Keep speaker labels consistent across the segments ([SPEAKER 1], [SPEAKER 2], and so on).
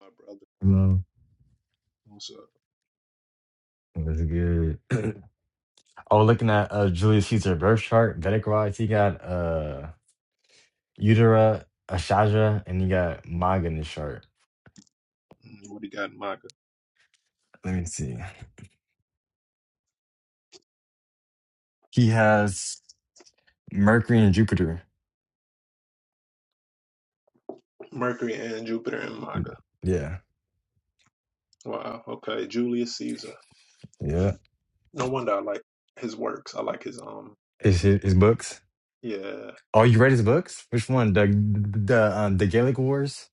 [SPEAKER 1] My brother.
[SPEAKER 2] No,
[SPEAKER 1] What's up?
[SPEAKER 2] that's good. Oh, looking at uh, Julius Caesar birth chart, Vedic wise, he got uh Utera, Ashaja, and he got Maga in his chart.
[SPEAKER 1] Mm, What he got in MAGA?
[SPEAKER 2] Let me see. He has Mercury and Jupiter.
[SPEAKER 1] Mercury and Jupiter in MAGA.
[SPEAKER 2] Yeah,
[SPEAKER 1] Wow. Okay. Julius Caesar.
[SPEAKER 2] yeah.
[SPEAKER 1] No wonder I like his works. I like his um.
[SPEAKER 2] His his, his books.
[SPEAKER 1] Yeah.
[SPEAKER 2] Oh, you read his books? Which one? The the um, the Gaelic Wars.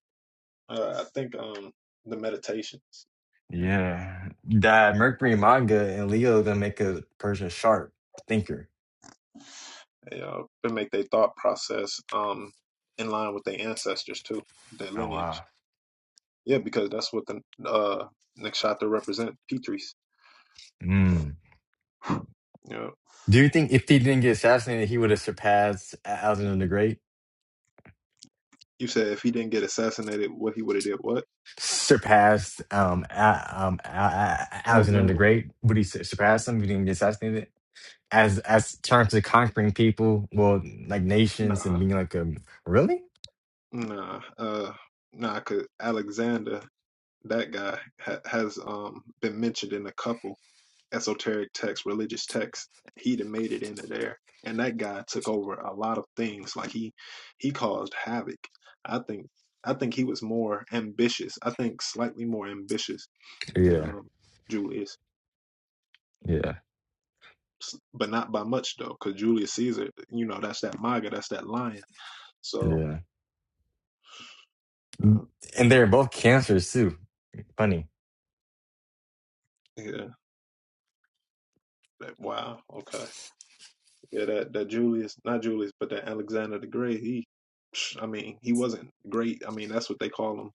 [SPEAKER 1] Uh, I think um the meditations. Yeah.
[SPEAKER 2] Yeah, that Mercury and Maga and Leo gonna make a person sharp thinker.
[SPEAKER 1] They, uh, they make their thought process um in line with their ancestors too, their
[SPEAKER 2] Oh
[SPEAKER 1] lineage.
[SPEAKER 2] wow.
[SPEAKER 1] Yeah, because that's what the uh Nakshatra represent. Petrie's.
[SPEAKER 2] Hmm.
[SPEAKER 1] Yeah.
[SPEAKER 2] Do you think if he didn't get assassinated, he would have surpassed Alexander the Great?
[SPEAKER 1] You said if he didn't get assassinated, what he would have did? What?
[SPEAKER 2] Surpassed um, A- um, A- A- Alexander the
[SPEAKER 1] Alexander.
[SPEAKER 2] Great? Would he su- surpass him if he didn't get assassinated? As as terms of conquering people, well, like nations and
[SPEAKER 1] Nah.
[SPEAKER 2] being like um really?
[SPEAKER 1] Nah, uh, nah, 'cause Alexander, that guy, ha has um been mentioned in a couple esoteric texts, religious texts. He'd have made it into there, and that guy took over a lot of things. Like he, he caused havoc. I think, I think he was more ambitious. I think slightly more ambitious than
[SPEAKER 2] Yeah,
[SPEAKER 1] um Julius,
[SPEAKER 2] yeah,
[SPEAKER 1] S- but not by much though. Cause Julius Caesar, you know, that's that MAGA, that's that lion. So,
[SPEAKER 2] yeah.
[SPEAKER 1] uh,
[SPEAKER 2] And they're both cancers too. Funny.
[SPEAKER 1] yeah, that, wow, okay. Yeah, that that Julius, not Julius, but that Alexander the Great. He, psh, I mean, he wasn't great. I mean, that's what they call him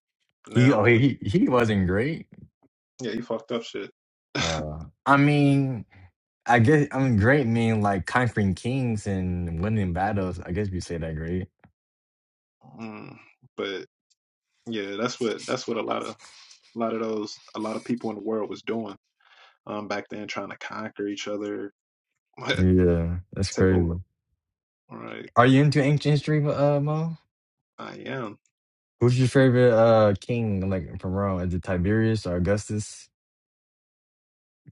[SPEAKER 2] He
[SPEAKER 1] now.
[SPEAKER 2] oh
[SPEAKER 1] But
[SPEAKER 2] he he he wasn't great.
[SPEAKER 1] yeah, he fucked up shit.
[SPEAKER 2] Uh, I mean, I guess I mean great mean like conquering kings and winning battles. I guess we say that great.
[SPEAKER 1] Mm. But yeah, that's what that's what a lot of a lot of those a lot of people in the world was doing um back then, trying to conquer each other,
[SPEAKER 2] Yeah, that's
[SPEAKER 1] take over.
[SPEAKER 2] crazy.
[SPEAKER 1] All right,
[SPEAKER 2] Are you into ancient history, uh, Mo?
[SPEAKER 1] I am
[SPEAKER 2] Who's your favorite uh king, like from Rome? Is it Tiberius or Augustus?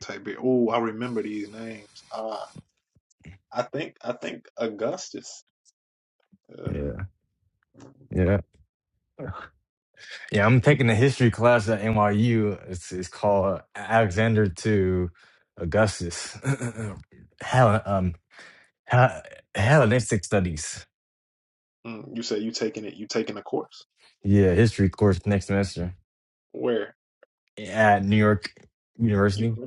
[SPEAKER 1] type. Oh, I remember these names. Uh I think I think Augustus. Uh,
[SPEAKER 2] Yeah, yeah, yeah. I'm taking a history class at NYU. It's it's called Alexander to Augustus, Hell, um, Hel- Hellenistic Studies.
[SPEAKER 1] mm, you say you taking it? You taking a course?
[SPEAKER 2] Yeah, history course next semester
[SPEAKER 1] Where?
[SPEAKER 2] at New York University.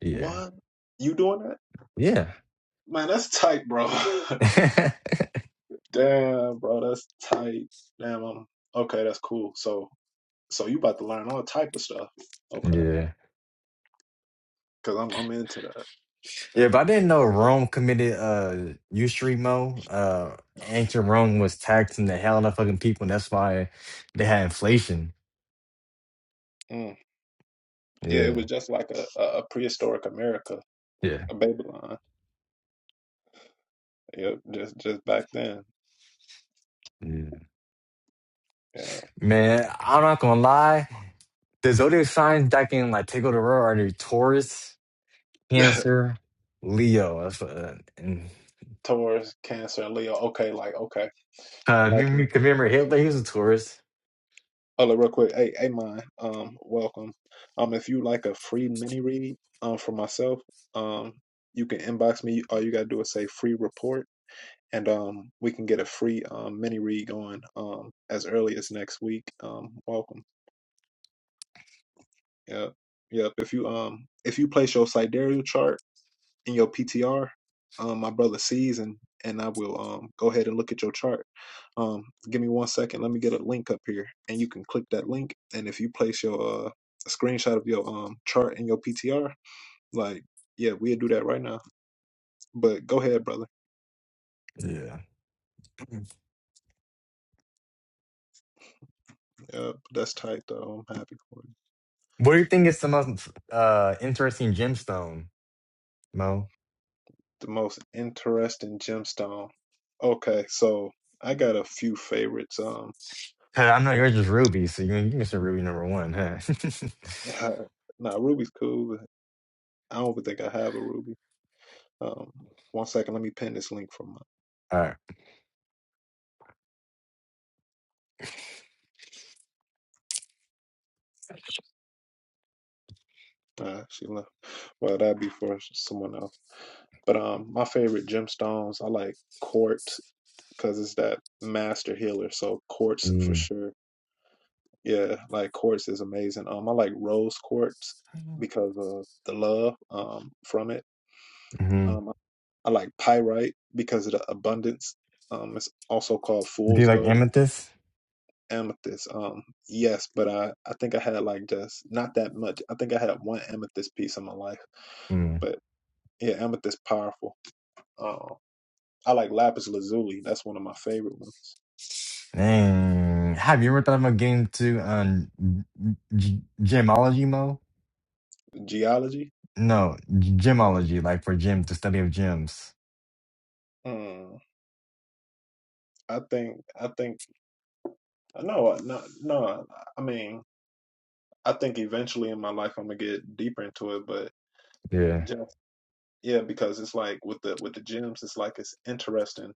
[SPEAKER 2] Yeah,
[SPEAKER 1] What? You doing that?
[SPEAKER 2] yeah,
[SPEAKER 1] Man, that's tight, bro. Damn, bro, that's tight. Damn, I'm okay. That's cool. So, so you about to learn all type of stuff, okay?
[SPEAKER 2] yeah.
[SPEAKER 1] Because I'm I'm into that.
[SPEAKER 2] Yeah,
[SPEAKER 1] Yeah.
[SPEAKER 2] but I didn't know Rome committed uh usury mo. Uh ancient Rome was taxing the hell out of fucking people and that's why they had inflation.
[SPEAKER 1] Mm. Yeah, it
[SPEAKER 2] Yeah,
[SPEAKER 1] was just like a, a a prehistoric America,
[SPEAKER 2] yeah,
[SPEAKER 1] a Babylon. Yep, just just back then.
[SPEAKER 2] yeah.
[SPEAKER 1] Yeah,
[SPEAKER 2] Man, I'm not gonna lie. The zodiac signs that can like take over the world are the Taurus, Cancer, Leo. That's uh, and
[SPEAKER 1] Taurus, Cancer, and Leo. Okay, like okay,
[SPEAKER 2] uh
[SPEAKER 1] like.
[SPEAKER 2] you you commemorate Hitler, he was a Taurus.
[SPEAKER 1] Oh, look, real quick. Hey, hey, mine. Um, welcome. Um, if you like a free mini read, um, for myself, um, you can inbox me. All you gotta do is say free report, and um, we can get a free um mini read going um as early as next week. Um, welcome. Yep, yep. If you um if you place your sidereal chart in your PTR, um, my brother sees, and and I will um go ahead and look at your chart. Um, give me one second. Let me get a link up here, and you can click that link. And if you place your uh a screenshot of your um chart in your PTR, like yeah, we'll do that right now. But go ahead, brother.
[SPEAKER 2] Yeah.
[SPEAKER 1] Yeah, that's tight though. I'm happy for you.
[SPEAKER 2] What do you think is the most uh interesting gemstone, Mo?
[SPEAKER 1] The most interesting gemstone. Okay, so I got a few favorites. Um,
[SPEAKER 2] Huh, I'm not yours, just Ruby. So you can give me some Ruby number one, huh?
[SPEAKER 1] now nah, Ruby's cool. But I don't think I have a Ruby. Um, one second, let me pin this link from my.
[SPEAKER 2] All right.
[SPEAKER 1] Uh, she left. Well, that'd be for someone else. But um, my favorite gemstones, I like quartz because it's that master healer. So quartz for
[SPEAKER 2] Mm.
[SPEAKER 1] sure. Yeah, like quartz is amazing. Um, I like rose quartz because of the love um from it.
[SPEAKER 2] Mm-hmm.
[SPEAKER 1] Um, I like pyrite because of the abundance. Um, it's also called
[SPEAKER 2] Do you
[SPEAKER 1] fool's
[SPEAKER 2] like
[SPEAKER 1] gold
[SPEAKER 2] amethyst?
[SPEAKER 1] amethyst. Um, yes, but I I think I had like just not that much. I think I had one amethyst piece in my life,
[SPEAKER 2] Mm.
[SPEAKER 1] but yeah, amethyst powerful. Um, I like lapis lazuli. That's one of my favorite ones.
[SPEAKER 2] Dang. Have you ever thought about getting to um, g- gemology mo?
[SPEAKER 1] Geology.
[SPEAKER 2] No, g- gemology, like for gems, the study of gems.
[SPEAKER 1] Mm, I think I think no no no. I mean I think eventually in my life I'm gonna get deeper into it, but
[SPEAKER 2] Yeah.
[SPEAKER 1] just yeah, because it's like with the with the gems, it's like it's interesting,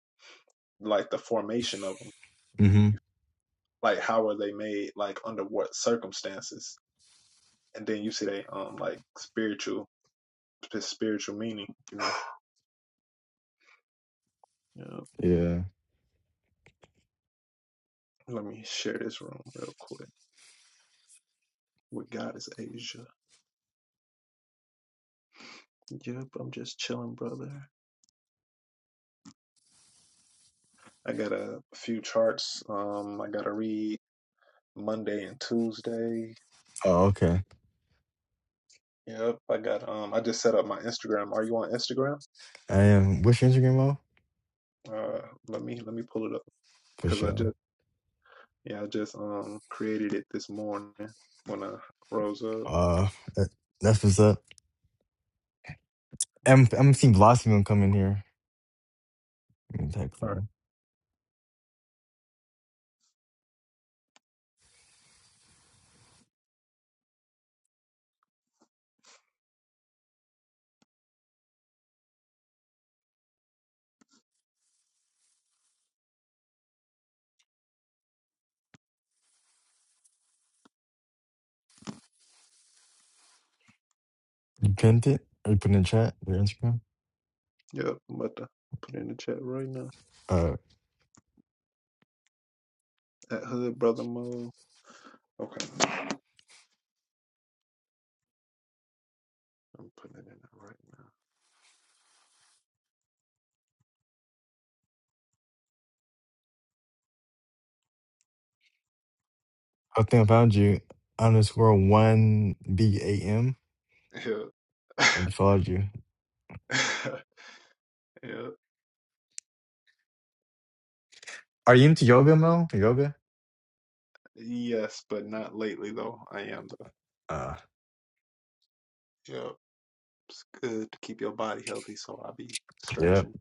[SPEAKER 1] like the formation of them,
[SPEAKER 2] Mm-hmm.
[SPEAKER 1] like how are they made, like under what circumstances and then you see they um like spiritual spiritual meaning, you know. Yep.
[SPEAKER 2] Yeah.
[SPEAKER 1] Let me share this room real quick. With God is Asia. Yep, I'm just chilling, brother. I got a few charts. Um, I gotta read Monday and Tuesday.
[SPEAKER 2] Oh, okay.
[SPEAKER 1] Yep, I got um. I just set up my Instagram. Are you on Instagram?
[SPEAKER 2] I am. What's your Instagram mo?
[SPEAKER 1] Uh, let me let me pull it up
[SPEAKER 2] For
[SPEAKER 1] because I
[SPEAKER 2] sure.
[SPEAKER 1] just yeah I just um created it this morning when I rose up.
[SPEAKER 2] Uh, that- that's what's up. I'm, I'm gonna see Blossom gonna come in here. Let me text
[SPEAKER 1] All right.
[SPEAKER 2] them. You pinned it? Or you put in the chat? Your Instagram?
[SPEAKER 1] Yep, I'm about to put it in the chat right now.
[SPEAKER 2] Uh,
[SPEAKER 1] At Hood Brother Mo. Okay. I'm putting it in
[SPEAKER 2] I think I found you. Underscore one B A M.
[SPEAKER 1] there
[SPEAKER 2] I
[SPEAKER 1] right
[SPEAKER 2] just followed you.
[SPEAKER 1] now. Yeah. yeah.
[SPEAKER 2] Are you into yoga, Mo? Yoga?
[SPEAKER 1] Yes, but not lately though. I am though.
[SPEAKER 2] Uh
[SPEAKER 1] Yeah. It's good to keep your body healthy, so I'll be
[SPEAKER 2] yep.
[SPEAKER 1] stretching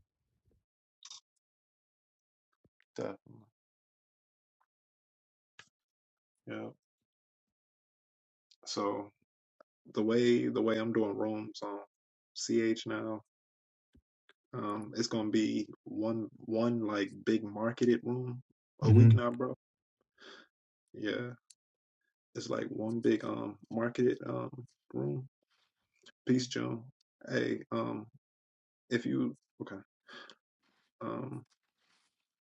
[SPEAKER 1] definitely. Yeah. So the way the way I'm doing rooms on CH now, um, it's gonna be one one like big marketed room a
[SPEAKER 2] Mm-hmm.
[SPEAKER 1] week now, bro. Yeah. It's like one big um marketed um room. Peace, Joan. Hey, um, if you okay. um.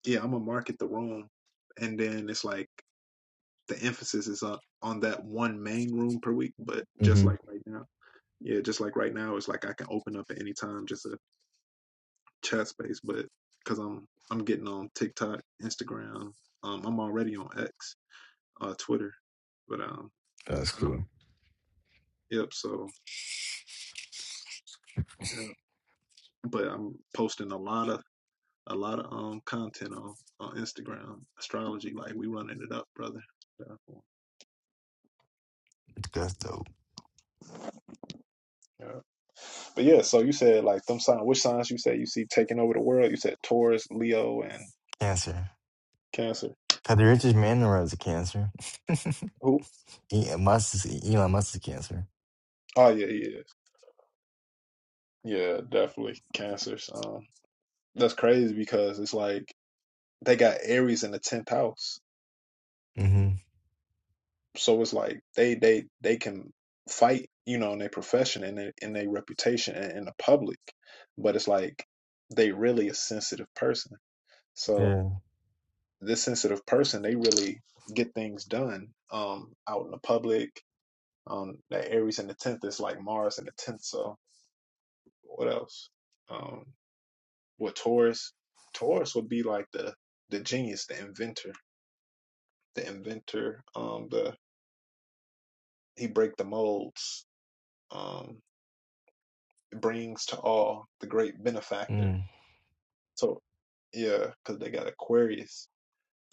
[SPEAKER 1] yeah, I'm gonna market the room, and then it's like the emphasis is on on that one main room per week. But just
[SPEAKER 2] Mm-hmm.
[SPEAKER 1] like right now, yeah, just like right now, it's like I can open up at any time, just a chat space. But because I'm I'm getting on TikTok, Instagram, um, I'm already on X, uh, Twitter, but um,
[SPEAKER 2] That's
[SPEAKER 1] and
[SPEAKER 2] cool.
[SPEAKER 1] I'm yep, so yeah, but I'm posting a lot of a lot of um content on on Instagram astrology, like we running it up, brother. Yeah.
[SPEAKER 2] That's dope.
[SPEAKER 1] Yeah. But yeah, so you said like them signs. Which signs you said you see taking over the world? You said Taurus, Leo, and
[SPEAKER 2] Cancer.
[SPEAKER 1] Cancer.
[SPEAKER 2] Had the richest man in the world is a cancer.
[SPEAKER 1] Who?
[SPEAKER 2] Elon Musk is Elon Musk is cancer.
[SPEAKER 1] Oh yeah, yeah, yeah, Yeah, definitely Cancers. Um, that's crazy because it's like they got Aries in the tenth house,
[SPEAKER 2] Mm-hmm.
[SPEAKER 1] so it's like they they they can fight, you know, in their profession and their- in their reputation and in the public, but it's like they really a sensitive person. So
[SPEAKER 2] Yeah.
[SPEAKER 1] this sensitive person, they really get things done um out in the public Um, that Aries in the tenth is like Mars in the tenth. So what else? Um, what Taurus, Taurus would be like the the genius, the inventor, the inventor. Um, the he break the molds. Um, brings to all the great benefactor.
[SPEAKER 2] Mm.
[SPEAKER 1] So yeah, because they got Aquarius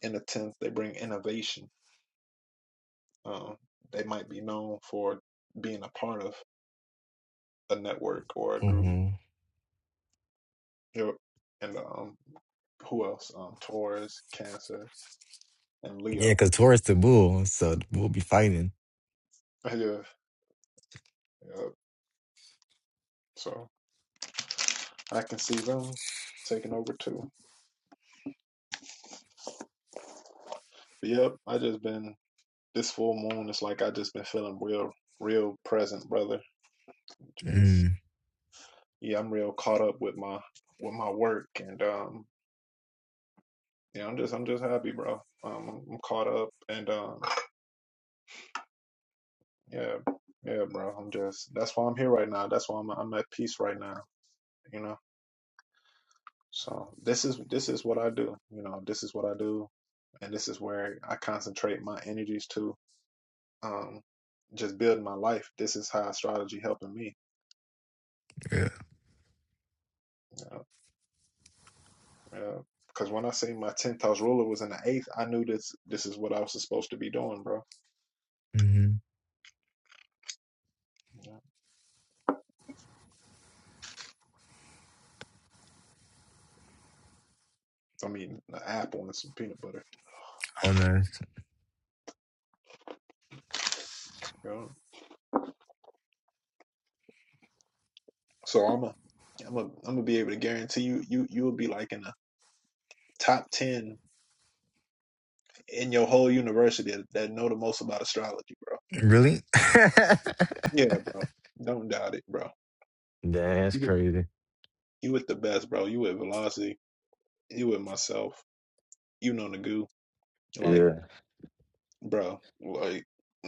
[SPEAKER 1] in the tenth. They bring innovation. Um, they might be known for being a part of a network or a group.
[SPEAKER 2] Mm-hmm.
[SPEAKER 1] You And um, who else? Um, Taurus, Cancer. and
[SPEAKER 2] Yeah,
[SPEAKER 1] Leo.
[SPEAKER 2] because Taurus the bull, so we will be fighting.
[SPEAKER 1] Yeah, yeah. So I can see them taking over too. But yep, I just been this full moon. It's like I just been feeling real, real present, brother. Just
[SPEAKER 2] Mm,
[SPEAKER 1] yeah, I'm real caught up with my with my work, and um, yeah, I'm just I'm just happy, bro. Um, I'm caught up, and um, yeah, yeah, bro. I'm just that's why I'm here right now. That's why I'm I'm at peace right now. You know. So this is this is what I do. You know, this is what I do, and this is where I concentrate my energies to. Um, just building my life. This is how astrology helping me.
[SPEAKER 2] yeah.
[SPEAKER 1] you know. Because uh, when I say my tenth house ruler was in the eighth, I knew this. This is what I was supposed to be doing, bro.
[SPEAKER 2] Mm-hmm.
[SPEAKER 1] Yeah. I mean, an apple and some peanut butter.
[SPEAKER 2] Oh nice.
[SPEAKER 1] You know? So I'm a, I'm a, I'm gonna be able to guarantee you, you, you will be like in the top ten in your whole university that know the most about astrology, bro.
[SPEAKER 2] Really?
[SPEAKER 1] Yeah, bro. Don't doubt it, bro.
[SPEAKER 2] That's
[SPEAKER 1] You with
[SPEAKER 2] crazy.
[SPEAKER 1] you with the best, bro. You with Velocity. You with myself. You know Nagu. Like,
[SPEAKER 2] Yeah.
[SPEAKER 1] bro, like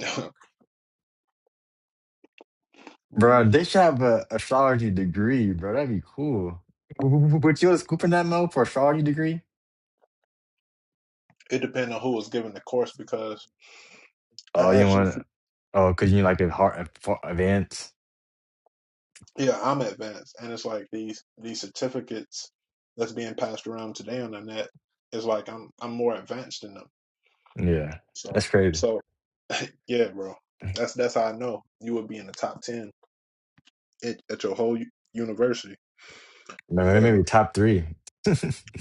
[SPEAKER 2] Bro,
[SPEAKER 1] mhm.
[SPEAKER 2] they should have a astrology degree, bro. That'd be cool. W- w- w- But you was scooping that mo for astrology degree?
[SPEAKER 1] it depends on who was giving the course because I
[SPEAKER 2] Oh, you
[SPEAKER 1] actually
[SPEAKER 2] want? Oh, cause you like a hard advance.
[SPEAKER 1] yeah, I'm advanced and it's like these these certificates that's being passed around today on the net is like I'm I'm more advanced than them.
[SPEAKER 2] Yeah,
[SPEAKER 1] So
[SPEAKER 2] that's crazy.
[SPEAKER 1] so yeah, bro. That's that's how I know you would be in the top ten at, at your whole u- university.
[SPEAKER 2] Maybe,
[SPEAKER 1] But uh
[SPEAKER 2] maybe top three.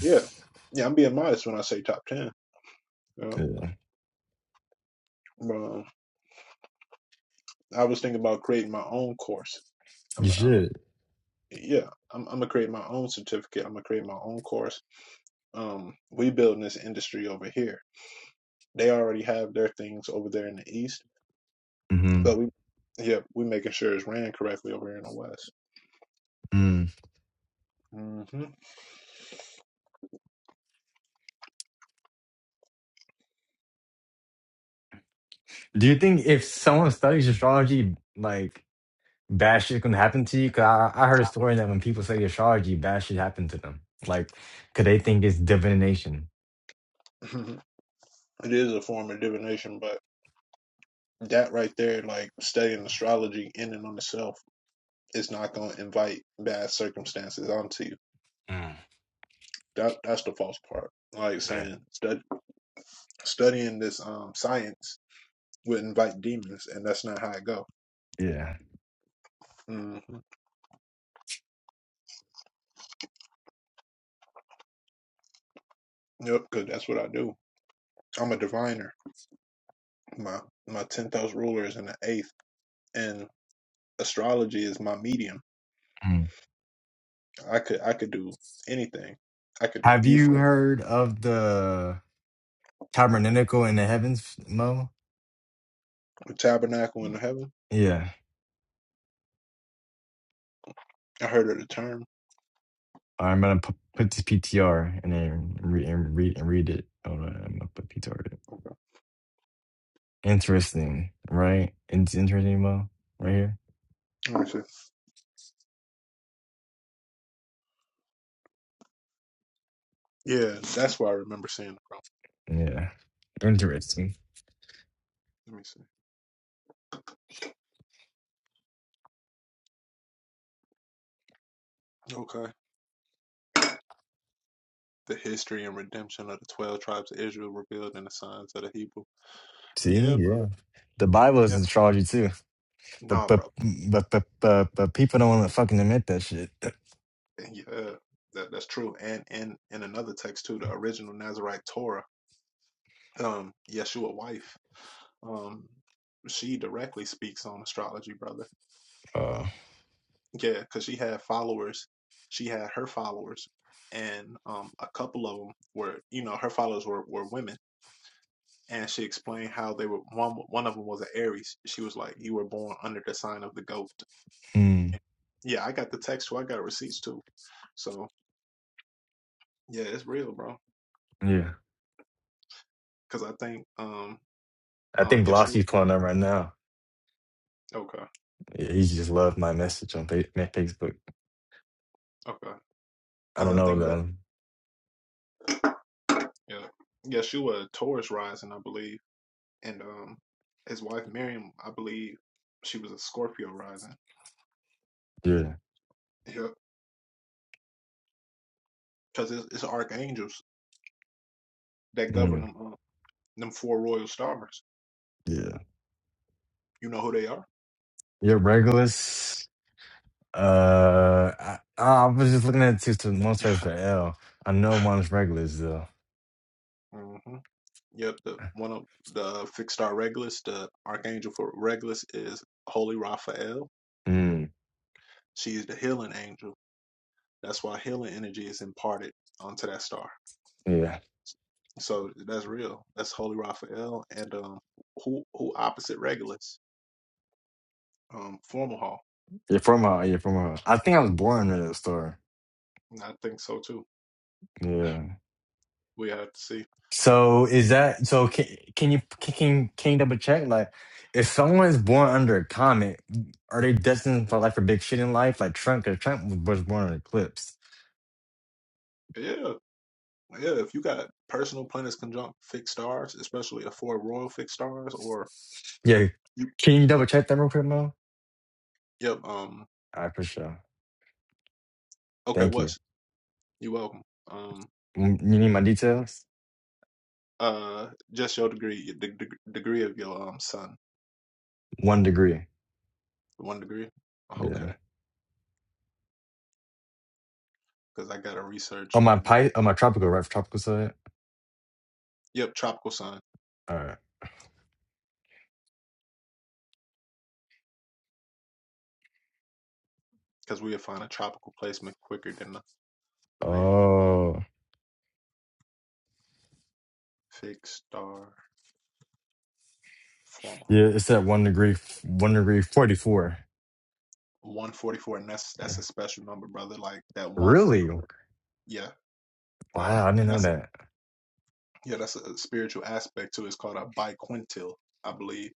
[SPEAKER 1] yeah. Yeah, I'm being modest when I say top ten. Yeah. but, um, I was thinking about creating my own course.
[SPEAKER 2] you
[SPEAKER 1] I'm, I'm,
[SPEAKER 2] should.
[SPEAKER 1] yeah, I'm, I'm gonna create my own certificate. I'm gonna create my own course. Um, we building this industry over here. They already have their things over there in the east,
[SPEAKER 2] hmm
[SPEAKER 1] but we, yeah, we making sure it's ran correctly over here in the west.
[SPEAKER 2] Mm.
[SPEAKER 1] hmm
[SPEAKER 2] Do you think if someone studies astrology, like bad shit can happen to you? Cause I, I heard a story that when people study astrology, bad shit happened to them. Like, cause they think it's divination.
[SPEAKER 1] it is a form of divination, but that right there, like studying astrology in and on itself, is not gonna invite bad circumstances onto you.
[SPEAKER 2] Mm.
[SPEAKER 1] That that's the false part. Like
[SPEAKER 2] Yeah.
[SPEAKER 1] saying stud, studying this um science would invite demons, and that's not how I go.
[SPEAKER 2] Yeah.
[SPEAKER 1] hmm Yep, because that's what I do. I'm a diviner. My my tenth house ruler is in the eighth, and astrology is my medium.
[SPEAKER 2] Mm.
[SPEAKER 1] I could I could do anything. I could do
[SPEAKER 2] Have you
[SPEAKER 1] Ephraim,
[SPEAKER 2] heard of the tabernacle in the heavens, Mo?
[SPEAKER 1] the tabernacle in the heaven.
[SPEAKER 2] Yeah.
[SPEAKER 1] I heard of the term.
[SPEAKER 2] I'm gonna pu- put this PTR and then re- and read and read it. Hold on, I'm gonna put PTR it.
[SPEAKER 1] Okay.
[SPEAKER 2] Interesting, right? It's interesting, Mo. Right here.
[SPEAKER 1] Let me see. Yeah, that's why I remember seeing it from.
[SPEAKER 2] Yeah. Interesting.
[SPEAKER 1] Let me see. Okay. The history and redemption of the twelve tribes of Israel revealed in the signs of the Hebrew.
[SPEAKER 2] See,
[SPEAKER 1] Yeah, brother.
[SPEAKER 2] yeah. The Bible is
[SPEAKER 1] Yeah.
[SPEAKER 2] astrology too, but
[SPEAKER 1] Nah,
[SPEAKER 2] but
[SPEAKER 1] bro.
[SPEAKER 2] but but but, but people don't want to fucking admit that shit.
[SPEAKER 1] Yeah, that, that's true. And and in another text too, the original Nazarite Torah, um, Yeshua wife, um, she directly speaks on astrology, brother.
[SPEAKER 2] Uh,
[SPEAKER 1] Yeah, because she had followers. She had her followers, and um, a couple of them were, you know, her followers were were women. And she explained how they were one. One of them was an Aries. She was like, "You were born under the sign of the goat."
[SPEAKER 2] hmm.
[SPEAKER 1] Yeah, I got the text too. I got receipts too. So yeah, it's real, bro.
[SPEAKER 2] Yeah.
[SPEAKER 1] Because I think um
[SPEAKER 2] I think
[SPEAKER 1] um Yeshua
[SPEAKER 2] Glossy's pulling up right now.
[SPEAKER 1] Okay,
[SPEAKER 2] Yeah, he just loved my message on Fa- Facebook.
[SPEAKER 1] okay.
[SPEAKER 2] I
[SPEAKER 1] Because
[SPEAKER 2] don't
[SPEAKER 1] I
[SPEAKER 2] know
[SPEAKER 1] think yeah,
[SPEAKER 2] though.
[SPEAKER 1] yeah, yeah. She was a Taurus rising, I believe, and um, his wife Miriam, I believe, she was a Scorpio rising.
[SPEAKER 2] Yeah.
[SPEAKER 1] Yeah, because it's, it's archangels that govern
[SPEAKER 2] Mm,
[SPEAKER 1] them uh, them four royal stars.
[SPEAKER 2] yeah.
[SPEAKER 1] You know who they are?
[SPEAKER 2] Your regulars. Uh, I, I was just looking at two to one search for L. I know one's regulars though.
[SPEAKER 1] hmm Yep. The one of the fixed star Regulus, the archangel for Regulus is Holy Raphael.
[SPEAKER 2] Mm,
[SPEAKER 1] She is the healing angel. That's why healing energy is imparted onto that star.
[SPEAKER 2] yeah.
[SPEAKER 1] So that's real. That's Holy Raphael and um, who who opposite Regulus, um, Formal Hall.
[SPEAKER 2] You're from her. You're from her. I think I was born in that store.
[SPEAKER 1] I think so too.
[SPEAKER 2] Yeah.
[SPEAKER 1] We have to see.
[SPEAKER 2] So is that so? Can can you can can can you double check? Like, if someone is born under a comet, are they destined for like for big shit in life? Like Trump, because Trump was was born an eclipse.
[SPEAKER 1] Yeah, yeah. If you got personal planets conjunct fixed stars, especially the four royal fixed stars, or
[SPEAKER 2] Yeah.
[SPEAKER 1] you,
[SPEAKER 2] Can you double check that real quick, Mo?
[SPEAKER 1] yep. Um.
[SPEAKER 2] All right, for sure.
[SPEAKER 1] Okay.
[SPEAKER 2] Thank you.
[SPEAKER 1] What's you welcome. Um.
[SPEAKER 2] Mm, You need my details?
[SPEAKER 1] Uh. Just your degree, the the degree of your um sun,
[SPEAKER 2] One degree.
[SPEAKER 1] one degree. Okay.
[SPEAKER 2] Yeah.
[SPEAKER 1] Because I gotta research
[SPEAKER 2] On my
[SPEAKER 1] the. de-
[SPEAKER 2] pi on my tropical, right? Tropical side.
[SPEAKER 1] Yep, tropical sun.
[SPEAKER 2] All right.
[SPEAKER 1] Because we'll find a tropical placement quicker than the available.
[SPEAKER 2] Oh.
[SPEAKER 1] Fixed star flaw.
[SPEAKER 2] Yeah, it's at one degree, f- one degree forty-four.
[SPEAKER 1] 144. And that's
[SPEAKER 2] Yeah.
[SPEAKER 1] that's a special number, brother. Like that
[SPEAKER 2] Really?
[SPEAKER 1] 144. Yeah. Yeah.
[SPEAKER 2] Wow, I didn't
[SPEAKER 1] And
[SPEAKER 2] know
[SPEAKER 1] that's a
[SPEAKER 2] that.
[SPEAKER 1] yeah, that's a spiritual aspect too. It's called a biquintil, I believe.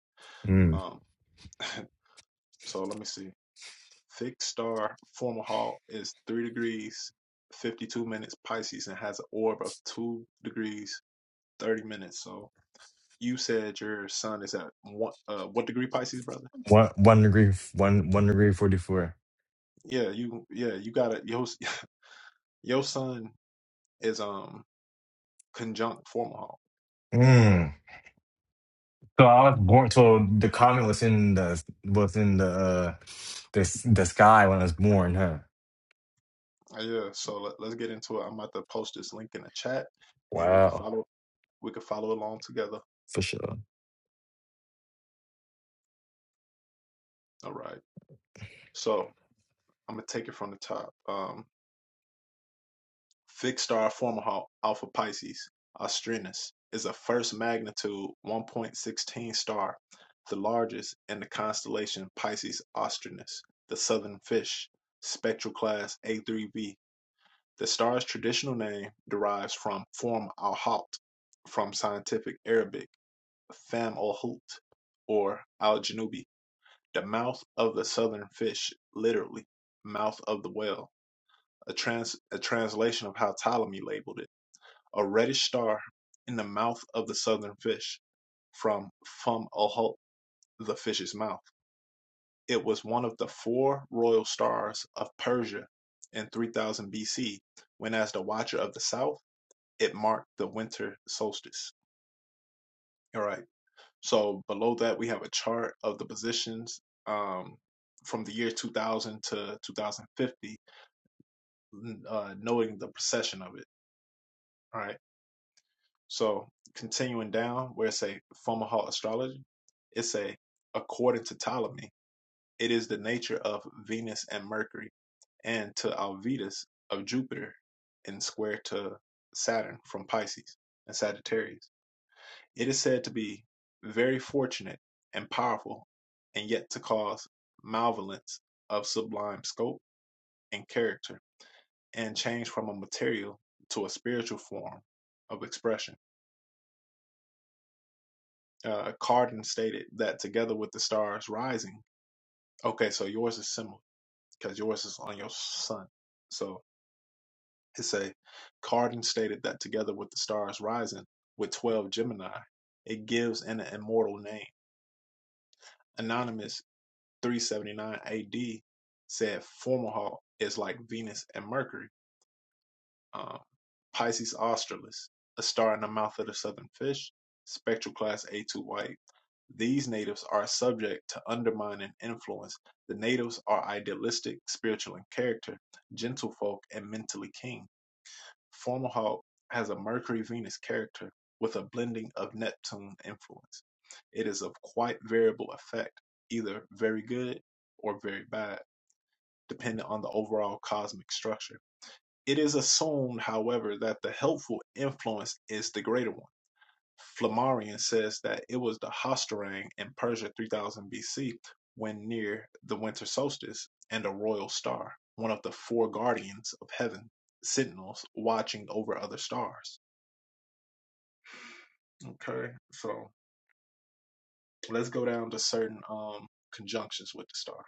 [SPEAKER 2] Mm.
[SPEAKER 1] Um so let me see. Fixed star formal hall is three degrees fifty two minutes Pisces and has an orb of two degrees thirty minutes. So you said your sun is at one uh what degree Pisces, brother?
[SPEAKER 2] One one degree f- one one degree forty-four.
[SPEAKER 1] Yeah, you yeah, you gotta your your sun is um conjunct formal.
[SPEAKER 2] Mm. So I was born so the comet was in the was in the uh the, s- the sky when I was born, huh?
[SPEAKER 1] Uh, Yeah, so let, let's get into it. I'm about to post this link in the chat, and we can
[SPEAKER 2] Wow,
[SPEAKER 1] follow we can follow along together.
[SPEAKER 2] for sure.
[SPEAKER 1] All right. So I'm gonna take it from the top. Um, fixed star formal Alpha Pisces Austrinus is a first magnitude 1.16 star, the largest in the constellation Pisces Austrinus, the southern fish, spectral class A3b. The star's traditional name derives from Form halt from scientific Arabic Fam al Hout or al Janubi, the mouth of the southern fish, literally, mouth of the whale, a, trans- a translation of how Ptolemy labeled it, a reddish star in the mouth of the southern fish, from Fam al Hout, the fish's mouth. It was one of the four royal stars of Persia in 3000 BC, when as the watcher of the south, it marked the winter solstice. All right. So below that, we have a chart of the positions um, from the year 2000 to 2050, uh, noting the precession of it. All right. So continuing down, where it say Fomalhaut astrology, it say according to Ptolemy, it is the nature of Venus and Mercury, and to Alvitus of Jupiter, in square to Saturn from Pisces and Sagittarius. It is said to be very fortunate and powerful and yet to cause malevolence of sublime scope and character and change from a material to a spiritual form of expression. Uh, Cardin stated that together with the stars rising, okay, so yours is similar because yours is on your sun. So it say Cardin stated that together with the stars rising with 12 Gemini, it gives an immortal name. Anonymous 379 AD said Formalhaut is like Venus and Mercury. Um, Pisces Australis, a star in the mouth of the southern fish, spectral class A2 white. These natives are subject to undermining influence. The natives are idealistic, spiritual in character, gentlefolk, and mentally keen. Formalhaut has a Mercury Venus character with a blending of Neptune influence. It is of quite variable effect, either very good or very bad dependent on the overall cosmic structure. It is assumed, however, that the helpful influence is the greater one. Flammarion says that it was the Hostarang in Persia 3000 BC when near the winter solstice and a royal star, one of the four guardians of heaven, sentinels watching over other stars. Okay, so let's go down to certain um conjunctions with the star.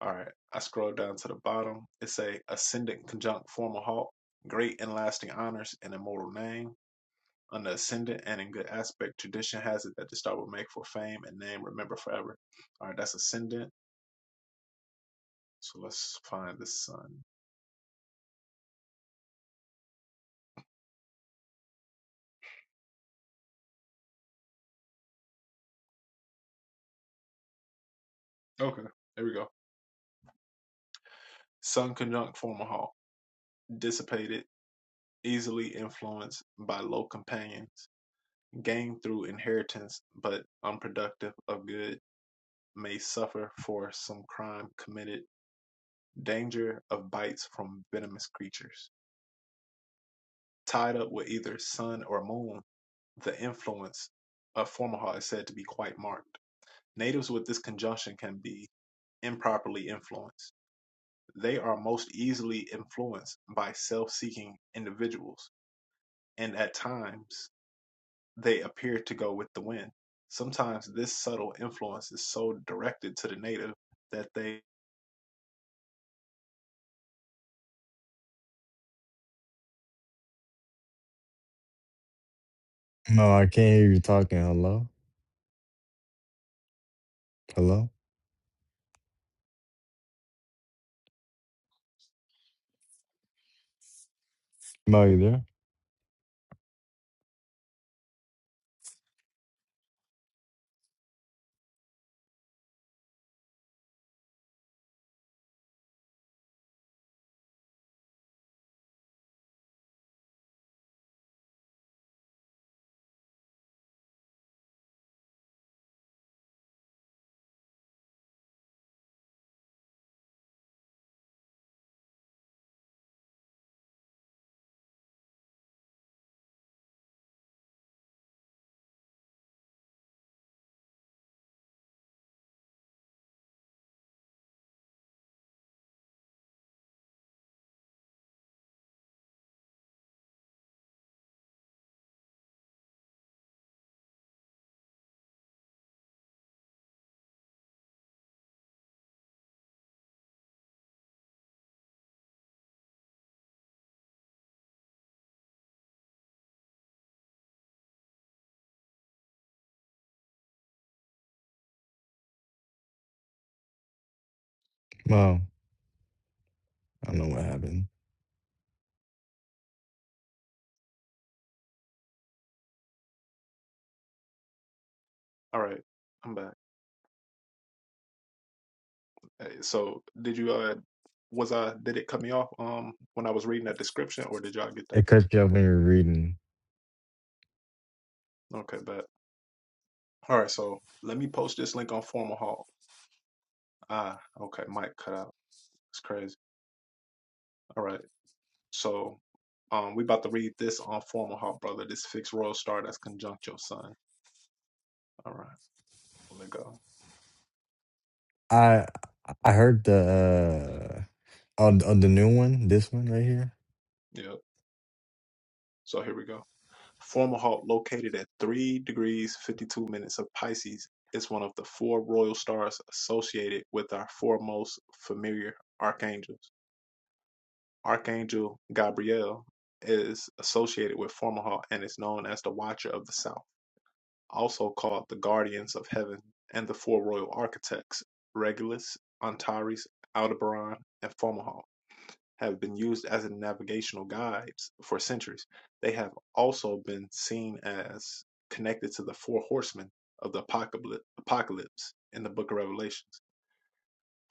[SPEAKER 1] All right, I scroll down to the bottom. It say ascendant conjunct formal halt, great and lasting honors and immortal name. Under ascendant and in good aspect, tradition has it that the star will make for fame and name remember forever. All right, that's ascendant. So let's find the sun. Okay, there we go. Sun conjunct formal halt, dissipated, easily influenced by low companions, gained through inheritance, but unproductive of good, may suffer for some crime committed danger of bites from venomous creatures. Tied up with either sun or moon, the influence of formaldehyde is said to be quite marked. Natives with this conjunction can be improperly influenced. They are most easily influenced by self-seeking individuals, and at times they appear to go with the wind. Sometimes this subtle influence is so directed to the native that they...
[SPEAKER 2] No, I can't hear you talking. Hello? Hello? Mo, you there? Mo, I don't know what happened.
[SPEAKER 1] All right, I'm back. Uh, So did you uh was I did it cut me off um when I was reading that description or did y'all get
[SPEAKER 2] It
[SPEAKER 1] that?
[SPEAKER 2] cut you off when you were reading.
[SPEAKER 1] Okay, but all right, so let me post this link on Formal Hall. Ah, okay, Mike cut out. It's crazy. All right. So um we about to read this on Formal Hall, brother. This fixed royal star that's conjunct your sun. All right, let me go.
[SPEAKER 2] I I heard the uh on, on the new one, this one right here.
[SPEAKER 1] Yep. So here we go. Former halt located at three degrees fifty-two minutes of Pisces is one of the four royal stars associated with our four most familiar archangels. Archangel Gabriel is associated with Formalhaut and is known as the Watcher of the South, also called the Guardians of Heaven and the four royal architects, Regulus, Antares, Aldebaran, and Formalhaut have been used as navigational guides for centuries. They have also been seen as connected to the four horsemen of the apocalypse in the book of Revelations.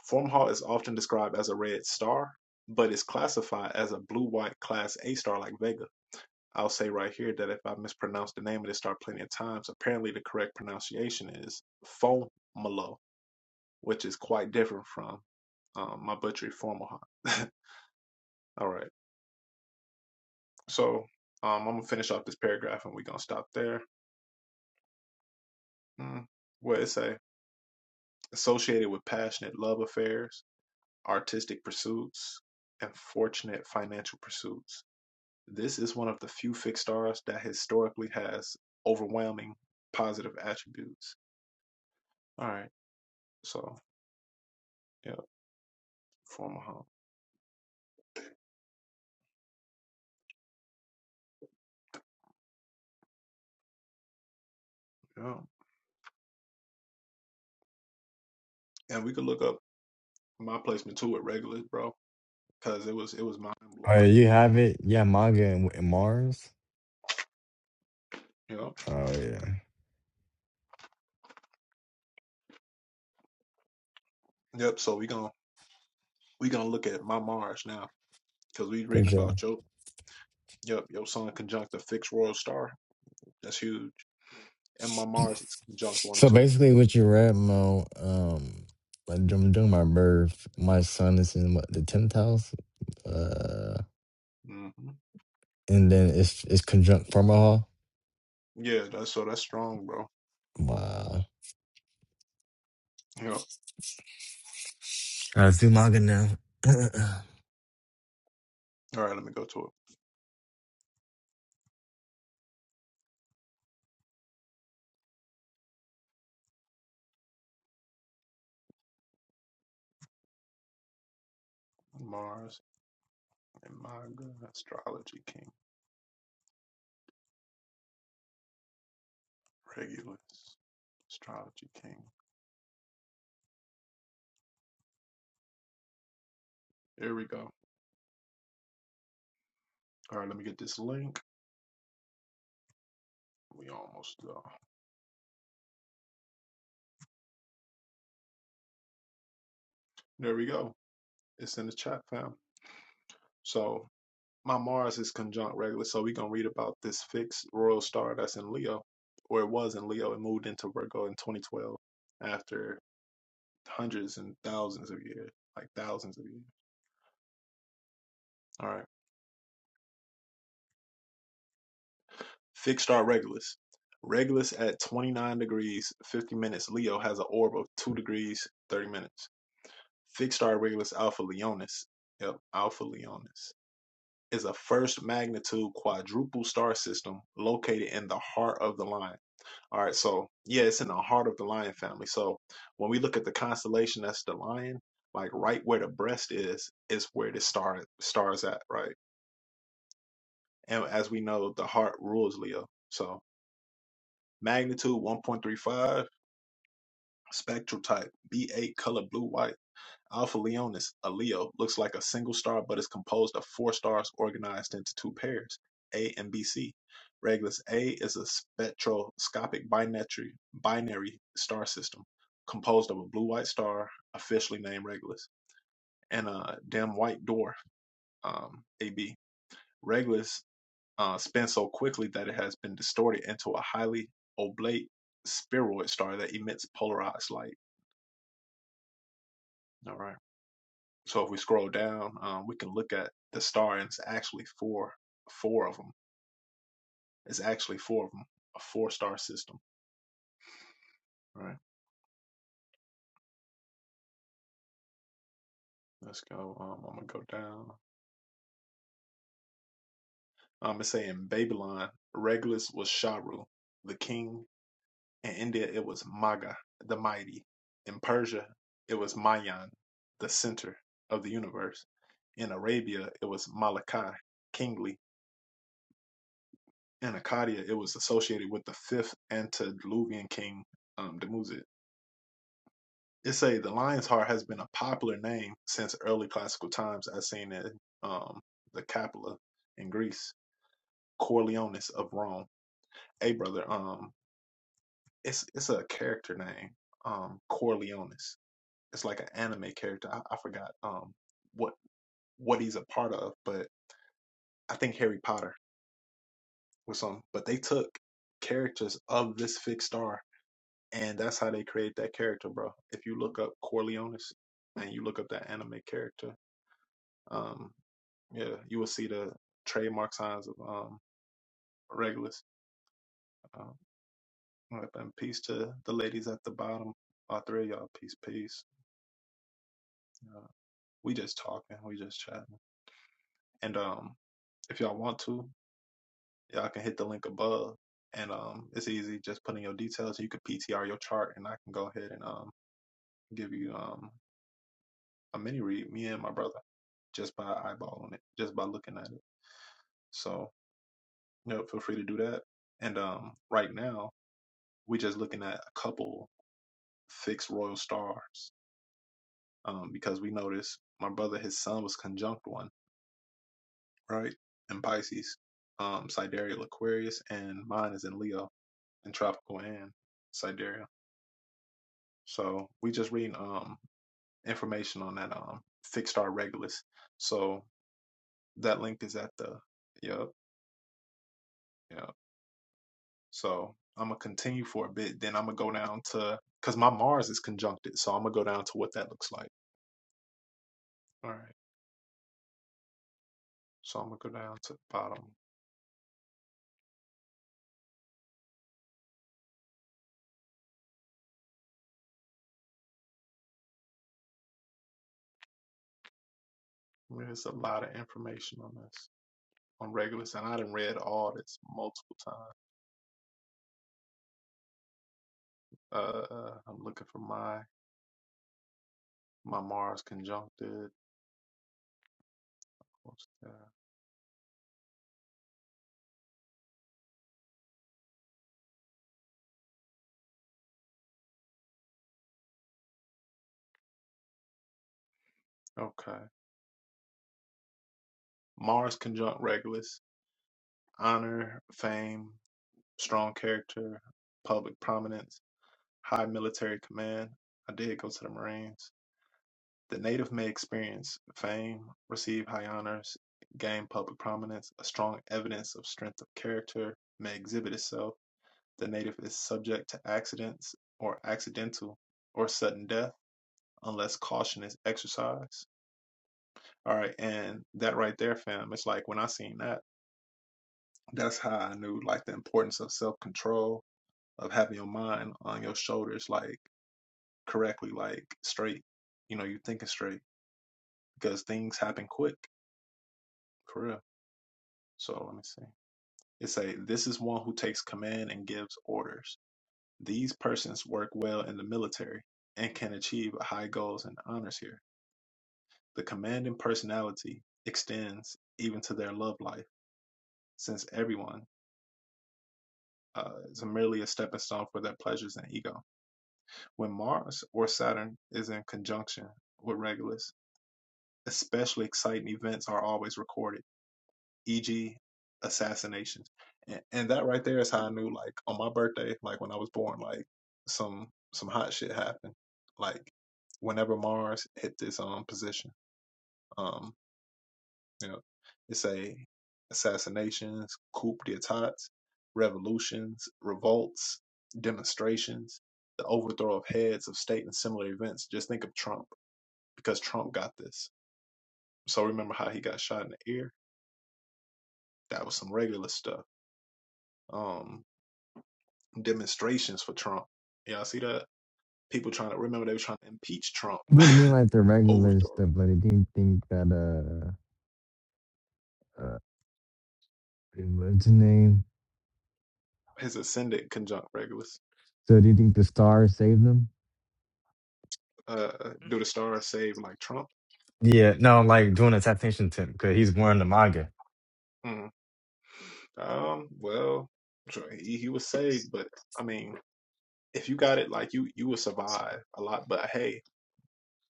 [SPEAKER 1] Formhall is often described as a red star, but is classified as a blue white class A star like Vega. I'll say right here that if I mispronounced the name of this star plenty of times, apparently the correct pronunciation is Fomalo, which is quite different from um, my butchery Formhall. All right. So um, I'm gonna finish off this paragraph and we're gonna stop there. Mm. What it say? Associated with passionate love affairs, artistic pursuits, and fortunate financial pursuits. This is one of the few fixed stars that historically has overwhelming positive attributes. All right, so yeah, former home. Yeah, and we could look up my placement too at regulars, bro, because it was it was mind
[SPEAKER 2] Oh, yeah,
[SPEAKER 1] blowing.
[SPEAKER 2] you have it. Yeah, manga and, and Mars.
[SPEAKER 1] Yep,
[SPEAKER 2] Oh yeah,
[SPEAKER 1] yep. So we gonna we gonna look at my Mars now because we
[SPEAKER 2] for
[SPEAKER 1] reading
[SPEAKER 2] sure.
[SPEAKER 1] about your Yep, your sun conjunct the fixed royal star. That's huge. And my Mars is conjunct one
[SPEAKER 2] So
[SPEAKER 1] too.
[SPEAKER 2] basically, what you read, Mo. Um, like during, during my birth, my son is in what, the tenth house. Uh,
[SPEAKER 1] hmm
[SPEAKER 2] and then it's it's conjunct from a hall.
[SPEAKER 1] Yeah, that's so that's strong, bro.
[SPEAKER 2] Wow.
[SPEAKER 1] Yep.
[SPEAKER 2] I do manga now.
[SPEAKER 1] All right, let me go to it. Mars and my good astrology king, Regulus, astrology king. There we go. All right, let me get this link. We almost uh, there. We go. It's in the chat, fam. So my Mars is conjunct Regulus, so we gonna read about this fixed royal star that's in Leo, or it was in Leo. and moved into Virgo in 2012 after hundreds and thousands of years, like thousands of years. All right. Fixed star Regulus. Regulus at 29 degrees 50 minutes. Leo has an orb of 2 degrees 30 minutes. Fixed star Regulus Alpha Leonis. Yep, Alpha Leonis is a first magnitude quadruple star system located in the heart of the lion. All right, so yeah, it's in the heart of the lion family. So when we look at the constellation that's the lion, like right where the breast is, is where the star stars at, right? And as we know, the heart rules Leo. So magnitude 1.35, spectral type, B8 color blue white. Alpha Leonis, a Leo, looks like a single star but is composed of four stars organized into two pairs, A and BC. Regulus A is a spectroscopic binary, binary star system composed of a blue white star, officially named Regulus, and a dim white dwarf, um, AB. Regulus uh, spin so quickly that it has been distorted into a highly oblate spheroid star that emits polarized light. All right. So if we scroll down, um, we can look at the star, and it's actually four, four of them. It's actually four of them, a four-star system. All right. Let's go. Um, I'm gonna go down. Um, it's saying Babylon, Regulus was Sharu, the king In India, it was Maga, the mighty. In Persia, it was Mayan, the center of the universe. In Arabia, it was Malachi, kingly. In Akkadian, it was associated with the fifth antediluvian king, um, Dumuzi. It say the lion's heart has been a popular name since early classical times, as seen in um, the Capella in Greece, Corleones of Rome. Hey, brother, um, it's it's a character name, um, Corleones. it's like an anime character. I, I forgot um what what he's a part of, but I think Harry Potter was some. But they took characters of this fixed star, and that's how they create that character, bro. If you look up Corleone's and you look up that anime character, um, yeah, you will see the trademark signs of um Regulus. Um, all right, and peace to the ladies at the bottom, all three of y'all. Peace, peace. Uh, we just talking, we just chatting, and um, if y'all want to. Y'all can hit the link above, and um, it's easy. Just put in your details. You could PTR your chart, and I can go ahead and um give you um a mini read. Me and my brother, just by eyeballing it, just by looking at it. So you know, feel free to do that. And um, right now we are just looking at a couple fixed royal stars. Um, because we noticed my brother, his son was conjunct one, right? In Pisces, um, sidereal Aquarius, and mine is in Leo in tropical and sidereal. So we just reading um information on that um fixed star regulus. So that link is at the yep, yep. So I'm gonna continue for a bit, then I'm gonna go down to because my Mars is conjuncted, so I'm gonna go down to what that looks like. All right. So I'm gonna go down to the bottom. I mean, There's a lot of information on this on regulus, and I done read all this multiple times. Uh, I'm looking for my my Mars conjuncted. What's that? Okay. Mars conjunct Regulus. honor, fame, strong character, public prominence, high military command. I did go to the Marines. The native may experience fame, receive high honors, gain public prominence, a strong evidence of strength of character may exhibit itself. The native is subject to accidents or accidental or sudden death unless caution is exercised. All right, and that right there, fam, it's like when I seen that, that's how I knew like the importance of self control of having your mind on your shoulders like correctly, like straight. You know, you thinking straight because things happen quick for real. So let me see. It say this is one who takes command and gives orders. These persons work well in the military and can achieve high goals and honors here. The commanding personality extends even to their love life, since everyone uh, is merely a stepping stone for their pleasures and ego. When Mars or Saturn is in conjunction with Regulus, especially exciting events are always recorded, e.g., assassinations. And, and that right there is how I knew, like, on my birthday, like when I was born, like some some hot shit happened. Like whenever Mars hit this um position, um, you know, it's a assassinations, coup d'états, revolutions, revolts, demonstrations, the overthrow of heads of state, and similar events. Just think of Trump because Trump got this. So remember how he got shot in the ear That was some regular stuff. Um, demonstrations for Trump. Y'all see that? People trying to remember they were trying to impeach Trump,
[SPEAKER 2] But I mean, like the regular
[SPEAKER 1] overthrow
[SPEAKER 2] stuff. Like, they didn't think that uh, uh what's his name?
[SPEAKER 1] his ascendant conjunct regulus.
[SPEAKER 2] So, do you think the star saved them?
[SPEAKER 1] Uh, do the stars save like Trump?
[SPEAKER 2] Yeah, no, like doing a temptation tip because he's wearing the manga.
[SPEAKER 1] Mm. Um, well, sure, he, he was saved, but I mean, if you got it, like you you will survive a lot. But hey,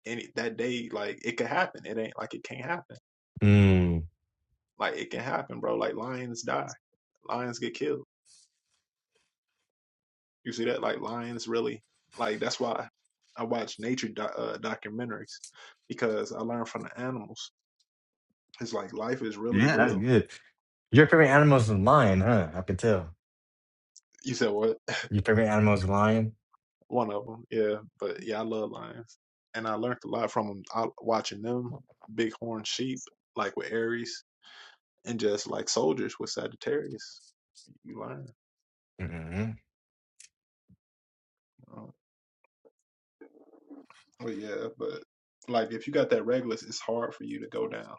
[SPEAKER 1] any that day, like it could happen. It ain't like it can't happen.
[SPEAKER 2] Mm.
[SPEAKER 1] Like it can happen, bro. Like lions die, lions get killed You see that? Like lions, really. Like that's why I watch nature do- uh, documentaries because I learn from the animals. It's like life is really
[SPEAKER 2] Yeah, that's
[SPEAKER 1] real.
[SPEAKER 2] good. Your favorite animal is a lion, huh? I can tell.
[SPEAKER 1] You said what?
[SPEAKER 2] Your favorite animal is a lion?
[SPEAKER 1] One of them, yeah. But yeah, I love lions, and I learned a lot from 'em. I, watching them. Bighorn sheep, like with Aries, and just like soldiers with Sagittarius, you learn.
[SPEAKER 2] mm
[SPEAKER 1] Uh, but yeah, but like if you got that Regulus, it's hard for you to go down.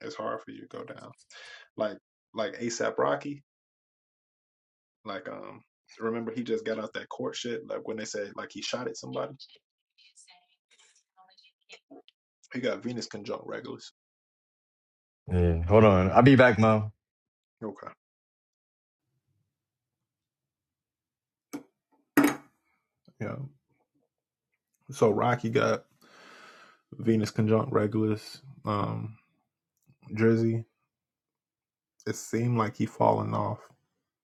[SPEAKER 1] It's hard for you to go down. Like like ASAP Rocky. Like, um, remember he just got out that court shit. Like when they said like he shot at somebody. He got Venus conjunct regulus.
[SPEAKER 2] Yeah, hold on. I'll be back, Mo.
[SPEAKER 1] Okay. Yeah. So Rocky got Venus conjunct regulus. Um, Drizzy. It seemed like he falling off,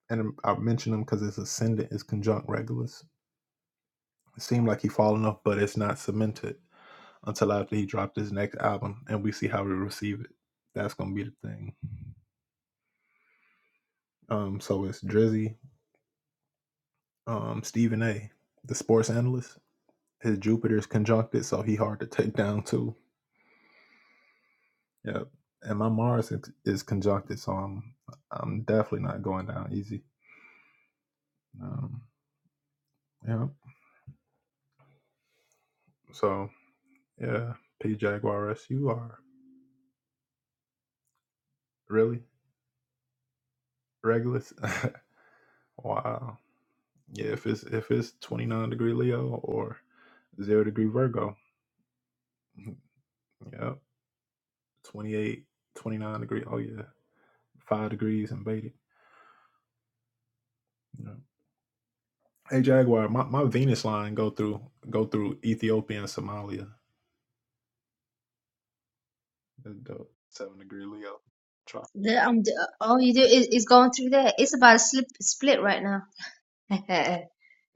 [SPEAKER 1] and I mentioned him because his ascendant is conjunct regulus. It seemed like he falling off, but it's not cemented until after he dropped his next album, and we see how we receive it. That's gonna be the thing. Um, so it's Drizzy, um, Stephen A, the sports analyst. His Jupiter's conjuncted, so he hard to take down too. Yep. And my Mars is is conjuncted, so I'm I'm definitely not going down easy. Um, yeah. So yeah, P Jaguar S, you are really Regulus. wow. Yeah. If it's if it's 29 degree Leo or zero degree Virgo. mm-hmm, Yep. 28, 29 degree. Oh yeah. Five degrees and baited. Yep. Hey Jaguar, my, my Venus line go through go through Ethiopia and Somalia. That's dope. Seven degree Leo. Try.
[SPEAKER 3] The, um, the, all you do is, is going through there. It's about to slip, split right now.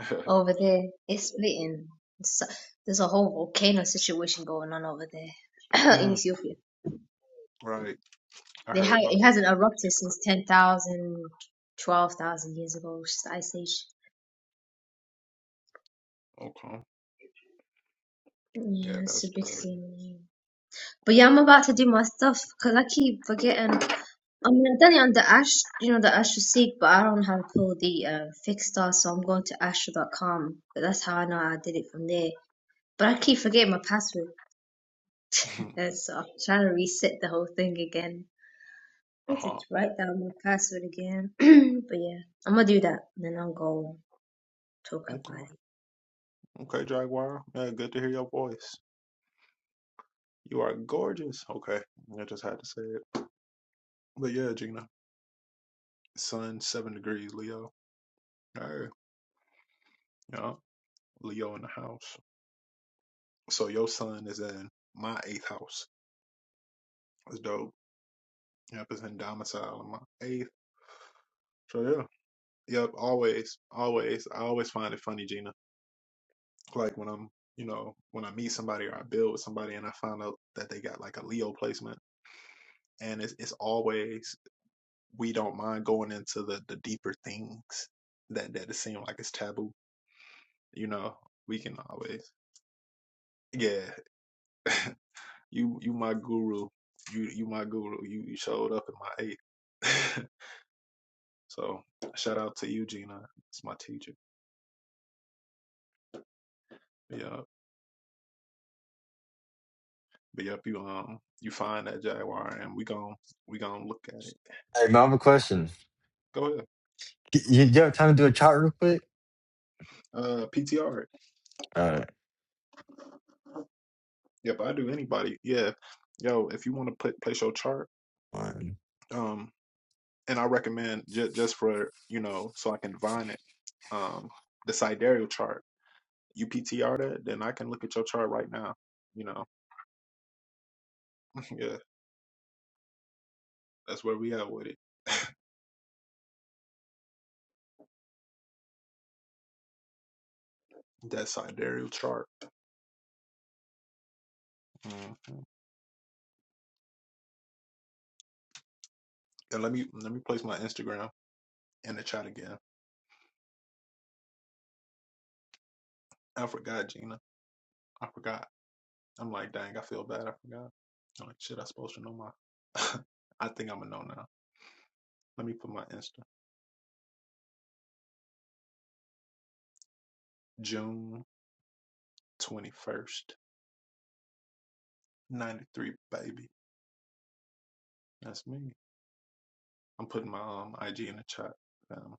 [SPEAKER 3] Over there, it's splitting. It's, so, there's a whole volcano situation going on over there in
[SPEAKER 1] mm,
[SPEAKER 3] Ethiopia.
[SPEAKER 1] right. I
[SPEAKER 3] They ha-
[SPEAKER 1] heard about
[SPEAKER 3] it hasn't erupted since 10,000, 12,000 years ago, which is the Ice Age.
[SPEAKER 1] it. Okay. Yeah,
[SPEAKER 3] Yeah, it's a
[SPEAKER 1] that's
[SPEAKER 3] big
[SPEAKER 1] crazy.
[SPEAKER 3] thing. But yeah, I'm about to do my stuff because I keep forgetting. I'm done on the Ash, you know, the Asher Seek, but I don't know how to pull the uh, fixed star, so I'm going to Asher.com. But that's how I know I did it from there. But I keep forgetting my password, and so I'm trying to reset the whole thing again. I
[SPEAKER 1] uh
[SPEAKER 3] need to
[SPEAKER 1] huh.
[SPEAKER 3] write down my password again. but yeah, I'm gonna do that, and then I'll go talk about
[SPEAKER 1] Okay.
[SPEAKER 3] it.
[SPEAKER 1] Okay, Jaguar. Yeah, good to hear your voice. You are gorgeous. Okay. I just had to say it. But yeah, Gina. Sun, seven degrees, Leo. Hey. Yeah. Leo in the house. So your sun is in my eighth house. That's dope. Yep, it's in domicile in my eighth. So yeah. Yep, always, always. I always find it funny, Gina. Like when I'm, you know, when I meet somebody or I build with somebody and I find out that they got like a Leo placement, and it's it's always we don't mind going into the the deeper things that that it seem like it's taboo. You know, we can always, yeah, you you my guru, you you my guru, you you showed up in my eight. so shout out to you, Gina. It's my teacher. Yeah, but yep, you um you find that jaguar and we gon' we gon' look at it.
[SPEAKER 2] Hey, Mo, I have a question.
[SPEAKER 1] Go ahead.
[SPEAKER 2] Y- You, you have time to do a chart real quick?
[SPEAKER 1] Uh, PTR.
[SPEAKER 2] All right.
[SPEAKER 1] Yep, I do anybody. Yeah, yo, if you want to put place your chart,
[SPEAKER 2] One.
[SPEAKER 1] um, and I recommend j- just for you know, so I can divine it, um, the sidereal chart. You PTR that, then I can look at your chart right now. You know, yeah, that's where we at with it. That sidereal chart. hmm And let me let me place my Instagram in the chat again. I forgot, Gina. I forgot. I'm like, dang, I feel bad. I forgot. I'm like, shit, I supposed to know my. I think I'm gonna know now. Let me put my Insta. June. 21st, 93, baby. That's me. I'm putting my um, IG in the chat. Um,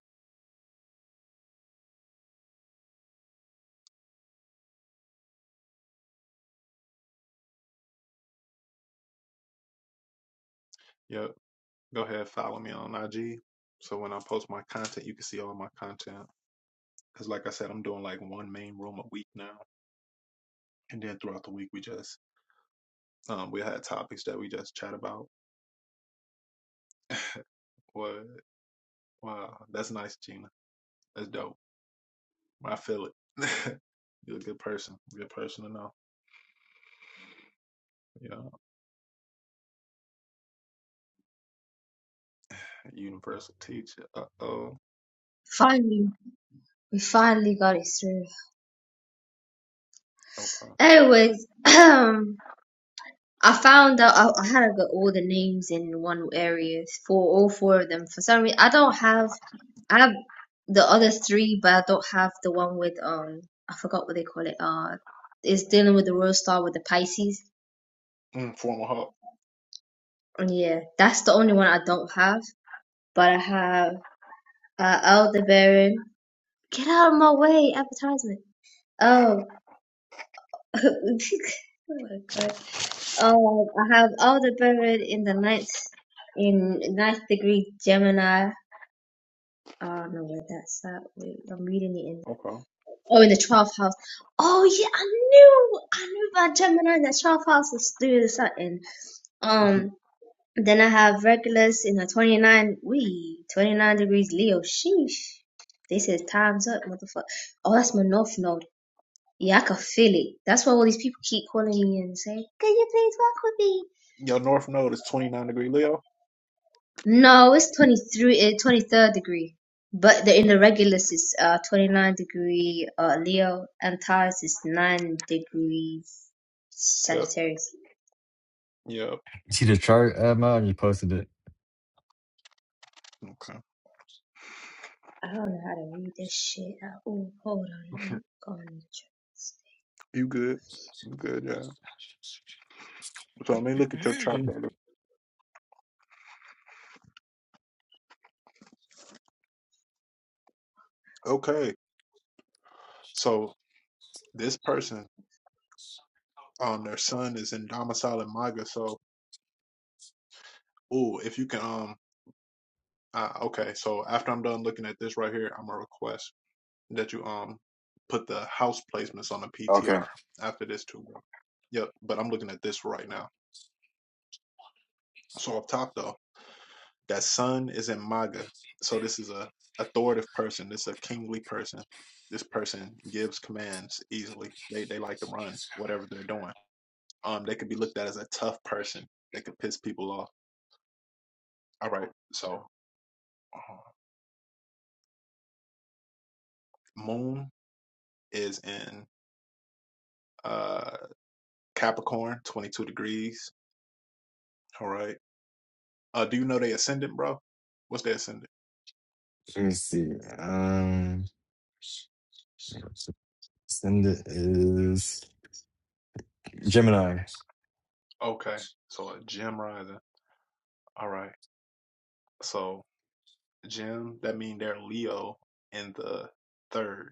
[SPEAKER 1] yep. Go ahead, follow me on IG. So when I post my content, you can see all my content. Because, like I said, I'm doing like one main room a week now. And then throughout the week, we just, um, we had topics that we just chat about. what? Wow. That's nice, Gina. That's dope. I feel it. You're a good person. Good person to know. Yeah. Universal teacher. Uh oh.
[SPEAKER 3] Finally, we finally got it through.
[SPEAKER 1] Okay.
[SPEAKER 3] Anyways, I found out I, I had to get all the names in one area for all four of them. For some reason, I don't have I have the other three, but I don't have the one with um I forgot what they call it. Uh, it's dealing with the royal star with the Pisces.
[SPEAKER 1] Mm, formal
[SPEAKER 3] Yeah, that's the only one I don't have, but I have uh Aldebaran. Get out of my way, advertisement. Oh, oh my god. Oh, I have Aldebaran in the ninth in ninth degree Gemini. I no not that's that. Wait, I'm reading it in the
[SPEAKER 1] hub.
[SPEAKER 3] oh in the twelfth house. Oh yeah, I knew I knew about Gemini in the twelfth house is doing something.
[SPEAKER 1] Okay.
[SPEAKER 3] Um, then I have Regulus in the 29. We 29 degrees Leo. Sheesh. They said time's up, motherfucker. Oh, that's my north node. Yeah, I can feel it. That's why all these people keep calling me and saying, "Can you please walk with me?"
[SPEAKER 1] Your north node is 29 degree Leo.
[SPEAKER 3] No, it's 23, uh, 23rd degree. But the, in the Regulus is uh, 29 degree uh, Leo, and Taurus is 9 degrees
[SPEAKER 1] Yep.
[SPEAKER 3] Sagittarius.
[SPEAKER 1] Yep.
[SPEAKER 2] You see the chart, uh, Mo? You posted
[SPEAKER 1] Okay.
[SPEAKER 3] I don't know how to read this shit. out. Oh, hold on. Let me go on the charts.
[SPEAKER 1] You good. You good, yeah. So let me look at your chart,
[SPEAKER 2] it.
[SPEAKER 1] brother. Okay. So this person, um, their son is in domicile in MAGA. So, ooh, if you can, um, uh, okay. So after I'm done looking at this right here, I'm gonna request that you um put the house placements on the
[SPEAKER 2] Okay.
[SPEAKER 1] PTR after this too. Yep. But I'm looking at this right now. So up top though. That sun is in Maga. So this is a authoritative person. This is a kingly person. This person gives commands easily. They they like to run whatever they're doing. Um, they could be looked at as a tough person. They could piss people off. All right. So uh, Moon is in uh Capricorn, 22 degrees. All right. Uh, do you know they ascendant, bro? What's their ascendant?
[SPEAKER 2] Let me see. Um, send it is Gemini.
[SPEAKER 1] Okay. So a Gem rising. All right. So Gem, that mean they're Leo in the third.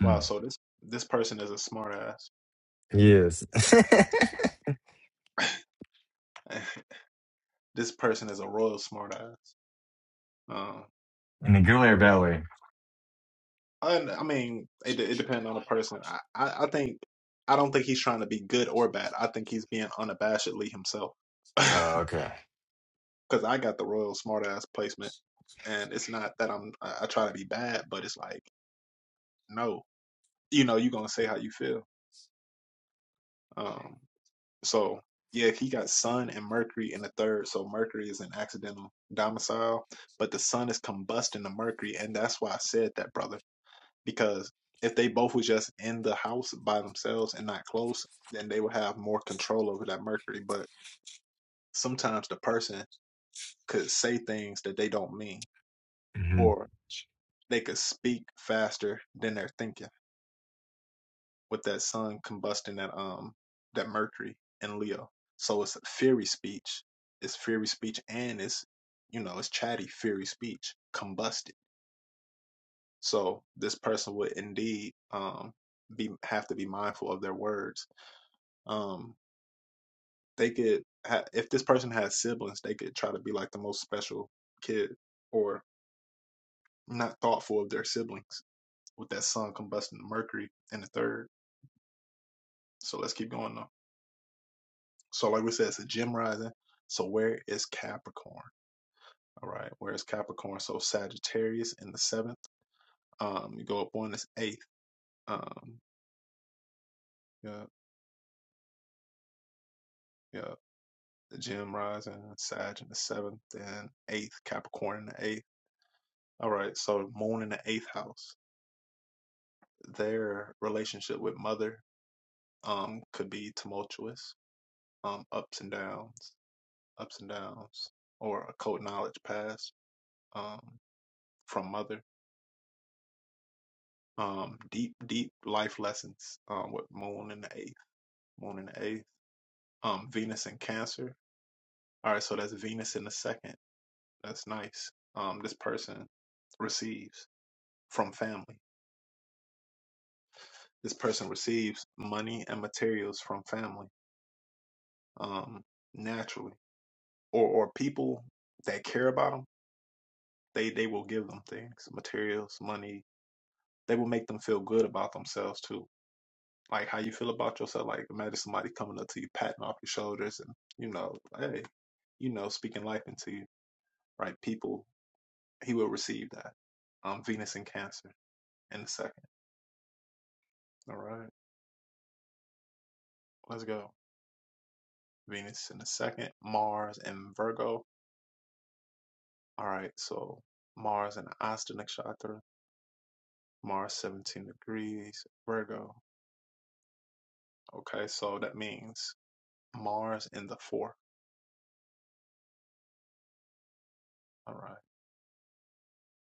[SPEAKER 2] Hmm.
[SPEAKER 1] Wow, so this this person is a smartass.
[SPEAKER 2] Yes.
[SPEAKER 1] This person is a royal smartass. Um,
[SPEAKER 2] In a good way or bad way?
[SPEAKER 1] and I mean, it it depends on the person. I, I I think I don't think he's trying to be good or bad. I think he's being unabashedly himself.
[SPEAKER 2] Oh, okay.
[SPEAKER 1] Because I got the royal smartass placement, and it's not that I'm I, I try to be bad, but it's like no, you know, you're gonna say how you feel. Um, So yeah, if he got Sun and Mercury in the third, so Mercury is an accidental domicile, but the Sun is combusting the Mercury, and that's why I said that, brother. Because if they both was just in the house by themselves and not close, then they would have more control over that Mercury. But sometimes the person could say things that they don't mean,
[SPEAKER 2] Mm-hmm.
[SPEAKER 1] or they could speak faster than they're thinking. with that sun combusting that um that mercury in leo so it's fiery speech it's fiery speech and it's you know it's chatty fiery speech combusted so this person would indeed um be have to be mindful of their words um they could ha- if this person has siblings they could try to be like the most special kid or not thoughtful of their siblings with that sun combusting the mercury in the third so let's keep going though So, like we said, it's a gem rising. So, where is Capricorn? All right, where is Capricorn? So, Sagittarius in the seventh. Um, you go up one is eighth. Um, yeah, yeah, the gem rising, Sag in the seventh, then eighth, Capricorn in the eighth. All right, so Moon in the eighth house. Their relationship with Mother um could be tumultuous, um, ups and downs, ups and downs, or a code knowledge pass um from Mother um deep deep life lessons um with moon in the eighth moon in the eighth um venus in cancer all right so that's venus in the second that's nice um this person receives from family this person receives money and materials from family um naturally or or people that care about them they they will give them things materials money they will make them feel good about themselves too like how you feel about yourself. Like imagine somebody coming up to you, patting off your shoulders, and you know, hey, you know, speaking life into you, right? People, he will receive that. Um, Venus in Cancer in a second. All right, let's go. Venus in a second, Mars and Virgo. All right, so Mars and Asta Nakshatra, Mars 17 degrees, Virgo. Okay, so that means Mars in the fourth. All right,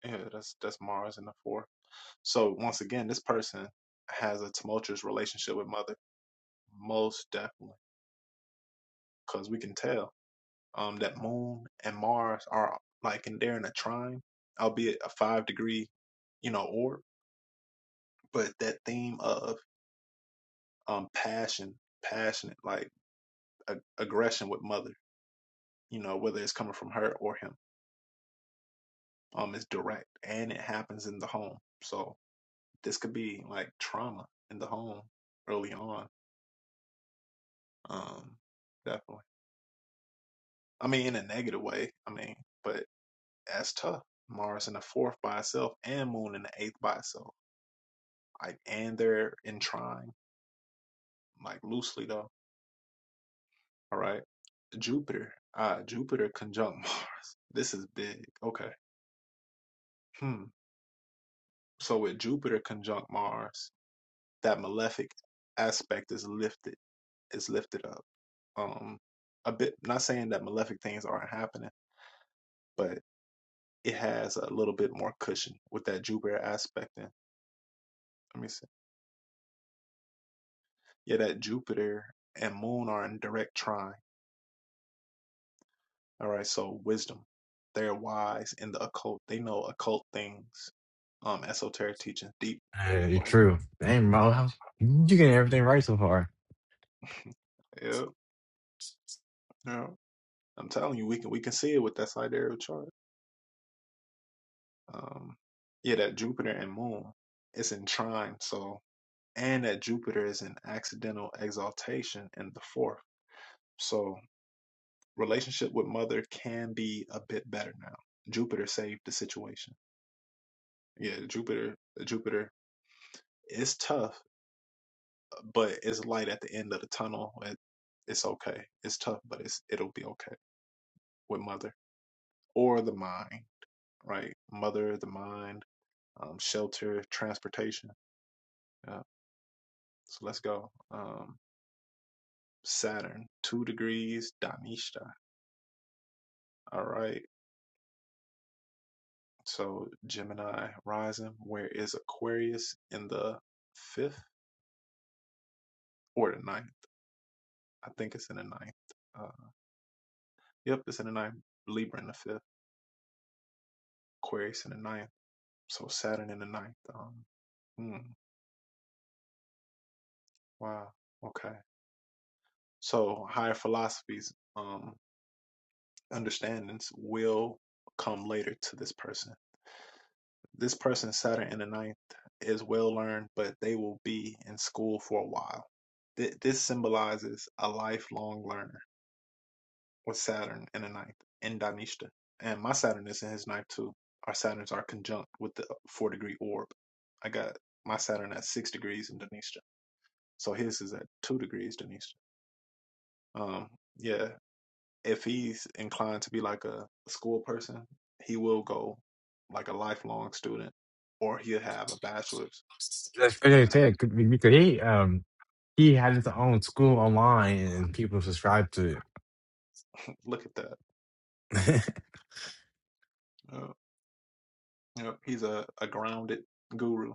[SPEAKER 1] yeah, that's that's Mars in the fourth So once again, this person has a tumultuous relationship with Mother, most definitely, because we can tell um, that Moon and Mars are like in there in a trine, albeit a five degree, you know, orb. But that theme of um, passion, passionate, like a- aggression with Mother, you know, whether it's coming from her or him, um, is direct, and it happens in the home. So this could be like trauma in the home early on. Um, definitely. I mean, in a negative way. I mean, but that's tough. Mars in the fourth by itself and Moon in the eighth by itself. Like, and they're in trine, like loosely though. All right. Jupiter. Ah, Jupiter conjunct Mars. This is big. Okay. Hmm. So with Jupiter conjunct Mars, that malefic aspect is lifted. Is lifted up. Um, a bit. Not saying that malefic things aren't happening, but it has a little bit more cushion with that Jupiter aspect. In. Let me see. Yet that Jupiter and Moon are in direct trine. All right, so wisdom. They're wise in the occult. They know occult things, um, esoteric teachings, deep.
[SPEAKER 2] Hey,
[SPEAKER 1] Like,
[SPEAKER 2] true. Dang, Marlo, you getting everything right so far.
[SPEAKER 1] yeah, yeah. I'm telling you, we can we can see it with that sidereal chart. Um, yeah, that Jupiter and Moon is in trine. So, and that Jupiter is in accidental exaltation in the fourth. So, relationship with Mother can be a bit better now. Jupiter saved the situation. Yeah, Jupiter, Jupiter It's tough, but it's light at the end of the tunnel. It, it's okay. It's tough, but it's it'll be okay with mother or the mind, right? Mother, the mind, um, shelter, transportation. Yeah. So let's go. Um, Saturn, two degrees, Danishta. All right. So Gemini rising. Where is Aquarius in the fifth or the ninth? I think it's in the ninth. Uh, yep, it's in the ninth. Libra in the fifth. Aquarius in the ninth. So Saturn in the ninth. Um, hmm, wow. Okay. So higher philosophies, um, understandings will come later to this person. This person, Saturn in the ninth, is well learned, but they will be in school for a while. Th- this symbolizes a lifelong learner with Saturn in the ninth in Dhanishta. And my Saturn is in his ninth too. Our Saturns are conjunct with the four degree orb. I got my Saturn at six degrees in Dhanishta. So his is at two degrees, Denise. Um, yeah, if he's inclined to be like a school person, he will go like a lifelong student, or he'll have a bachelor's.
[SPEAKER 2] That's pretty sick because he um he had his own school online and people subscribe to it.
[SPEAKER 1] Look at that. Uh, yep, he's a, a grounded guru.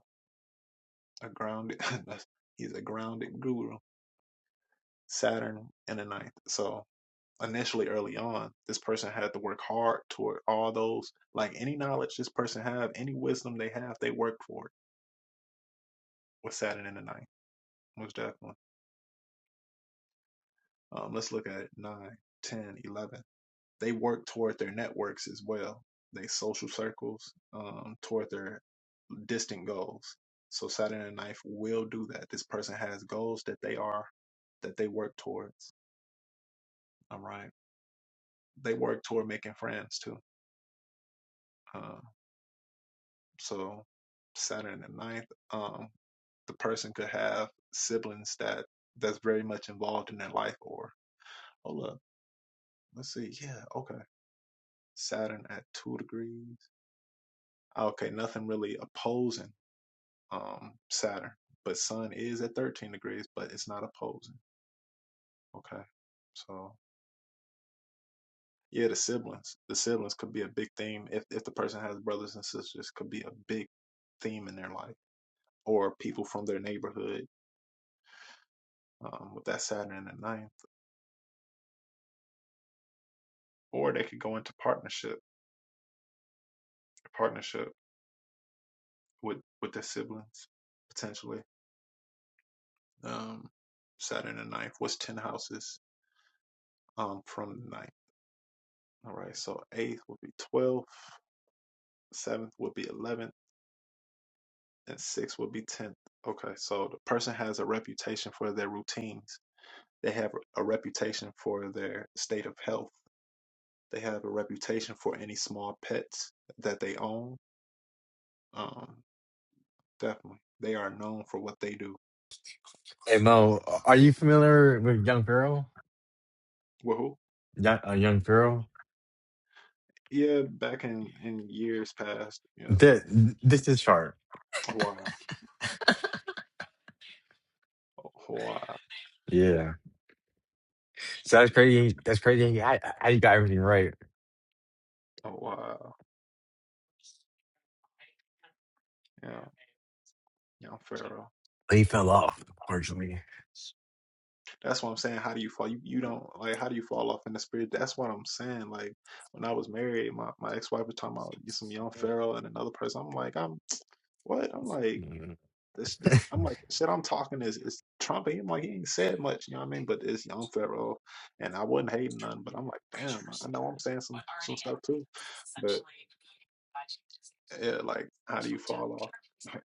[SPEAKER 1] A grounded. he's a grounded guru. Saturn in the ninth. So initially, early on, this person had to work hard toward all those. Like any knowledge this person have, any wisdom they have, they work for it with Saturn in the ninth. Most definitely. Um, let's look at 9, 10, eleven. They work toward their networks as well, their social circles um, toward their distant goals. So Saturn and Knife will do that. This person has goals that they are that they work towards. All right. They work toward making friends too. Um, so Saturn and ninth, um, the person could have siblings that that's very much involved in their life or hold up, let's see. Yeah, okay. Saturn at two degrees. Okay, nothing really opposing um Saturn, but Sun is at 13 degrees, but it's not opposing. Okay. So, yeah, the siblings. The siblings could be a big theme if if the person has brothers and sisters could be a big theme in their life or people from their neighborhood um with that Saturn in the ninth, or they could go into partnership, partnership with with their siblings potentially. Um Saturn in the ninth was 10 houses um from the ninth. All right. So, eighth would be 12 seventh would be 11th, and sixth would be 10th. Okay, so the person has a reputation for their routines. They have a reputation for their state of health. They have a reputation for any small pets that they own. Um, definitely, they are known for what they do.
[SPEAKER 2] hey Mo, are you familiar with Young Pharaoh?
[SPEAKER 1] Well,
[SPEAKER 2] Young, uh, Young Pharaoh?
[SPEAKER 1] Yeah, back in in years past, you know,
[SPEAKER 2] This this is sharp.
[SPEAKER 1] a while, a while,
[SPEAKER 2] Yeah. So that's crazy. That's crazy. How how you got everything right?
[SPEAKER 1] a while. Yeah, young Pharaoh.
[SPEAKER 2] He fell off, partially.
[SPEAKER 1] That's what I'm saying. How do you fall? You, you don't like. How do you fall off in the spirit? That's what I'm saying. Like when I was married, my, my ex wife was talking about get some young Pharaoh and another person. I'm like, I'm what? I'm like
[SPEAKER 2] hmm
[SPEAKER 1] this. this I'm like shit. I'm talking is is Trump. I'm like he ain't said much. You know what I mean? But it's young Pharaoh, and I wasn't hating none. But I'm like, damn, I know I'm saying some some stuff too. But yeah, like how do you fall off?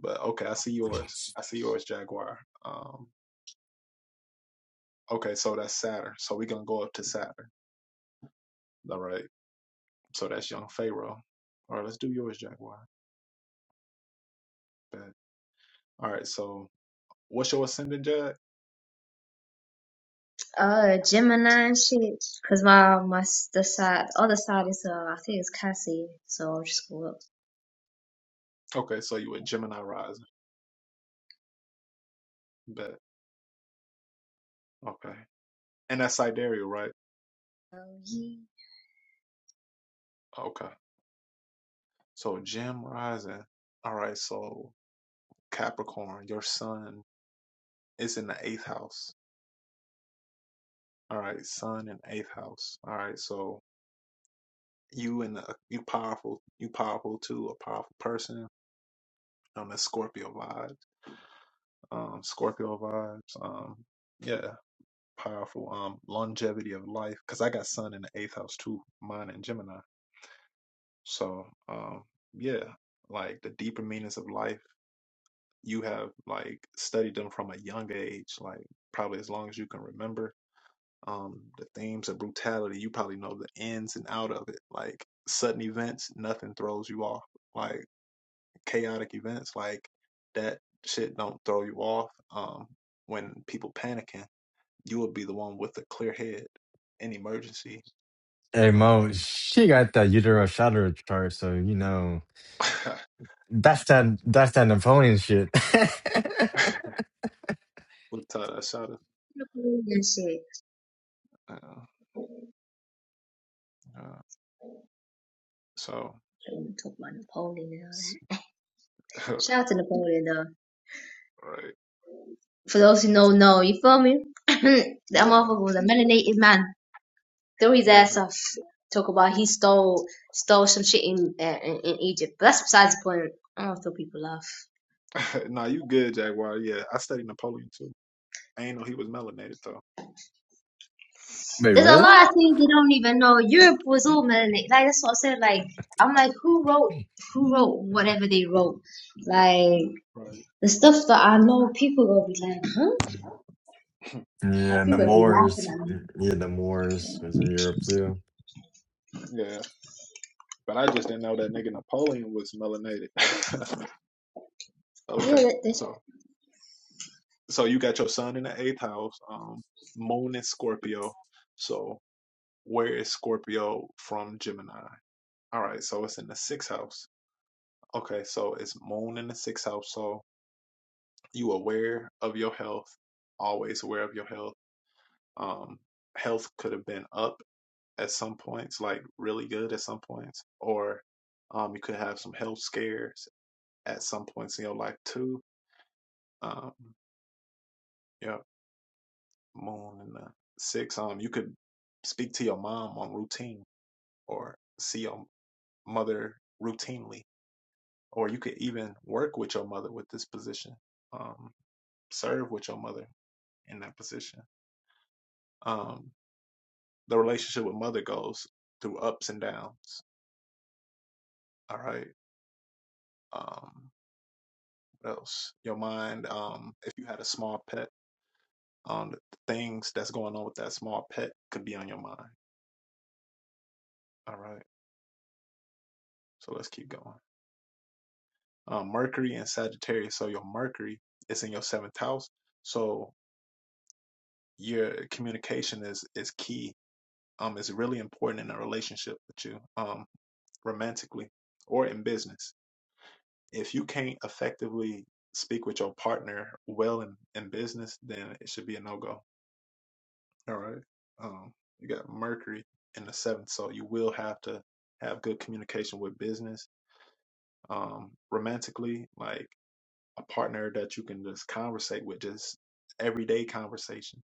[SPEAKER 1] But okay, I see yours. I see yours, Jaguar. Um, okay, so that's Saturn. So we're gonna go up to Saturn. All right. So that's young Pharaoh. All right, let's do yours, Jaguar. Bet. All right, so what's your ascendant, Jag?
[SPEAKER 3] Uh, Gemini and shit. Cause my, my, s- the side, the other side is, uh, I think it's Cassie. So I'll just go up.
[SPEAKER 1] Okay, so you a Gemini rising. Bet. Okay. And that's sidereal, right?
[SPEAKER 3] Oh, yeah.
[SPEAKER 1] Okay. So Gem rising. All right, so Capricorn, your sun is in the eighth house. All right, sun in eighth house. All right, so you and the you powerful, you powerful too, a powerful person. Um, that's Scorpio vibes. Um, Scorpio vibes. Um, yeah. powerful. Um, longevity of life, because I got sun in the eighth house too, mine and Gemini. So, um, yeah, like the deeper meanings of life, you have like studied them from a young age, like probably as long as you can remember. Um, the themes of brutality, you probably know the ins and out of it. Like sudden events, nothing throws you off. Like chaotic events, like that shit don't throw you off. Um, when people panicking, you will be the one with a clear head in emergency
[SPEAKER 2] Hey
[SPEAKER 1] Um,
[SPEAKER 2] Mo, she got that utero shadow chart, so you know that's that that's that Napoleon shit.
[SPEAKER 1] with Todd Asada.
[SPEAKER 3] Napoleon and shit.
[SPEAKER 1] Uh, uh, so,
[SPEAKER 3] I don't want to talk about Napoleon and all that. Shouting to Napoleon though.
[SPEAKER 1] right.
[SPEAKER 3] For those who
[SPEAKER 1] It's a-
[SPEAKER 3] don't know, you feel me? that
[SPEAKER 1] Yeah,
[SPEAKER 3] motherfucker was a melanated man. Threw his ass
[SPEAKER 1] damn.
[SPEAKER 3] off. Talk about he stole stole some shit in uh, in, in Egypt. But that's besides the point. I don't throw people laugh.
[SPEAKER 1] nah, you good, Jaguar. Yeah, I studied Napoleon too. I ain't know he was melanated though.
[SPEAKER 2] Wait,
[SPEAKER 3] There's
[SPEAKER 1] Yeah,
[SPEAKER 3] a
[SPEAKER 2] really?
[SPEAKER 3] lot of things they don't even know. Europe was all melanated. Like that's what I said. Like I'm like, who wrote who wrote whatever they wrote? Like
[SPEAKER 1] right.
[SPEAKER 3] the stuff that I know, people gonna be like, huh? Uh,
[SPEAKER 2] yeah, the
[SPEAKER 1] Nah,
[SPEAKER 3] People be laughing
[SPEAKER 2] Moors.
[SPEAKER 3] at me.
[SPEAKER 2] Yeah, the Moors was in Europe too.
[SPEAKER 1] yeah, but I just didn't know that nigga Napoleon was melanated. okay,
[SPEAKER 3] Yeah, that, that's
[SPEAKER 1] so so you got your son in the eighth house, um, moon in Scorpio. So where is Scorpio from Gemini? All right, so it's in the sixth house. Okay, so it's moon in the sixth house. So you aware of your health, always aware of your health. Um, health could have been up at some points, like really good at some points, or um, you could have some health scares at some points in your life too. Um, yeah, moon in the sixth. Um, you could speak to your mom on routine, or see your mother routinely, or you could even work with your mother with this position. Um, serve with your mother in that position. Um, the relationship with mother goes through ups and downs. All right. Um, what else? Your mind. Um, if you had a small pet, um, the things that's going on with that small pet could be on your mind. All right. So let's keep going. Um, Mercury and Sagittarius. So your Mercury is in your seventh house. So your communication is is key. Um, it's really important in a relationship with you. Um, romantically or in business If you can't effectively speak with your partner well in, in business, then it should be a no go. All right. Um, you got Mercury in the seventh, so you will have to have good communication with business. Um, romantically, like a partner that you can just conversate with, just everyday conversations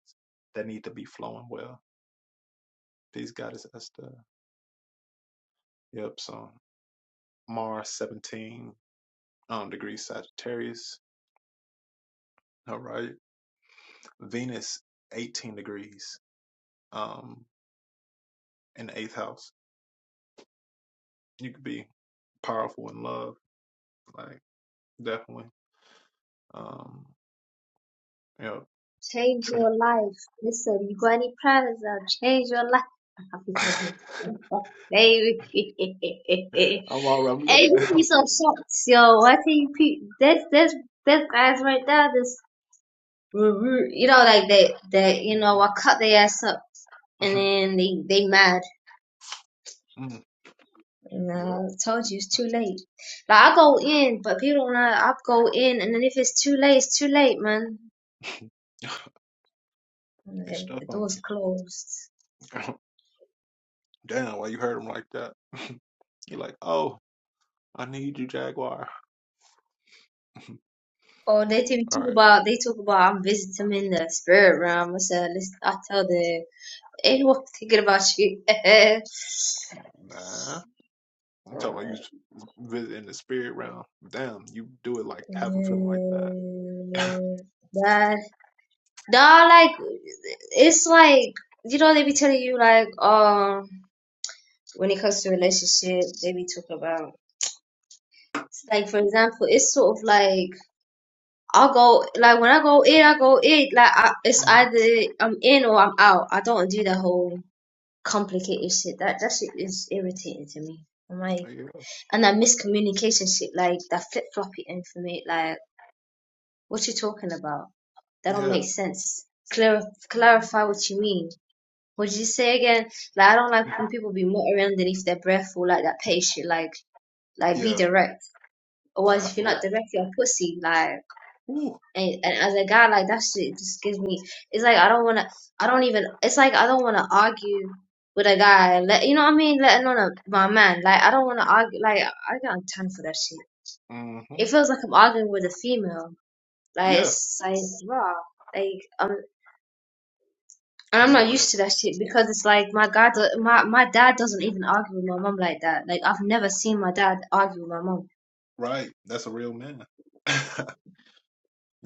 [SPEAKER 1] that need to be flowing well. These guys, that's the yep. So Mars seventeen um, degrees Sagittarius. All right. Venus, 18 degrees. um, in the eighth house. You could be powerful in love, like definitely. Um, you know,
[SPEAKER 3] Change
[SPEAKER 1] Trent.
[SPEAKER 3] your life. Listen, you got any plans? I'll change your life. Happy to have Baby. hey,
[SPEAKER 1] I'm all i looking
[SPEAKER 3] you
[SPEAKER 1] now.
[SPEAKER 3] be so shocked, yo. I tell you, pe- this, this, this guys right there, this, you know, like they, they, you know, I cut their ass up and then they, they mad.
[SPEAKER 1] Mm,
[SPEAKER 3] And I told you it's too late. Like, I go in, but people don't know, I go in and then if it's too late, it's too late, man.
[SPEAKER 1] yep. they
[SPEAKER 3] Like,
[SPEAKER 1] stuck
[SPEAKER 3] The
[SPEAKER 1] on
[SPEAKER 3] door's closed.
[SPEAKER 1] you. Damn, why you hurt him like that? You're like, oh, I need you, Jaguar.
[SPEAKER 3] Or they t-
[SPEAKER 1] All
[SPEAKER 3] talk
[SPEAKER 1] right,
[SPEAKER 3] about they talk about I'm visiting in the spirit realm. I said, "Listen, I tell them, ain't what thinking about you?
[SPEAKER 1] nah. I'm talking about you visiting the spirit realm. Damn, you do it like have him
[SPEAKER 3] Yeah.
[SPEAKER 1] feeling like that.
[SPEAKER 3] But nah, like it's like you know they be telling you like um when it comes to relationship they be talking about it's like for example it's sort of like I'll go like when I go in I go in like I, it's
[SPEAKER 1] hmm
[SPEAKER 3] either I'm in or I'm out I don't do the whole complicated shit. That that shit is irritating to me. I'm like,
[SPEAKER 1] Yeah,
[SPEAKER 3] and that miscommunication shit, like that flip floppy information, like what you talking about? That don't
[SPEAKER 1] yeah,
[SPEAKER 3] make sense. Clar- clarify what you mean. What did you say again? Like I don't like when people be muttering underneath their breath or like that pay shit. Like like be
[SPEAKER 1] yeah.
[SPEAKER 3] direct.
[SPEAKER 1] I
[SPEAKER 3] Otherwise, if you're
[SPEAKER 1] feel.
[SPEAKER 3] not direct, you're a pussy. Like.
[SPEAKER 1] Ooh.
[SPEAKER 3] and, and as a guy like that shit just gives me it's like i don't want to i don't even it's like i don't want to argue with a guy let you know what i mean letting on a, my man like i don't want to argue like i got time for that shit
[SPEAKER 1] Mm-hmm.
[SPEAKER 3] it feels like i'm arguing with a female like
[SPEAKER 1] Yeah,
[SPEAKER 3] it's like raw like um and i'm
[SPEAKER 1] be the
[SPEAKER 3] not
[SPEAKER 1] rap.
[SPEAKER 3] used to that shit because it's like my god my my dad doesn't even argue with my mom like that like i've never seen my dad argue with my mom
[SPEAKER 1] Right. That's a real man.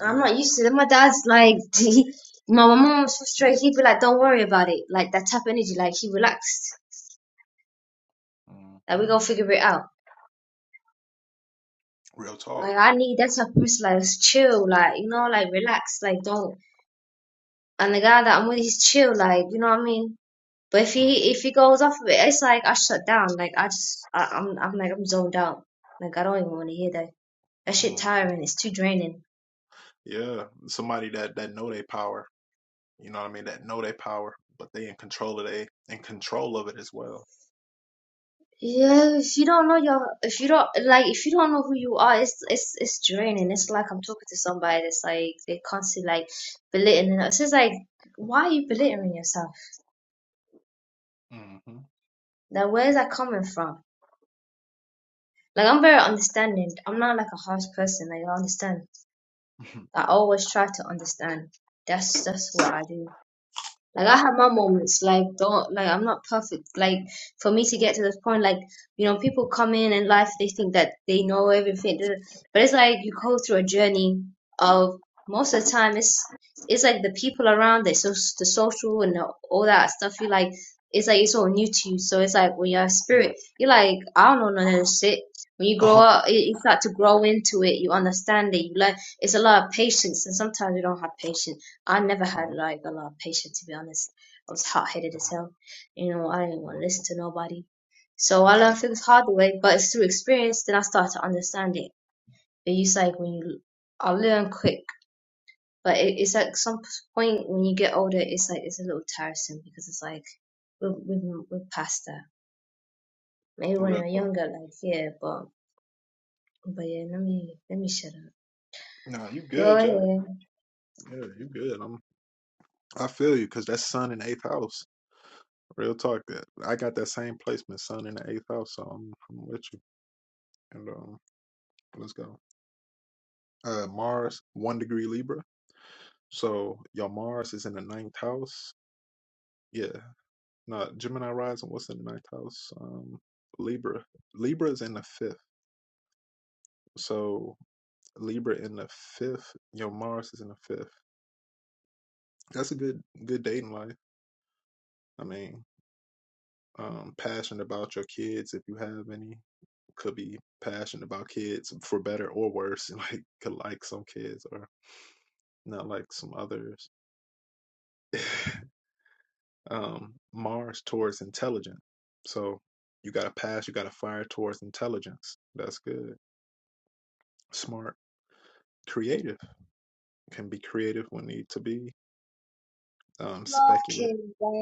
[SPEAKER 3] I'm not used to that. My dad's like, he, my mom was frustrated. He'd be like, "Don't worry about it." Like that type of energy. Like he relaxed. Like we
[SPEAKER 1] Mhm.
[SPEAKER 3] gonna figure it out.
[SPEAKER 1] Real talk.
[SPEAKER 3] Like I need that type of person. Like chill. Like you know, like relax. Like don't. And the guy that I'm with, he's chill. Like you know what I mean. But if he if he goes off of it, it's like I shut down. Like I just I, I'm I'm like I'm zoned out. Like I don't even want to hear that. That shit
[SPEAKER 1] Mhm.
[SPEAKER 3] tiring. It's too draining.
[SPEAKER 1] Yeah. Somebody that that know they power. You know what I mean? That know they power, but they in control of they in control of it as well.
[SPEAKER 3] Yeah, if you don't know your, if you don't like, if you don't know who you are, it's it's it's draining. It's like I'm talking to somebody that's like they constantly like belittling us. It's like, why are you belittling yourself?
[SPEAKER 1] hmm
[SPEAKER 3] Like, where's that coming from? Like, I'm very understanding. I'm not like a harsh person. Like, I understand. I always try to understand. That's that's what I do. Like I have my moments. Like don't like I'm not perfect. Like for me to get to this point, like you know, people come in in life, they think that they know everything, da- da- but it's like you go through a journey of most of the time it's it's like the people around, the so the social and the- all that stuff. You like it's like it's all new to you. So it's like when you're a spirit,
[SPEAKER 1] Yes.
[SPEAKER 3] you're like I don't know none of this shit. When you grow
[SPEAKER 1] Oh.
[SPEAKER 3] up, it, you start to grow into it. You understand it. You learn. It's a lot of patience, and sometimes you don't have patience I never had
[SPEAKER 1] Mhm.
[SPEAKER 3] like a lot of patience to be honest. I was hot headed as hell. You know, I didn't want to
[SPEAKER 1] Mhm.
[SPEAKER 3] listen to nobody. So I
[SPEAKER 1] Damn.
[SPEAKER 3] learned things hard the way, but it's through experience then I start to understand it. But you say when you, I learn quick, but it, it's like some point when you get older, it's like it's a little tiresome because it's like we're we're, we're past that. Maybe when
[SPEAKER 1] Real
[SPEAKER 3] you're
[SPEAKER 1] talk.
[SPEAKER 3] younger, like yeah, but but yeah, let me let me shut up.
[SPEAKER 1] Nah, you
[SPEAKER 3] Go
[SPEAKER 1] good, Jack.
[SPEAKER 3] ahead.
[SPEAKER 1] Yeah, you good. I'm. I feel you because that's sun in the eighth house. Real talk. That I got that same placement, sun in the eighth house. So I'm, I'm with you. And um, let's go. uh Mars one degree Libra. So your Mars is in the ninth house. Yeah. No, Gemini rising, what's in the ninth house? Um Libra. Libra is in the fifth. So Libra in the fifth, your Mars is in the fifth. That's a good good dating life. I mean, um passionate about your kids if you have any. Could be passionate about kids for better or worse. Like could like some kids or not like some others. um, Mars towards intelligent. So you got a pass, you got a fire towards intelligence. That's good. Smart, creative can be creative when need to be. Um,
[SPEAKER 3] love
[SPEAKER 1] speculative.
[SPEAKER 3] kids. Like,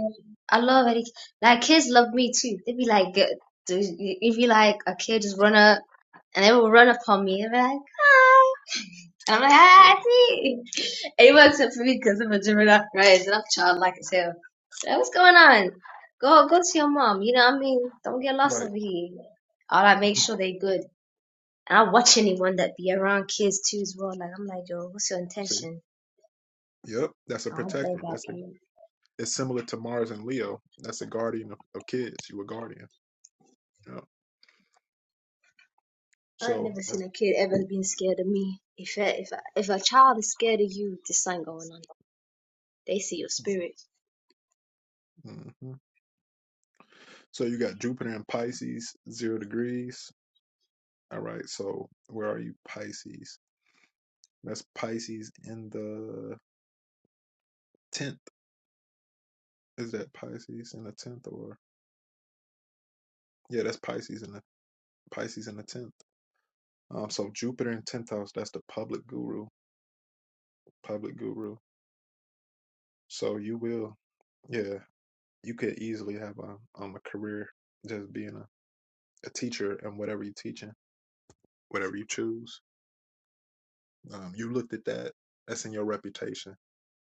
[SPEAKER 3] I love any like kids love me too. they be like, "Good." if you like a kid, just run up and they will run upon me and be like, hi. And I'm like,
[SPEAKER 1] Right.
[SPEAKER 3] hi, see. And It works out for me because I'm a Gemini, right? And I'm childlike as hell. Like, what's going on? Go, go to your mom. You know what I mean? Don't get lost over here. All I make sure they good. And I watch anyone that be around kids too as well. Like, I'm like, yo, what's your
[SPEAKER 1] See.
[SPEAKER 3] intention?
[SPEAKER 1] Yep. That's a
[SPEAKER 3] I don't play
[SPEAKER 1] protector.
[SPEAKER 3] about
[SPEAKER 1] That's a,
[SPEAKER 3] kids.
[SPEAKER 1] it's similar to Mars and Leo. That's a guardian of, of kids. You a guardian. Yep.
[SPEAKER 3] I've
[SPEAKER 1] So
[SPEAKER 3] never
[SPEAKER 1] that's
[SPEAKER 3] seen a kid ever being scared of me. If a, if a, if a child is scared of you, there's something going on. They see your spirit,
[SPEAKER 1] mhm. so you got Jupiter and Pisces zero degrees. All right. So where are you, Pisces? That's Pisces in the tenth is that Pisces in the tenth or yeah, that's Pisces in the Pisces in the tenth. Um, so Jupiter in tenth house, that's the public guru, public guru. So you will, yeah, you could easily have a um a career just being a, a teacher and whatever you're teaching, whatever you choose. Um, you looked at that. That's in your reputation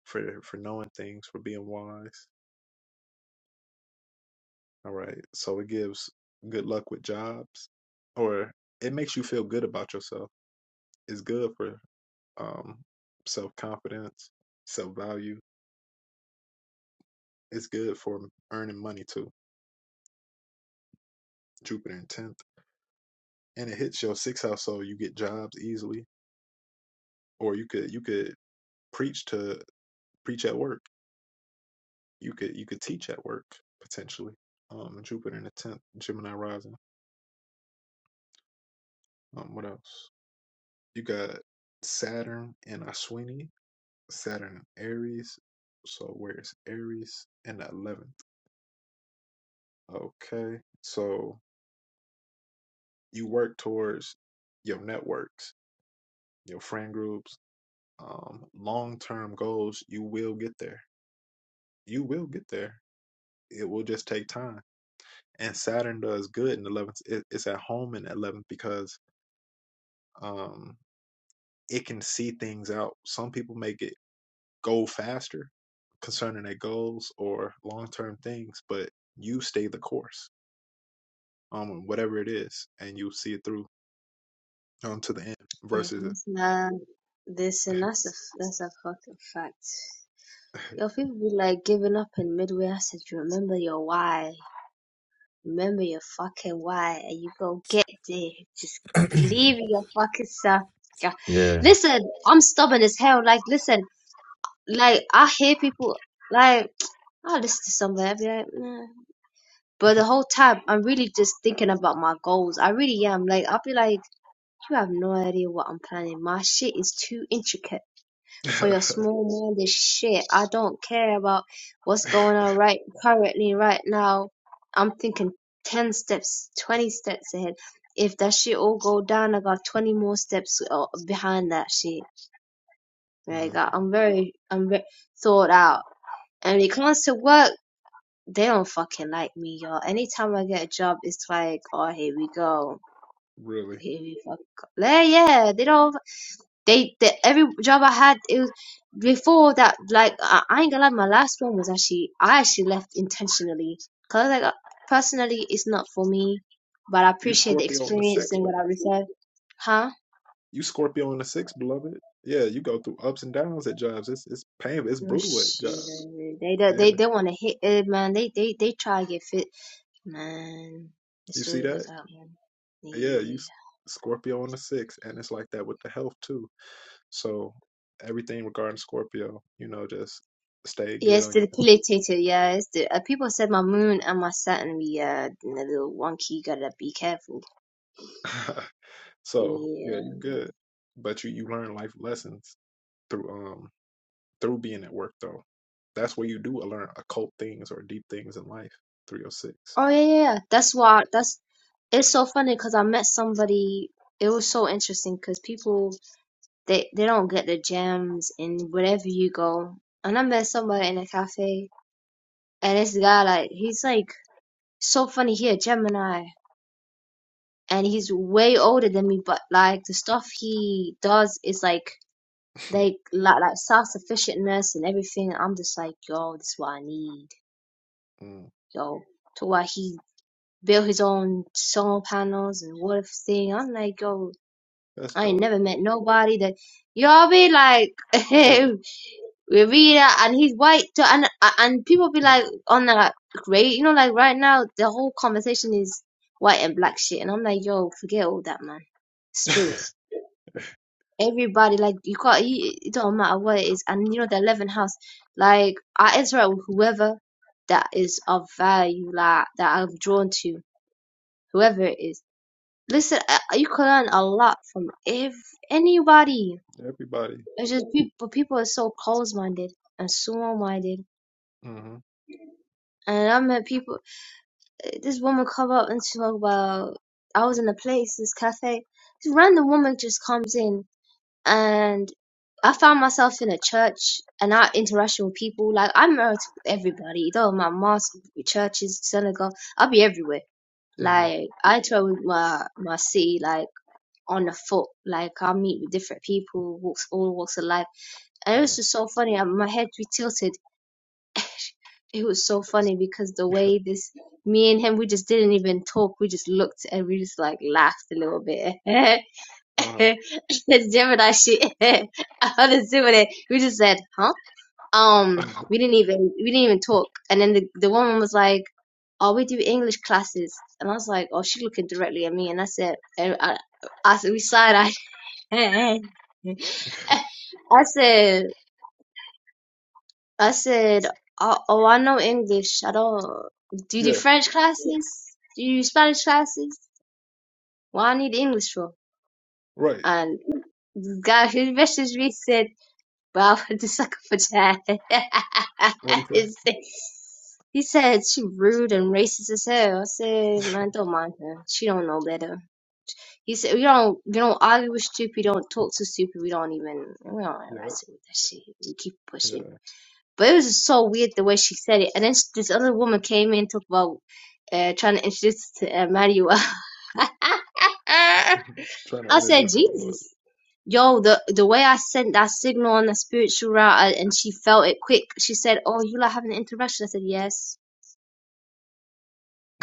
[SPEAKER 1] for for knowing things, for being wise. All right, so it gives good luck with jobs, or it makes you feel good about yourself It's good for um, self confidence, self value. It's good for earning money too. Jupiter in tenth, and it hits your sixth house, so you get jobs easily. Or you could you could preach to preach at work. You could you could teach at work potentially. Um, Jupiter in the tenth, Gemini rising. Um, what else? You got Saturn in Ashwini, Saturn in Aries. So where's Aries in the eleventh? Okay, so you work towards your networks, your friend groups, um, long term goals, you will get there. You will get there. It will just take time. And Saturn does good in 11th. It, it's at home in 11th because um, it can see things out. Some people make it go faster concerning their goals or long term things, but you stay the course on um, whatever it is, and you see it through um, to the end
[SPEAKER 3] and
[SPEAKER 1] versus
[SPEAKER 3] that's not this, and that's a that's a fucking fact. Yo, people be like giving up in midway. I said, you remember your why, remember your fucking why, and you go get there. Just believe in your fucking self. Yeah.
[SPEAKER 2] Yeah.
[SPEAKER 3] Listen, I'm stubborn as hell. Like, listen, like I hear people like I listen to somebody. I be like, nah. But the whole time, I'm really just thinking about my goals. I really am. Like, I'll be like, you have no idea what I'm planning. My shit is too intricate for your small-minded shit. I don't care about what's going on right currently, right now. I'm thinking 10 steps, 20 steps ahead. If that shit all go down, I got 20 more steps uh, behind that shit. Like,
[SPEAKER 1] Mm,
[SPEAKER 3] I- I'm very, I'm very thought out. And when it comes to work, they don't fucking like me, y'all. Anytime I get a job, it's like, oh, here we go.
[SPEAKER 1] really.
[SPEAKER 3] Here we fuck. Yeah, yeah. They don't. They, they. Every job I had, it was before that. Like, I, I ain't gonna lie. My last one was actually, I actually left intentionally, cause like, uh, personally, it's not for me. But I
[SPEAKER 1] You
[SPEAKER 3] appreciate the
[SPEAKER 1] Scorpio on the
[SPEAKER 3] experience
[SPEAKER 1] sixth
[SPEAKER 3] and what
[SPEAKER 1] though.
[SPEAKER 3] I received. Huh?
[SPEAKER 1] You Scorpio on the sixth, beloved. Yeah, you go through ups and downs at jobs. It's it's painful. It's
[SPEAKER 3] Oh
[SPEAKER 1] brutal at
[SPEAKER 3] shit.
[SPEAKER 1] jobs.
[SPEAKER 3] They, they,
[SPEAKER 1] Yeah,
[SPEAKER 3] they, they want to hit it, man. They, they, they try to get fit, man. The
[SPEAKER 1] you see
[SPEAKER 3] stories I
[SPEAKER 1] that?
[SPEAKER 3] got, man.
[SPEAKER 1] Yeah, you
[SPEAKER 3] Yeah.
[SPEAKER 1] S- Scorpio on the sixth, and it's like that with the health too. So everything regarding Scorpio, you know, just stay good
[SPEAKER 3] Yes,
[SPEAKER 1] on your
[SPEAKER 3] the Pulator, yeah. It's the, uh, people said my moon and my Saturn be uh, a little wonky. You gotta be careful.
[SPEAKER 1] health. so yeah, you
[SPEAKER 3] Yeah.
[SPEAKER 1] good, but you you learn life lessons through um through being at work though. That's where you do learn occult things or deep things in life through your six.
[SPEAKER 3] Oh yeah, yeah. yeah. That's why. That's it's so funny because I met somebody. It was so interesting because people they they don't get the gems in wherever you go. And I met somebody in a cafe, and this guy like he's like so funny. He a Gemini, and he's way older than me, but like the stuff he does is like. They like like self sufficientness and everything. I'm just like, yo, this is what I need,
[SPEAKER 1] Mm,
[SPEAKER 3] yo. To why he built his own solar panels and water thing. I'm like, yo,
[SPEAKER 1] That's
[SPEAKER 3] I ain't
[SPEAKER 1] dope.
[SPEAKER 3] never met nobody that y'all be like,
[SPEAKER 1] Yeah.
[SPEAKER 3] we read that and he's white too, and and people be like on that great, you know, like right now the whole conversation is white and black shit, and I'm like, yo, forget all that, man. Spirit. everybody like you call he it don't matter what it is and you know the 11th house like i interact with whoever that is of value like that i'm drawn to whoever it is listen uh, you can learn a lot from if anybody
[SPEAKER 1] Everybody.
[SPEAKER 3] it's just people people are so close minded and small-minded
[SPEAKER 1] hmm
[SPEAKER 3] and i met people this woman come up and she talk about i was in a place this cafe this random woman just comes in and I found myself in a church and I interacting with people. Like I'm married to everybody, though my mosque, churches, synagogue, I'll be everywhere.
[SPEAKER 1] hmm
[SPEAKER 3] Like I interact with my my city, like on the foot. Like I meet with different people, walks all walks of life, and it was just so funny. And my head we tilted. it was so funny because the way this me and him we just didn't even talk. We just looked and we just like laughed a little bit.
[SPEAKER 1] Uh-huh.
[SPEAKER 3] this Gemini shit. All this Gemini. We just said, huh? Um,
[SPEAKER 1] Mm-hmm.
[SPEAKER 3] we didn't even we didn't even talk. And then the the woman was like, "Oh, we do English classes." And I was like, "Oh," she looking directly at me, and I said, and "I, I said we side eyed." I said, "I said, oh, oh, I know English. I don't. Do you do
[SPEAKER 1] Yeah,
[SPEAKER 3] French classes? Do you do Spanish classes? Well, I need English for."
[SPEAKER 1] right.
[SPEAKER 3] And this guy who messaged me said. Well, a secretary.
[SPEAKER 1] What do you say?
[SPEAKER 3] he said she rude and racist as hell. I said, man, don't mind her. She don't know better. He said, we don't, we don't argue with stupid. We don't talk to stupid. We don't even, we don't
[SPEAKER 1] Yeah,
[SPEAKER 3] harass her with that shit. We keep pushing.
[SPEAKER 1] yeah.
[SPEAKER 3] But it was just so weird the way she said it. And then sh- this other woman came in, and talked about uh, trying to introduce us to uh, Manuel. I
[SPEAKER 1] Trying to
[SPEAKER 3] said,
[SPEAKER 1] introduce to the Lord.
[SPEAKER 3] Jesus yo, the the way I sent that signal on the spiritual route, I, and she felt it quick. She said, "Oh, you like having an interaction?" I said, "Yes."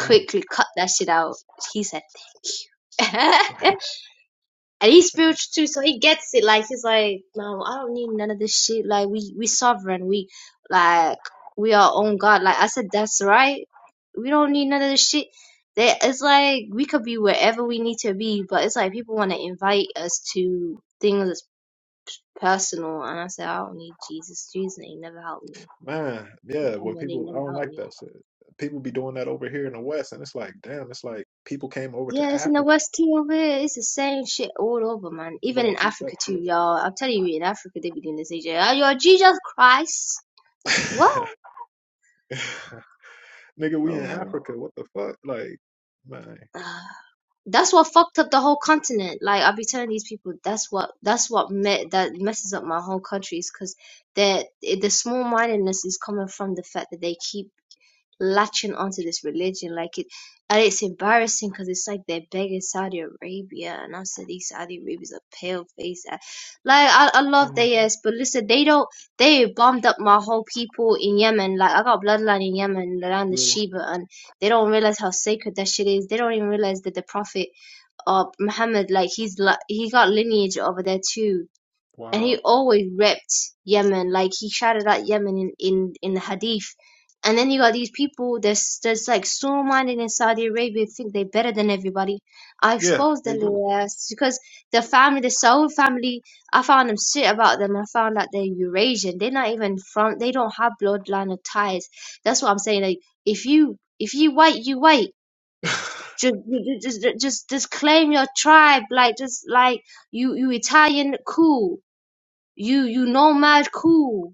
[SPEAKER 1] Mm.
[SPEAKER 3] cut that shit out. He said, and he's spiritual too, so he gets it. Like he's like, "No, I don't need none of this shit. Like we we sovereign. We like we are own God." Like I said, that's right. We don't need none of this shit. They, it's like we could be wherever we need to be, but it's like people want to invite us to things personal, and I said, I don't need Jesus. Jesus ain't never helped me.
[SPEAKER 1] Man, yeah, when
[SPEAKER 3] But ain't
[SPEAKER 1] people, I
[SPEAKER 3] never
[SPEAKER 1] don't
[SPEAKER 3] helped
[SPEAKER 1] like that
[SPEAKER 3] me.
[SPEAKER 1] shit. People be doing that over here in the West, and it's like, damn, it's like people came over
[SPEAKER 3] Yeah,
[SPEAKER 1] to
[SPEAKER 3] it's in the
[SPEAKER 1] Africa.
[SPEAKER 3] West too over here. It's the same shit all over, man. Even
[SPEAKER 1] Bro,
[SPEAKER 3] in
[SPEAKER 1] keep that
[SPEAKER 3] Africa too, y'all. I'm telling you, in Africa they be doing this. They say, "Oh, you a Jesus Christ." What?
[SPEAKER 1] shit. Nigga, we in
[SPEAKER 3] Lord.
[SPEAKER 1] Africa. What the fuck? Like, man,
[SPEAKER 3] Uh, That's what fucked up the whole continent. Like I'll be telling these people, that's what that's what me- that messes up my whole country is because the small mindedness is coming from the fact that they keep latching onto this religion. Like it, and it's embarrassing because it's like they're begging Saudi Arabia, and I said these Saudi Arabians are pale faced. Like I, I love
[SPEAKER 1] Mhm.
[SPEAKER 3] they yes, but listen, they don't. They bombed up my whole people in Yemen. Like I got bloodline in Yemen around the
[SPEAKER 1] real.
[SPEAKER 3] Sheba, and they don't realize how sacred that shit is. They don't even realize that the Prophet uh Muhammad, like he's like he got lineage over there too and he
[SPEAKER 1] Wow.
[SPEAKER 3] always ripped Yemen. Like he shouted out Yemen in, in, in the hadith. And then you got these people that's that's like strong minded in Saudi Arabia think they're better than everybody. I
[SPEAKER 1] Yeah,
[SPEAKER 3] exposed their
[SPEAKER 1] they do.
[SPEAKER 3] little ass because the family, the Saud family, I found them shit about them. I found out they're Eurasian. They're not even from. They don't have bloodline or ties. That's what I'm saying. Like if you if you white, you white. Just just just just claim your tribe. Like just like you you Italian, cool you you nomad cool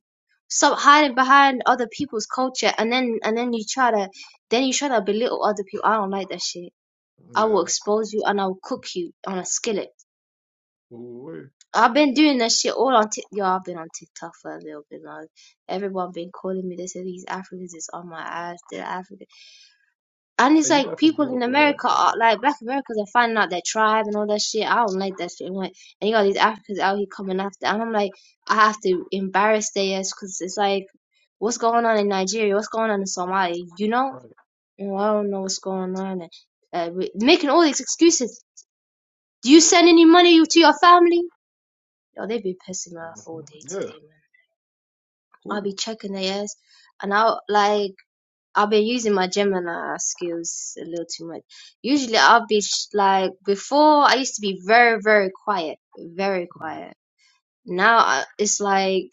[SPEAKER 3] stop hiding behind other people's culture and then and then you try to then you try to belittle other people i don't like that shit i will
[SPEAKER 1] yeah.
[SPEAKER 3] expose you and i will cook you on a skillet
[SPEAKER 1] Ooh,
[SPEAKER 3] i've been doing that shit all on tik yo i've been on tiktok for a little bit now everyone been calling me they say these africans is on my ass The are africans and
[SPEAKER 1] hey,
[SPEAKER 3] it's
[SPEAKER 1] you
[SPEAKER 3] like
[SPEAKER 1] got some
[SPEAKER 3] people in
[SPEAKER 1] beautiful hair,
[SPEAKER 3] America
[SPEAKER 1] brother.
[SPEAKER 3] are like black Americans are finding out their tribe and all that shit. I don't like that shit. I'm like, and you got these Africans out here coming after. And I'm like, I have to embarrass their ass because it's like, what's going on in Nigeria? What's going on in Somalia? You know?
[SPEAKER 1] Right.
[SPEAKER 3] Well, I don't know what's going on. And, uh, we- making all these excuses. Do you send any money to your family? Yo, they be pissing me off all
[SPEAKER 1] Mhm.
[SPEAKER 3] day
[SPEAKER 1] Yeah,
[SPEAKER 3] today, man. I'll
[SPEAKER 1] cool.
[SPEAKER 3] be checking their ass. And I'll like, I've been using my Gemini skills a little too much. Usually I'll be sh- like before I used to be very very quiet, very
[SPEAKER 1] Yeah.
[SPEAKER 3] quiet. Now I, it's like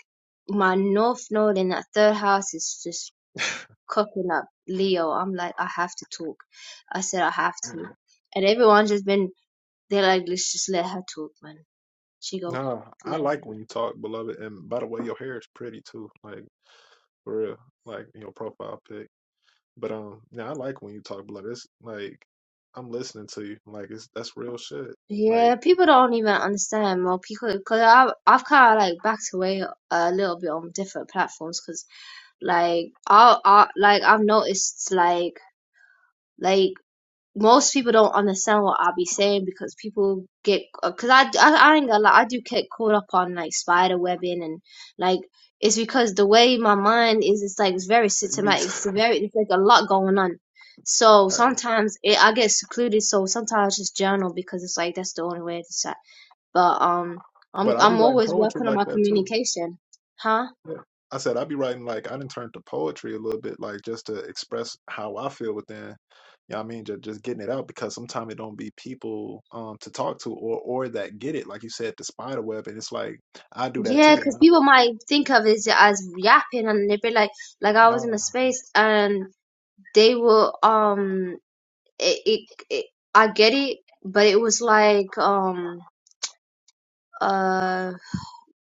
[SPEAKER 3] my north node in that third house is just cooking up Leo. I'm like I have to talk. I said I have to, and everyone's just been they're like let's just let her talk, man. She go
[SPEAKER 1] Nah, I
[SPEAKER 3] like.
[SPEAKER 1] like when you talk, beloved. And by the way, your hair is pretty too, like for real, like in your profile pic. But um, yeah, I like when you talk, beloved. It's like I'm listening to you. Like it's that's real shit. Like
[SPEAKER 3] Yeah, people don't even understand. Well, people because I've I've kind of like backed away a little bit on different platforms because like I I like I've noticed like like most people don't understand what I be saying because people get because I, I I ain't gonna lie I do get caught up on like spider webbing and like it's because the way my mind is it's like it's very
[SPEAKER 1] you be,
[SPEAKER 3] systematic it's very it's like a lot going on. So sometimes it, I get secluded. So sometimes I just journal because it's like that's the only way to but um, I'm
[SPEAKER 1] but I will be
[SPEAKER 3] I'm
[SPEAKER 1] writing
[SPEAKER 3] always
[SPEAKER 1] poetry
[SPEAKER 3] working on
[SPEAKER 1] like
[SPEAKER 3] my
[SPEAKER 1] that too.
[SPEAKER 3] communication, huh?
[SPEAKER 1] Yeah. I said I'd be writing like I didn't turn to poetry a little bit, like just to express how I feel within. You know what I mean? Just, just getting it out because sometimes it don't be people um to talk to or or that get it. Like you said, the spider web, and it's like I do that
[SPEAKER 3] Yeah,
[SPEAKER 1] too, and
[SPEAKER 3] because
[SPEAKER 1] I
[SPEAKER 3] people might think of it as yapping, and they'd be like, like I was in
[SPEAKER 1] no
[SPEAKER 3] a space, and they were um, it, it, it I get it, but it was like um, uh,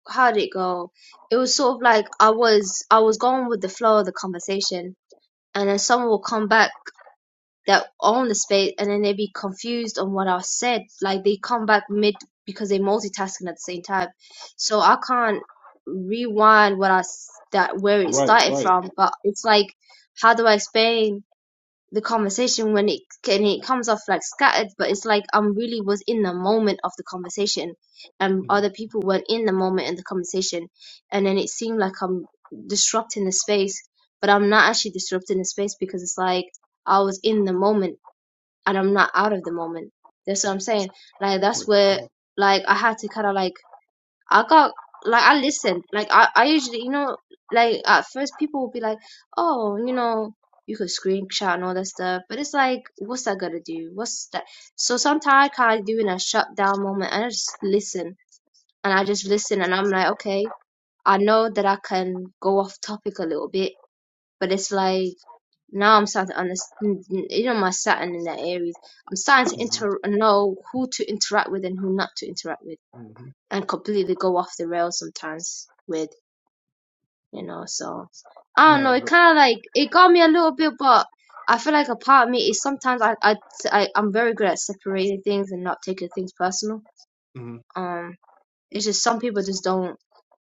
[SPEAKER 3] how did it go? It was sort of like I was I was going with the flow of the conversation, and then someone will come back their own space and then they be confused on what I said. Like they come back mid because they multitasking at the same time. So I can't rewind what I s- that where it
[SPEAKER 1] right
[SPEAKER 3] started
[SPEAKER 1] right.
[SPEAKER 3] from. But it's like, how do I explain the conversation when it and it comes off like scattered? But it's like I'm really was in the moment of the conversation, and other
[SPEAKER 1] Mm-hmm.
[SPEAKER 3] people weren't in the moment in the conversation, and then it seemed like I'm disrupting the space. But I'm not actually disrupting the space because it's like I was in the moment and I'm not out of the moment. That's what I'm saying. Like that's where
[SPEAKER 1] right,
[SPEAKER 3] like I had to kind of like I got like I listened. Like I I usually you know like at first people will be like oh you know you could screenshot and all that stuff, but it's like what's that gonna do? What's that? So sometimes I kind of do in a shutdown moment and I just listen and I just listen and I'm like okay I know that I can go off topic a little bit, but it's like now I'm starting to understand, you know, my Saturn in that Aries. I'm starting to
[SPEAKER 1] Mm-hmm.
[SPEAKER 3] inter- know who to interact with and who not to interact with,
[SPEAKER 1] Mm-hmm.
[SPEAKER 3] and completely go off the rails sometimes with, you know. So I don't know. It
[SPEAKER 1] No,
[SPEAKER 3] kind of like it got me a little bit, but I feel like a part of me is sometimes I I, I I'm very good at separating things and not taking things personal.
[SPEAKER 1] mm-hmm.
[SPEAKER 3] Um, it's just some people just don't.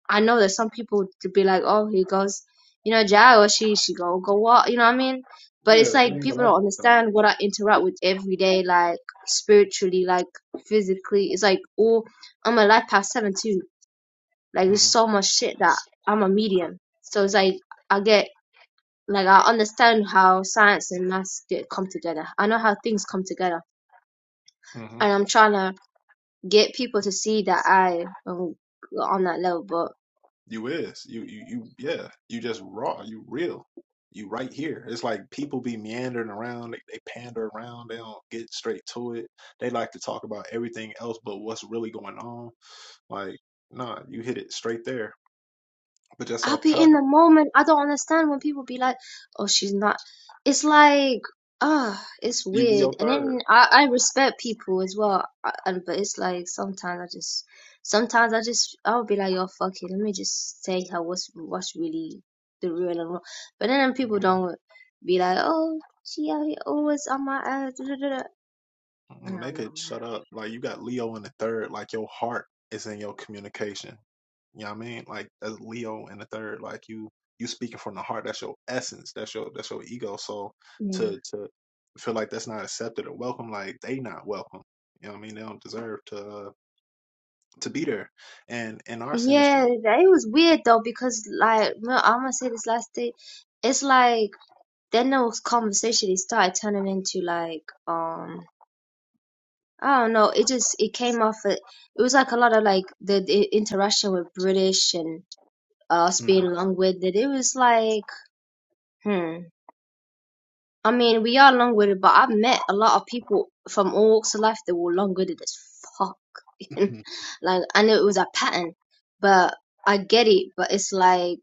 [SPEAKER 3] I know that some people to be like, oh, he goes, you know, Jai or she, she go go walk, you know what I mean? But
[SPEAKER 1] yeah,
[SPEAKER 3] it's
[SPEAKER 1] it
[SPEAKER 3] like
[SPEAKER 1] ain't
[SPEAKER 3] people
[SPEAKER 1] like
[SPEAKER 3] don't
[SPEAKER 1] that though.
[SPEAKER 3] understand what I interact with every day, like spiritually, like physically. It's like all I'm a life past seven too. Like
[SPEAKER 1] Mm-hmm.
[SPEAKER 3] there's so much shit that I'm a medium. So it's like I get like I understand how science and maths get come together. I know how things come together,
[SPEAKER 1] mm-hmm.
[SPEAKER 3] and I'm trying to get people to see that I am on that level. but.
[SPEAKER 1] You is. You you you yeah. You just raw. You real. You right here. It's like people be meandering around. They, they pander around. They don't get straight to it. They like to talk about everything else but what's really going on. Like, nah, you hit it straight there. But just
[SPEAKER 3] I'll
[SPEAKER 1] off
[SPEAKER 3] be
[SPEAKER 1] top,
[SPEAKER 3] in the moment. I don't understand when people be like, "Oh, she's not." It's like, ah, it's
[SPEAKER 1] you Leo
[SPEAKER 3] weird. And
[SPEAKER 1] 3rd
[SPEAKER 3] then I, I respect people as well, I, and but it's like sometimes I just, sometimes I just, I'll be like, "Yo, fuck it. Let me just say how what's what's really the real and wrong." But then people don't be like, "Oh, she out here always on my ass." da, da, da, da." I
[SPEAKER 1] mm They
[SPEAKER 3] don't know,
[SPEAKER 1] could
[SPEAKER 3] man.
[SPEAKER 1] shut up. Like you got Leo in the third. Like your heart is in your communication. You know what I mean? Like as Leo in the third, like you you speaking from the heart. That's your essence. That's your that's your ego. So
[SPEAKER 3] Yeah.
[SPEAKER 1] to to feel like that's not accepted or welcome, like they not welcome. You know what I mean? They don't deserve to uh, to be there. And in our sinistry,
[SPEAKER 3] Yeah, that- it was weird though because like, I'm gonna say this last thing. It's like then the conversation it started turning into like um I don't know. It just it came off. a- It was like a lot of like the, the interaction with British and us
[SPEAKER 1] but
[SPEAKER 3] being long-winded. It was like, hmm. I mean, we are long-winded, but I've met a lot of people from all walks of life that were long-winded as fuck.
[SPEAKER 1] mm-hmm,
[SPEAKER 3] like, I knew it was a pattern, but I get it. But it's like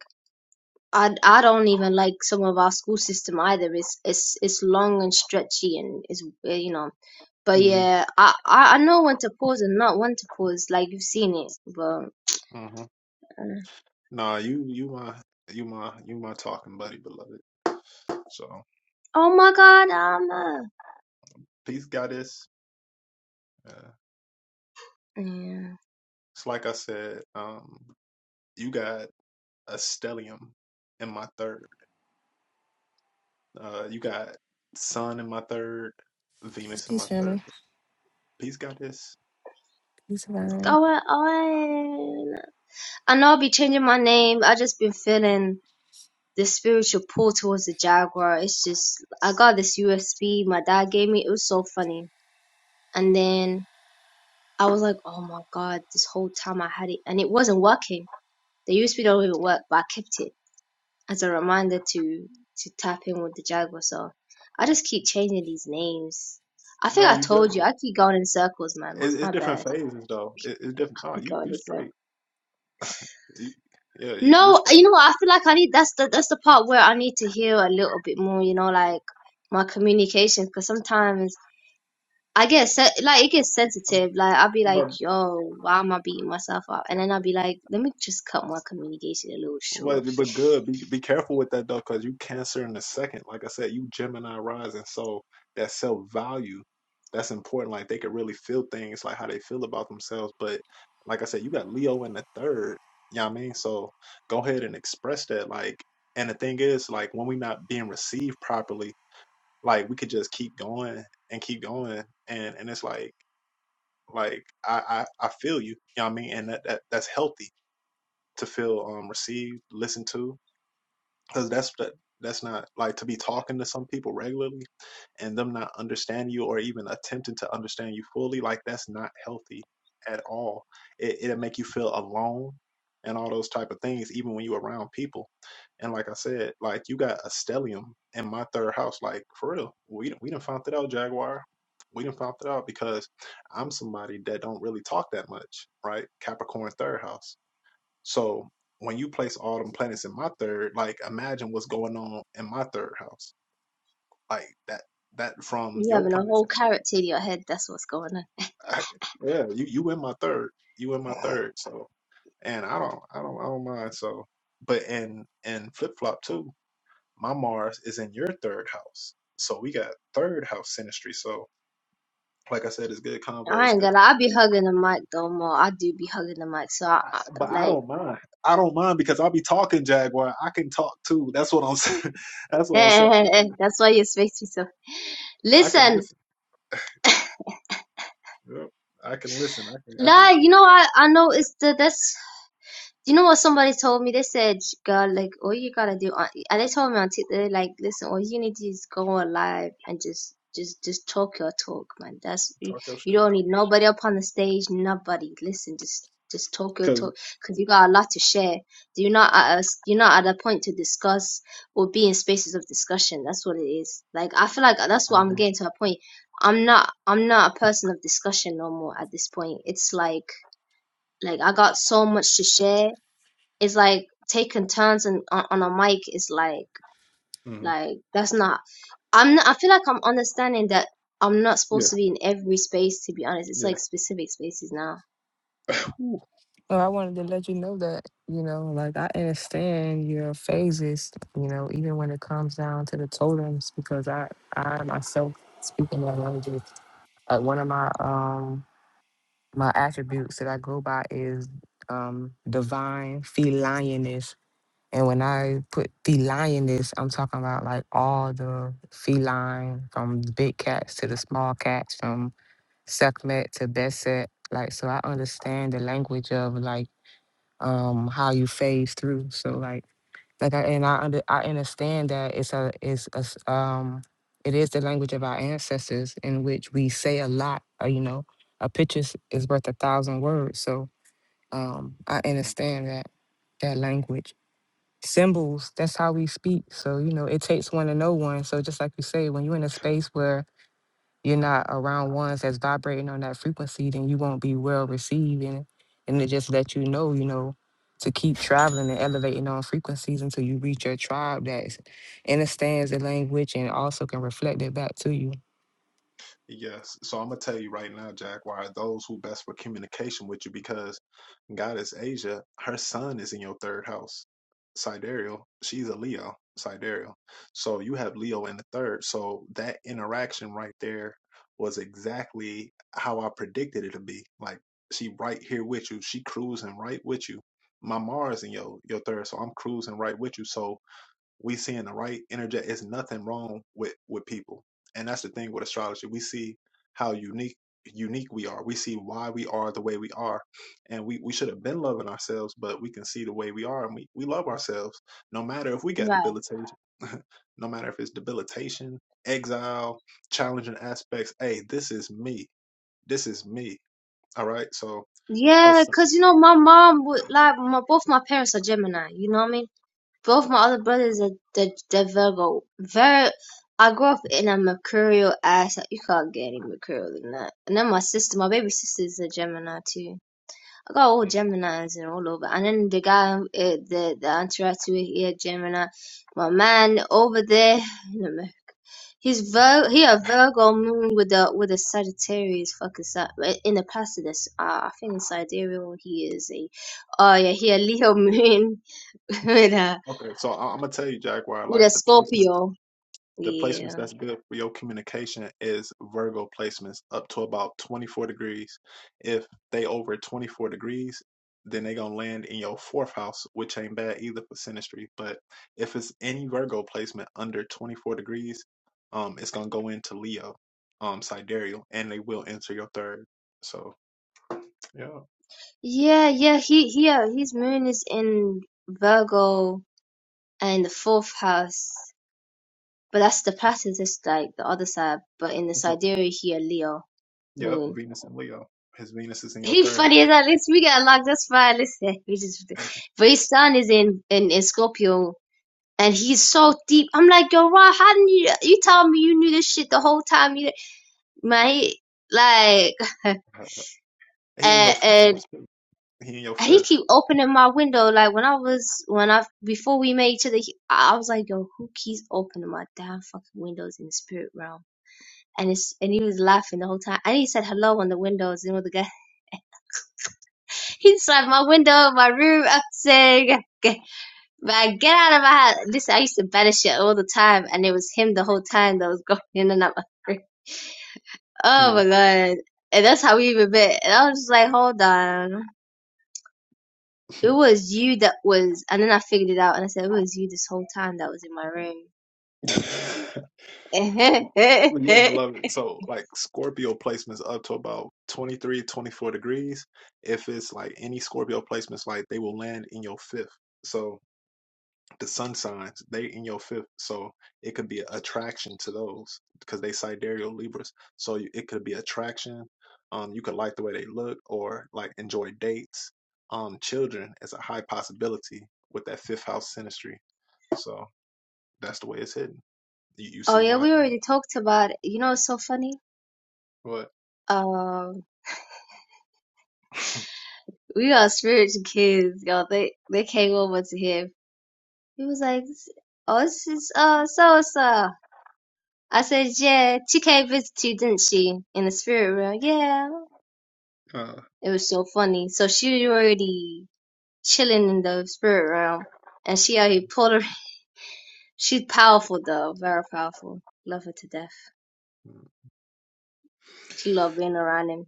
[SPEAKER 3] I I don't even like some of our school system either. It's it's it's long and stretchy and it's uh, you know But
[SPEAKER 1] hmm
[SPEAKER 3] yeah, I, I I know when to pause and not when to pause. Like you've seen it, but
[SPEAKER 1] hmm
[SPEAKER 3] uh,
[SPEAKER 1] nah, you you my you my you my talking buddy, beloved. So
[SPEAKER 3] oh my god, I'm uh,
[SPEAKER 1] peace, goddess. Uh,
[SPEAKER 3] yeah,
[SPEAKER 1] it's like I said, um, you got a stellium in my third. Uh, you got Sun in my third,
[SPEAKER 4] Peace,
[SPEAKER 1] Venus in
[SPEAKER 4] peace,
[SPEAKER 1] my third.
[SPEAKER 4] family.
[SPEAKER 1] Peace got this.
[SPEAKER 4] Peace,
[SPEAKER 1] Uh,
[SPEAKER 3] what's
[SPEAKER 4] family.
[SPEAKER 3] going on. I know I'll be changing my name. I just been feeling the spiritual pull towards the Jaguar. It's just I got this USB my dad gave me. It was so funny, and then I was like, oh my god, this whole time I had it and it wasn't working. The USB don't even work, but I kept it as a reminder to to tap in with the Jaguar. So I just keep changing these names. I think
[SPEAKER 1] no,
[SPEAKER 3] I
[SPEAKER 1] you good.
[SPEAKER 3] told you I keep going in circles, man.
[SPEAKER 1] It, it's
[SPEAKER 3] My
[SPEAKER 1] different
[SPEAKER 3] bad.
[SPEAKER 1] phases though. It, it's different.
[SPEAKER 3] I
[SPEAKER 1] Oh,
[SPEAKER 3] keep
[SPEAKER 1] you
[SPEAKER 3] going
[SPEAKER 1] you
[SPEAKER 3] in circles.
[SPEAKER 1] straight. You, yeah, you you
[SPEAKER 3] No,
[SPEAKER 1] straight.
[SPEAKER 3] you know what? I feel like I need that's the that's the part where I need to hear a little bit more. You know, like my communication because sometimes. I get se- like it gets sensitive. Like I'll be
[SPEAKER 1] But.
[SPEAKER 3] like, "Yo, why am I beating myself up?" And then I'll be like, "Let me just cut my communication a little
[SPEAKER 1] But
[SPEAKER 3] short."
[SPEAKER 1] but good. Be be careful with that though, because you Cancer in the second. Like I said, you Gemini rising, so that self value, that's important. Like they could really feel things, like how they feel about themselves. But like I said, you got Leo in the third. You know what I mean? So go ahead and express that. Like, and the thing is, like when we're not being received properly, like we could just keep going and keep going, and and it's like like I I, I feel you. You know what I mean? And that, that that's healthy to feel um received, listened to because that's the, that's not like to be talking to some people regularly and them not understand you or even attempting to understand you fully like that's not healthy at all it, it'll make you feel alone and all those type of things even when you're around people and like i said like you got a stellium in my third house like for real we, done- we done found it out jaguar we done found it out because i'm somebody that don't really talk that much right capricorn third house so when you place all them planets in my third, like imagine what's going on in my third house. Like that that from
[SPEAKER 3] You
[SPEAKER 1] your
[SPEAKER 3] having a
[SPEAKER 1] planets.
[SPEAKER 3] whole carrot in your head. That's what's going
[SPEAKER 1] yeah, you you in my third. You in my
[SPEAKER 3] on.
[SPEAKER 1] third. So and I don't I don't I don't mind. So but in in flip flop too, my Mars is in your third house. So we got third house synastry. So like I said, it's good combo.
[SPEAKER 3] I
[SPEAKER 1] It's
[SPEAKER 3] ain't
[SPEAKER 1] good.
[SPEAKER 3] gonna.
[SPEAKER 1] Talk.
[SPEAKER 3] I be hugging the mic though more. I do be hugging the mic, so I,
[SPEAKER 1] I,
[SPEAKER 3] I
[SPEAKER 1] but I
[SPEAKER 3] like.
[SPEAKER 1] don't mind. I don't mind because I'll be talking Jaguar. I can talk too. That's what I'm saying. That's
[SPEAKER 3] Eh,
[SPEAKER 1] what I'm
[SPEAKER 3] eh,
[SPEAKER 1] saying.
[SPEAKER 3] eh, eh, that's why you expect me So
[SPEAKER 1] I can
[SPEAKER 3] Listen,
[SPEAKER 1] listen. Yep. I can listen. I can I
[SPEAKER 3] nah.
[SPEAKER 1] can
[SPEAKER 3] You know, I I noticed that. that's Do you know what somebody told me? They said, "Girl, like all you gotta do," on, and they told me on TikTok, like, "Listen, all you need to do is go on live and just, just, just talk your talk, man. That's you,
[SPEAKER 1] talk your shit.
[SPEAKER 3] you don't need nobody up on the stage, nobody. Listen, just, just talk your
[SPEAKER 1] because
[SPEAKER 3] talk, cause you got a lot to share. You're not at a, you're not at a point to discuss or be in spaces of discussion. That's what it is. Like I feel like that's what I'm getting to a point. I'm not, I'm not a person of discussion no more at this point. It's like, like I got so much to share it's like taking turns on, on on a mic is like like that's not. I'm not, I feel like I'm understanding that I'm not
[SPEAKER 1] yeah,
[SPEAKER 3] supposed to be in every space. To be honest, it's
[SPEAKER 1] yeah.
[SPEAKER 3] like specific spaces now.
[SPEAKER 1] Whew.
[SPEAKER 4] Well, I wanted to let you know that, you know, like I understand your phases, you know, even when it comes down to the totems, because I, I myself speaking that language, uh, one of my, um, my attributes that I go by is, um, divine felioness. And when I put felioness, I'm talking about like all the feline, from big cats to the small cats, from Sekhmet to Beset. Like, so I understand the language of like um how you phase through. So like like I and I under I understand that it's a it's a s- um it is the language of our ancestors in which we say a lot. Or, you know, a picture is is worth a thousand words. So um I understand that that language. Symbols, that's how we speak. So, you know, it takes one to know one. So just like you say, when you're in a space where you're not around ones that's vibrating on that frequency, then you won't be well received. And, and it just let you know, you know, to keep traveling and elevating on frequencies until you reach your tribe that understands the language and also can reflect it back to you.
[SPEAKER 1] Yes. So I'm gonna tell you right now, Jack, why those who best for communication with you because Goddess Asia, her sun is in your third house, sidereal. She's a Leo, sidereal. So you have Leo in the third. So that interaction right there was exactly how I predicted it to be. Like she right here with you. She cruising right with you. My Mars in your your third, so I'm cruising right with you. So we seeing the right interject. It's nothing wrong with with people, and that's the thing with astrology. We see how unique unique we are. We see why we are the way we are, and we we should have been loving ourselves, but we can see the way we are, and we we love ourselves no matter if we got
[SPEAKER 3] Right.
[SPEAKER 1] debilitation, no matter if it's debilitation, exile, challenging aspects. Hey, this is me. This is me. All right, so
[SPEAKER 3] Yeah,
[SPEAKER 1] Hudson.
[SPEAKER 3] cause you know my mom would like my both my parents are Gemini. You know what I mean? Both my other brothers are they're, they're Virgo. Very. I grew up in a mercurial ass. You can't get any mercurial than that. And then my sister, my baby sister, is a Gemini too. I got all
[SPEAKER 1] Mm.
[SPEAKER 3] Geminis and all over. And then the guy, uh, the the interacts with here, Gemini, my man over there, you he's Vir, he a Virgo moon with a with a Sagittarius fucking side in the past of this. Uh, I think in Sidereal he is a, oh yeah, he a Leo moon with a
[SPEAKER 1] Okay, so I- I'm gonna tell you, Jaguar.
[SPEAKER 3] with
[SPEAKER 1] Like
[SPEAKER 3] a
[SPEAKER 1] the placement.
[SPEAKER 3] Scorpio.
[SPEAKER 1] the placements
[SPEAKER 3] Yeah,
[SPEAKER 1] that's good for your communication is Virgo placements up to about 24 degrees. If they over 24 degrees, then they gonna land in your fourth house, which ain't bad either for synastry. But if it's any Virgo placement under 24 degrees, um, it's gonna go into Leo, um, sidereal, and they will enter your third. So yeah,
[SPEAKER 3] yeah, yeah. He he uh, his moon is in Virgo and the fourth house. But that's the pattern is like the other side. But in the
[SPEAKER 1] So,
[SPEAKER 3] sidereal here, Leo
[SPEAKER 1] yep,
[SPEAKER 3] moon.
[SPEAKER 1] Venus and Leo. His Venus is in your
[SPEAKER 3] He
[SPEAKER 1] third
[SPEAKER 3] funny as that. Listen, we got locked. That's fine. Listen, we just. But his son is in in, in Scorpio, and he's so deep. I'm like, yo, Ron, how didn't you? You tell me you knew this shit the whole time. You man, he, like,
[SPEAKER 1] house. He in your
[SPEAKER 3] and,
[SPEAKER 1] fifth
[SPEAKER 3] and
[SPEAKER 1] house too. He in your
[SPEAKER 3] he
[SPEAKER 1] fifth.
[SPEAKER 3] keep opening my window. Like when I was when I before we met each other, he, I I was like, yo, who keeps opening my damn fucking windows in the spirit realm? and it's and he was laughing the whole time. And he said hello on the windows, and with the guy inside my window, my room. I'm saying, "Get- man, get out of my house. Listen, I used to banish shit all the time, and it was him the whole time that was going in and out my room. Oh my
[SPEAKER 1] Mm.
[SPEAKER 3] god! And that's how we even met. And I was just like, hold on, it was you that was. And then I figured it out, and I said, it was you this whole time that was in my room.
[SPEAKER 1] Well, Yeah, beloved. So, like Scorpio placements up to about 23, 24 degrees. If it's like any Scorpio placements, like they will land in your fifth. So, the sun signs, they in your fifth. So, it could be an attraction to those because they sidereal Libras. So, you- it could be attraction. Um, you could like the way they look or like enjoy dates. Um, children is a high possibility with that fifth house synastry. So, that's the way it's hidden. You, you
[SPEAKER 3] oh
[SPEAKER 1] see
[SPEAKER 3] yeah,
[SPEAKER 1] why?
[SPEAKER 3] we already talked about it. You know, it's so funny.
[SPEAKER 1] What?
[SPEAKER 3] Um, We are spiritual kids, y'all. They they came over to him. He was like, "Oh, this is uh so and so." I said, "Yeah, she came visit you, didn't she?" In the spirit realm, yeah.
[SPEAKER 1] Uh,
[SPEAKER 3] It was so funny. So she already chilling in the spirit realm, and she out here pulled her. She's powerful though, very powerful. Love her to death. She loved being around him.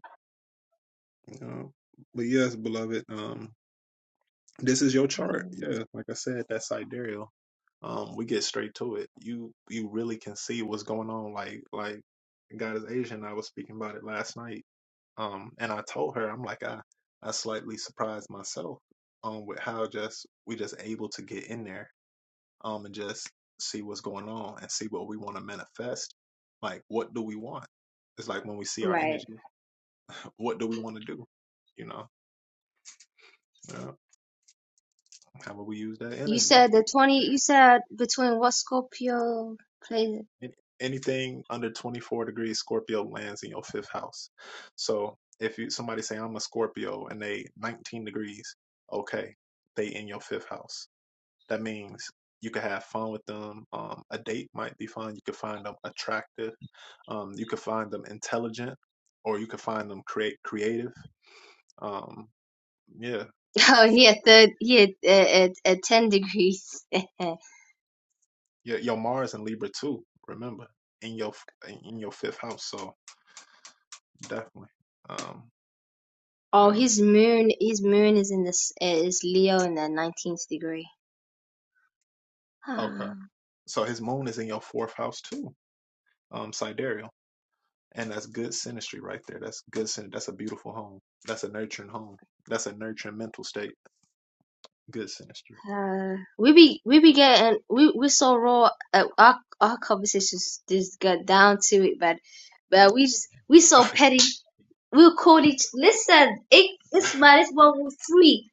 [SPEAKER 1] Um, but yes, beloved, um, this is your chart.
[SPEAKER 3] Mm.
[SPEAKER 1] Yeah, like I said, that's sidereal. Um, we get straight to it. You you really can see what's going on. Like like God is Asian. I was speaking about it last night. Um, and I told her, I'm like, I I slightly surprised myself. Um, with how just we just able to get in there. Um, and just see what's going on and see what we want to manifest. Like, what do we want? It's like when we see our
[SPEAKER 3] Right.
[SPEAKER 1] energy, what do we want to do? You know. Yeah. How will we use that
[SPEAKER 3] You
[SPEAKER 1] energy?
[SPEAKER 3] said the twenty. You said between what Scorpio plays?
[SPEAKER 1] Anything under 24 degrees Scorpio lands in your fifth house. So if you somebody say I'm a Scorpio and they 19 degrees, okay, they in your fifth house. That means you could have fun with them. Um, a date might be fun. You could find them attractive. Um, you could find them intelligent, or you could find them create creative. Um, yeah,
[SPEAKER 3] Oh, he had third, he had uh, at, at ten degrees.
[SPEAKER 1] your, your Mars in Libra too. Remember in your in your fifth house. So definitely. Um,
[SPEAKER 3] oh,
[SPEAKER 1] Yeah.
[SPEAKER 3] his moon, his moon is in this uh, is Leo in the nineteenth degree.
[SPEAKER 1] Okay.
[SPEAKER 3] Ah,
[SPEAKER 1] So his moon is in your fourth house too, um, sidereal. And that's good sinistry right there. That's good sin that's a beautiful home. That's a nurturing home. That's a nurturing mental state. Good sinistry.
[SPEAKER 3] Uh, we be we be getting we we so raw. Uh, our our conversations just got down to it, but but we just we so petty. We'll call each listen. It, this man is one with three,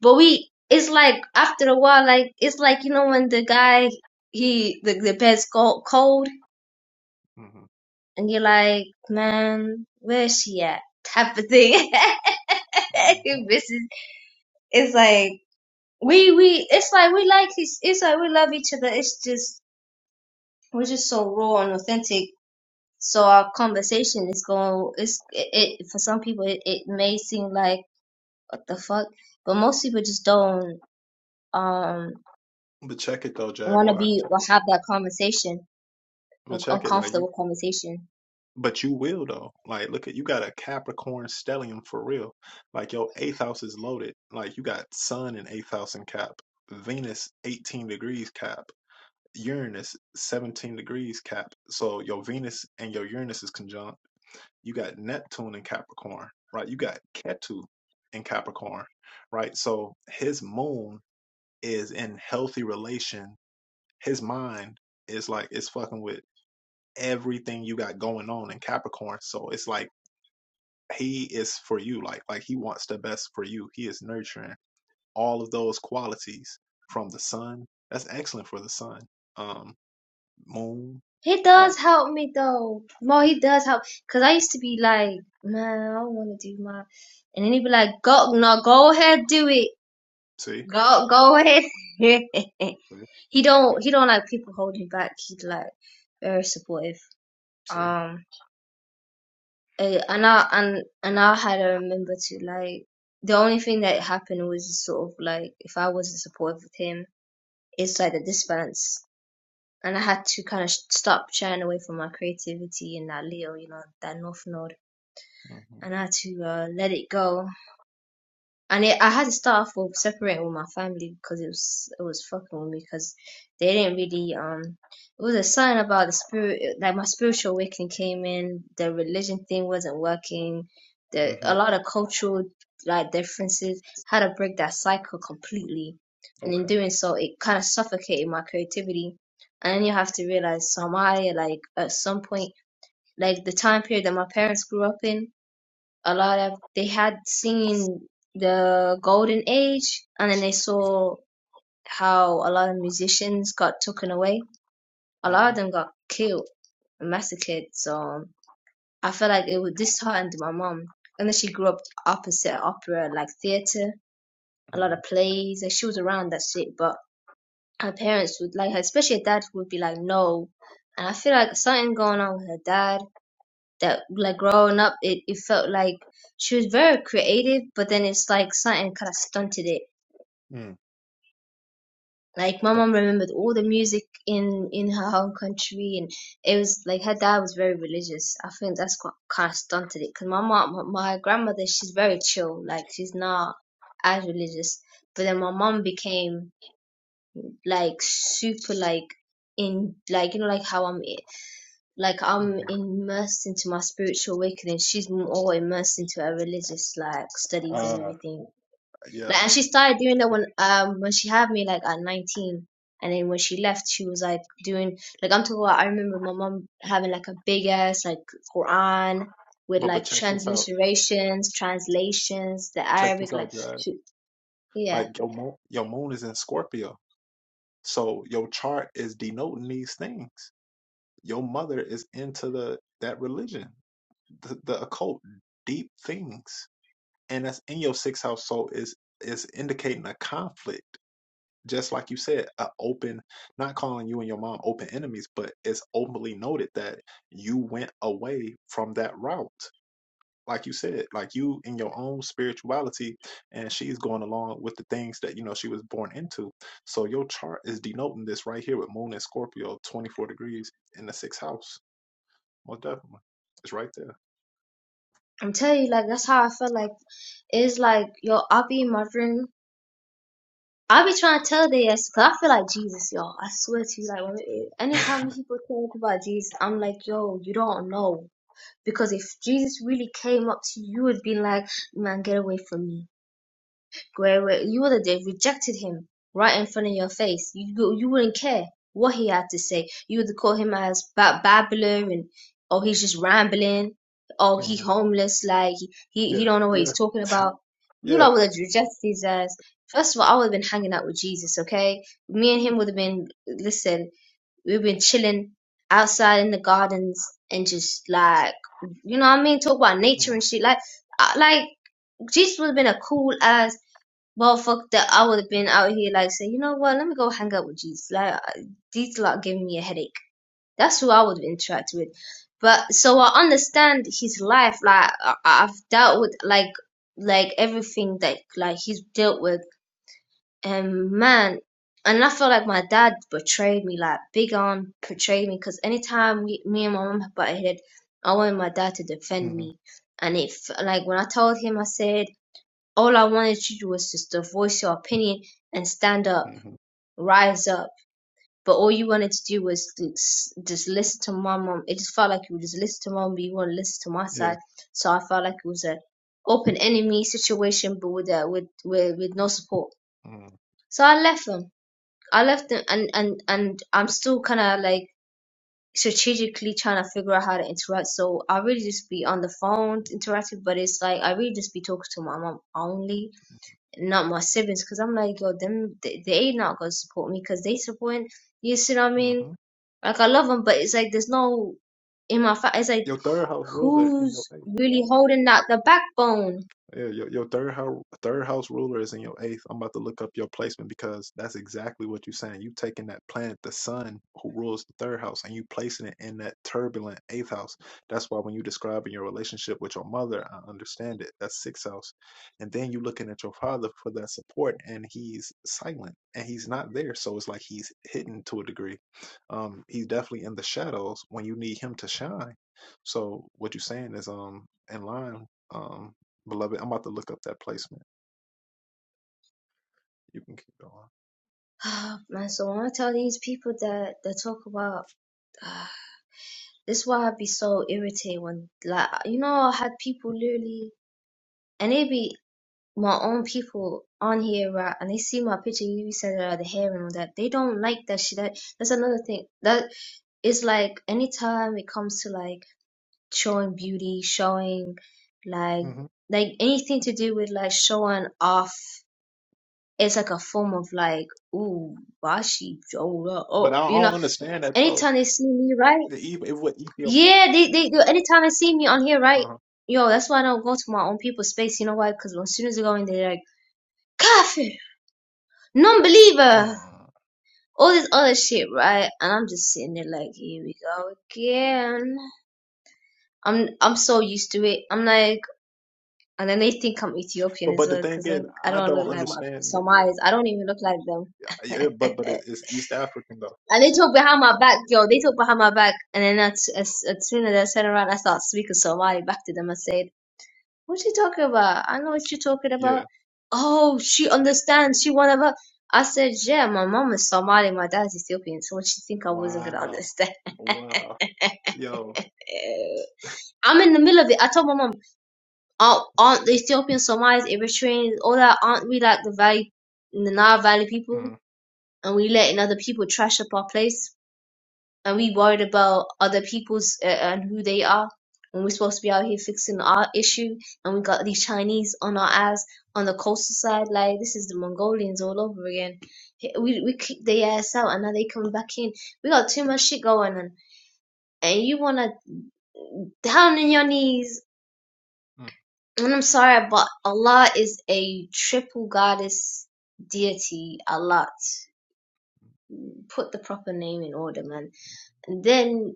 [SPEAKER 3] but we it's like after a while, like it's like you know when the guy he the the bed's cold, cold
[SPEAKER 1] hmm
[SPEAKER 3] and you're like, man, where is she at? Type of thing.
[SPEAKER 1] hmm
[SPEAKER 3] this is, it's like we we it's like we like each- it's like we love each other. It's just we're just so raw and authentic. So our conversation is going. It's it, it for some people it, it may seem like what the fuck, but most people just don't um
[SPEAKER 1] But check it though,
[SPEAKER 3] want to
[SPEAKER 1] Jaguar.
[SPEAKER 3] be
[SPEAKER 1] Check, it.
[SPEAKER 3] or have that conversation,
[SPEAKER 1] but
[SPEAKER 3] un-
[SPEAKER 1] check it like you
[SPEAKER 3] uncomfortable conversation.
[SPEAKER 1] but you will though. Like look at you got a Capricorn stellium for real. Like your eighth house is loaded. Like you got sun in eighth house and cap. Venus eighteen degrees cap. Uranus 17 degrees cap. So your Venus and your Uranus is conjunct. You got Neptune in Capricorn, right? You got Ketu in Capricorn, right? So his moon is in healthy relation. His mind is like it's fucking with everything you got going on in Capricorn. So it's like he is for you. Like like he wants the best for you. He is nurturing all of those qualities from the sun. That's excellent for the sun. Um moon.
[SPEAKER 3] He
[SPEAKER 1] Uh
[SPEAKER 3] does help me though. Mo, he does help. Cause I used to be like, man, I don't want to do my, and then he'd be like, go, no, go ahead, do it.
[SPEAKER 1] see?
[SPEAKER 3] Go, go ahead.
[SPEAKER 1] See,
[SPEAKER 3] he don't, he don't like people holding back. He's like very supportive.
[SPEAKER 1] see,
[SPEAKER 3] Um, eh, and I and and I had to remember to like the only thing that happened was sort of like if I wasn't supportive with him, it's like the disbalance and I had to kind of stop shying away from my creativity and that Leo, you know, that North Node.
[SPEAKER 1] mm-hmm,
[SPEAKER 3] and I had to uh, let it go. And it, I had to start off with separating with my family because it was it was fucking with me because they didn't really um. It was a sign about the spirit, like my spiritual awakening came in. The religion thing wasn't working. The
[SPEAKER 1] mm-hmm.
[SPEAKER 3] a lot of cultural like differences had to break that cycle completely, and in
[SPEAKER 1] Okay.
[SPEAKER 3] doing so, it kind of suffocated my creativity. And then you have to realize, so am I like at some point like the time period that my parents grew up in? a lot of they had seen the golden age and then they saw how a lot of musicians got taken away a lot
[SPEAKER 1] Mm-hmm,
[SPEAKER 3] of them got killed and massacred so i felt like it would disheartened my mom and then she grew up opposite opera like theater a lot
[SPEAKER 1] mm-hmm,
[SPEAKER 3] of plays like she was around that shit but her parents would like her especially her dad would be like no and i feel like something going on with her dad that like growing up it, it felt like she was very creative but then it's like something kind of stunted it
[SPEAKER 1] mm.
[SPEAKER 3] like my
[SPEAKER 1] Oh,
[SPEAKER 3] mom remembered all the music in in her home country and it was like her dad was very religious i think that's what kind of stunted it because my mom my grandmother she's very chill like she's not as religious but then my mom became like super like in like you know like how i'm like
[SPEAKER 1] mhm.
[SPEAKER 3] I'm immersed into my spiritual awakening. She's more immersed into her religious like studies and
[SPEAKER 1] Uh,
[SPEAKER 3] everything.
[SPEAKER 1] yeah.
[SPEAKER 3] Like, and she started doing that when um when she had me like at 19, and then when she left, she was like doing like I'm talking about. I remember my mom having like a big ass like Quran with
[SPEAKER 1] But but
[SPEAKER 3] like
[SPEAKER 1] check this out.
[SPEAKER 3] transliterations, translations, the
[SPEAKER 1] Check
[SPEAKER 3] Arabic
[SPEAKER 1] this out,
[SPEAKER 3] like
[SPEAKER 1] Dad.
[SPEAKER 3] she yeah.
[SPEAKER 1] Like your moon, your moon is in Scorpio, so your chart is denoting these things. Your mother is into the that religion. the, the occult deep things and that's in your sixth house so is is indicating a conflict just like you said a open not calling you and your mom open enemies but it's openly noted that you went away from that route like you said like you in your own spirituality and she's going along with the things that you know she was born into so your chart is denoting this right here with moon and scorpio 24 degrees in the sixth house most definitely it's right there
[SPEAKER 3] I'm telling you, like that's how I felt like it's like yo, I'll be in my room I be trying to tell they ass, cause I feel like Jesus, y'all. I swear to you, like when it, anytime people talk about Jesus, I'm like, yo, you don't know. Because if Jesus really came up to you he'd be like, man, get away from me. Where, where you would have rejected him right in front of your face. You you wouldn't care what he had to say. You would have called him as ba- babbler and oh he's just rambling. Oh he
[SPEAKER 1] hmm
[SPEAKER 3] homeless like he, he he
[SPEAKER 1] yeah
[SPEAKER 3] don't know what
[SPEAKER 1] yeah
[SPEAKER 3] he's talking about. You
[SPEAKER 1] Yeah.
[SPEAKER 3] lot would have rejected his ass. First of all, I would have been hanging out with Jesus, okay? Me and him would have been listen. We've been chilling outside in the gardens and just like you know what I mean. Talk about nature
[SPEAKER 1] Mm-hmm.
[SPEAKER 3] and shit like I- like Jesus would have been a cool ass well, fuck that. I would have been out here like say, you know what? Let me go hang out with Jesus. Like I- these lot giving me a headache. That's who I would have interacted with. But so I understand his life. Like I, I've dealt with like like everything that like he's dealt with. And man, and I feel like my dad betrayed me. Like big on betrayed me because anytime we, me and my mom butted head, I wanted my dad to defend
[SPEAKER 1] hmm
[SPEAKER 3] me. And if like when I told him, I said. All I wanted to do was just to voice your opinion and stand up, rise up. But all you wanted to do was s- just listen to my mom. It just felt like you would just listen to mom, but you want to listen to my
[SPEAKER 1] Yeah.
[SPEAKER 3] side. So I felt like it was a open enemy situation, but with uh, with, with with no support. So I left them. I left them, and and and I'm still kind of like strategically trying to figure out how to interact. So I really just be on the phone interacting, but it's like I really just be talking to my mom only not my siblings, because I'm like, yo, them, they, they ain't not gonna support me, because they supporting, you see what I mean?
[SPEAKER 1] Mm-hmm.
[SPEAKER 3] Like, I love them, but it's like, there's no, in my, fa- it's like,
[SPEAKER 1] Your third house ruler in your
[SPEAKER 3] who's really holding out the backbone?
[SPEAKER 1] Yeah, your, your third house third house ruler is in your eighth. I'm about to look up your placement because that's exactly what you're saying. You taking that planet, the sun, who rules the third house, and you placing it in that turbulent eighth house. That's why when you describing your relationship with your mother, I understand it. That's sixth house, and then you looking at your father for that support, and he's silent and he's not there. So it's like he's hidden to a degree. Um, he's definitely in the shadows when you need him to shine. So what you're saying is um in line. Um, beloved. I'm about to look up that placement. You can keep going.
[SPEAKER 3] Man, so when I tell these people that, they talk about, this is why i be so irritated when, like, you know, I had people literally, and they be my own people on here, right, and they see my picture, you said uh, the hair and all that. They don't like that shit. That, that's another thing. That it's like anytime it comes to like showing beauty, showing like
[SPEAKER 1] hmm
[SPEAKER 3] like anything to do with like showing off, it's like a form of like, ooh, bashi, oh,
[SPEAKER 1] But
[SPEAKER 3] oh,
[SPEAKER 1] I
[SPEAKER 3] you know.
[SPEAKER 1] don't understand that though.
[SPEAKER 3] Anytime they see me, right?
[SPEAKER 1] The Eth- it what Ethiopia.
[SPEAKER 3] Yeah, they they do. Anytime they see me on here, right?
[SPEAKER 1] uh
[SPEAKER 3] Yo, that's why I don't go to my own people's space. You know why? Because as soon as they go in, they're like, coffee. non-believer,
[SPEAKER 1] Mm.
[SPEAKER 3] all this other shit, right? And I'm just sitting there like, here we go again. I'm I'm so used to it. I'm like, and then they think I'm Ethiopian
[SPEAKER 1] But
[SPEAKER 3] as
[SPEAKER 1] but the
[SPEAKER 3] well
[SPEAKER 1] thing
[SPEAKER 3] because I
[SPEAKER 1] is,
[SPEAKER 3] I
[SPEAKER 1] I
[SPEAKER 3] don't
[SPEAKER 1] don't
[SPEAKER 3] look like my
[SPEAKER 1] understand. That.
[SPEAKER 3] Somalis. I don't even look like them.
[SPEAKER 1] uh, Yeah, but but it, it's East African though.
[SPEAKER 3] and they talk behind my back, yo. They talk behind my back, and then as as, as soon as I turn around, I start speaking Somali back to them. I say. What's she talking about? I know what you're talking about.
[SPEAKER 1] Yeah.
[SPEAKER 3] Oh, she understands. She one of her. I said, yeah, my mom is Somali, my dad is Ethiopian. So what she think I wasn't gonna
[SPEAKER 1] Wow.
[SPEAKER 3] understand?
[SPEAKER 1] Wow. Yo.
[SPEAKER 3] I'm in the middle of it. I told my mom, aren't, aren't the Ethiopian Somalis, Eritreans, all that? Aren't we like the valley, the Nile Valley people?
[SPEAKER 1] mm
[SPEAKER 3] And we letting other people trash up our place and we worried about other people's uh, and who they are when we're supposed to be out here fixing our issue and we got these chinese on our ass on the coastal side like this is the mongolians all over again we, we kicked their ass out and now they coming back in we got too much shit going on and you want to down on your knees
[SPEAKER 1] mm
[SPEAKER 3] and i'm sorry but allah is a triple goddess deity allah put the proper name in order man And then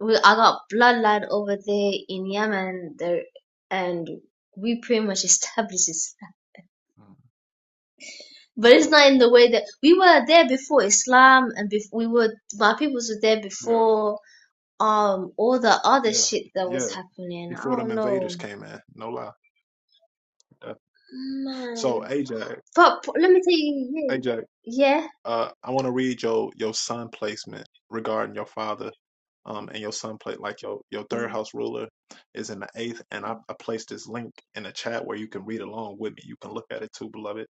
[SPEAKER 3] we I got bloodline over there in Yemen there and we pretty much established Islam.
[SPEAKER 1] mm.
[SPEAKER 3] But it's not in the way that we were there before Islam and bef- we were my peoples were there
[SPEAKER 1] Yeah.
[SPEAKER 3] before um all the other
[SPEAKER 1] Yeah.
[SPEAKER 3] shit that was
[SPEAKER 1] Yeah.
[SPEAKER 3] happening. I
[SPEAKER 1] Before them
[SPEAKER 3] don't
[SPEAKER 1] invaders
[SPEAKER 3] know.
[SPEAKER 1] came in, no lie. Yeah. So
[SPEAKER 3] Man.
[SPEAKER 1] Ajax,
[SPEAKER 3] But p- let me tell you yeah.
[SPEAKER 1] Ajax.
[SPEAKER 3] Yeah.
[SPEAKER 1] Uh, I want to read your your sun placement regarding your father, um, and your sun plate like your your third house ruler is in the eighth, and I, I placed this link in the chat where you can read along with me. You can look at it too, beloved.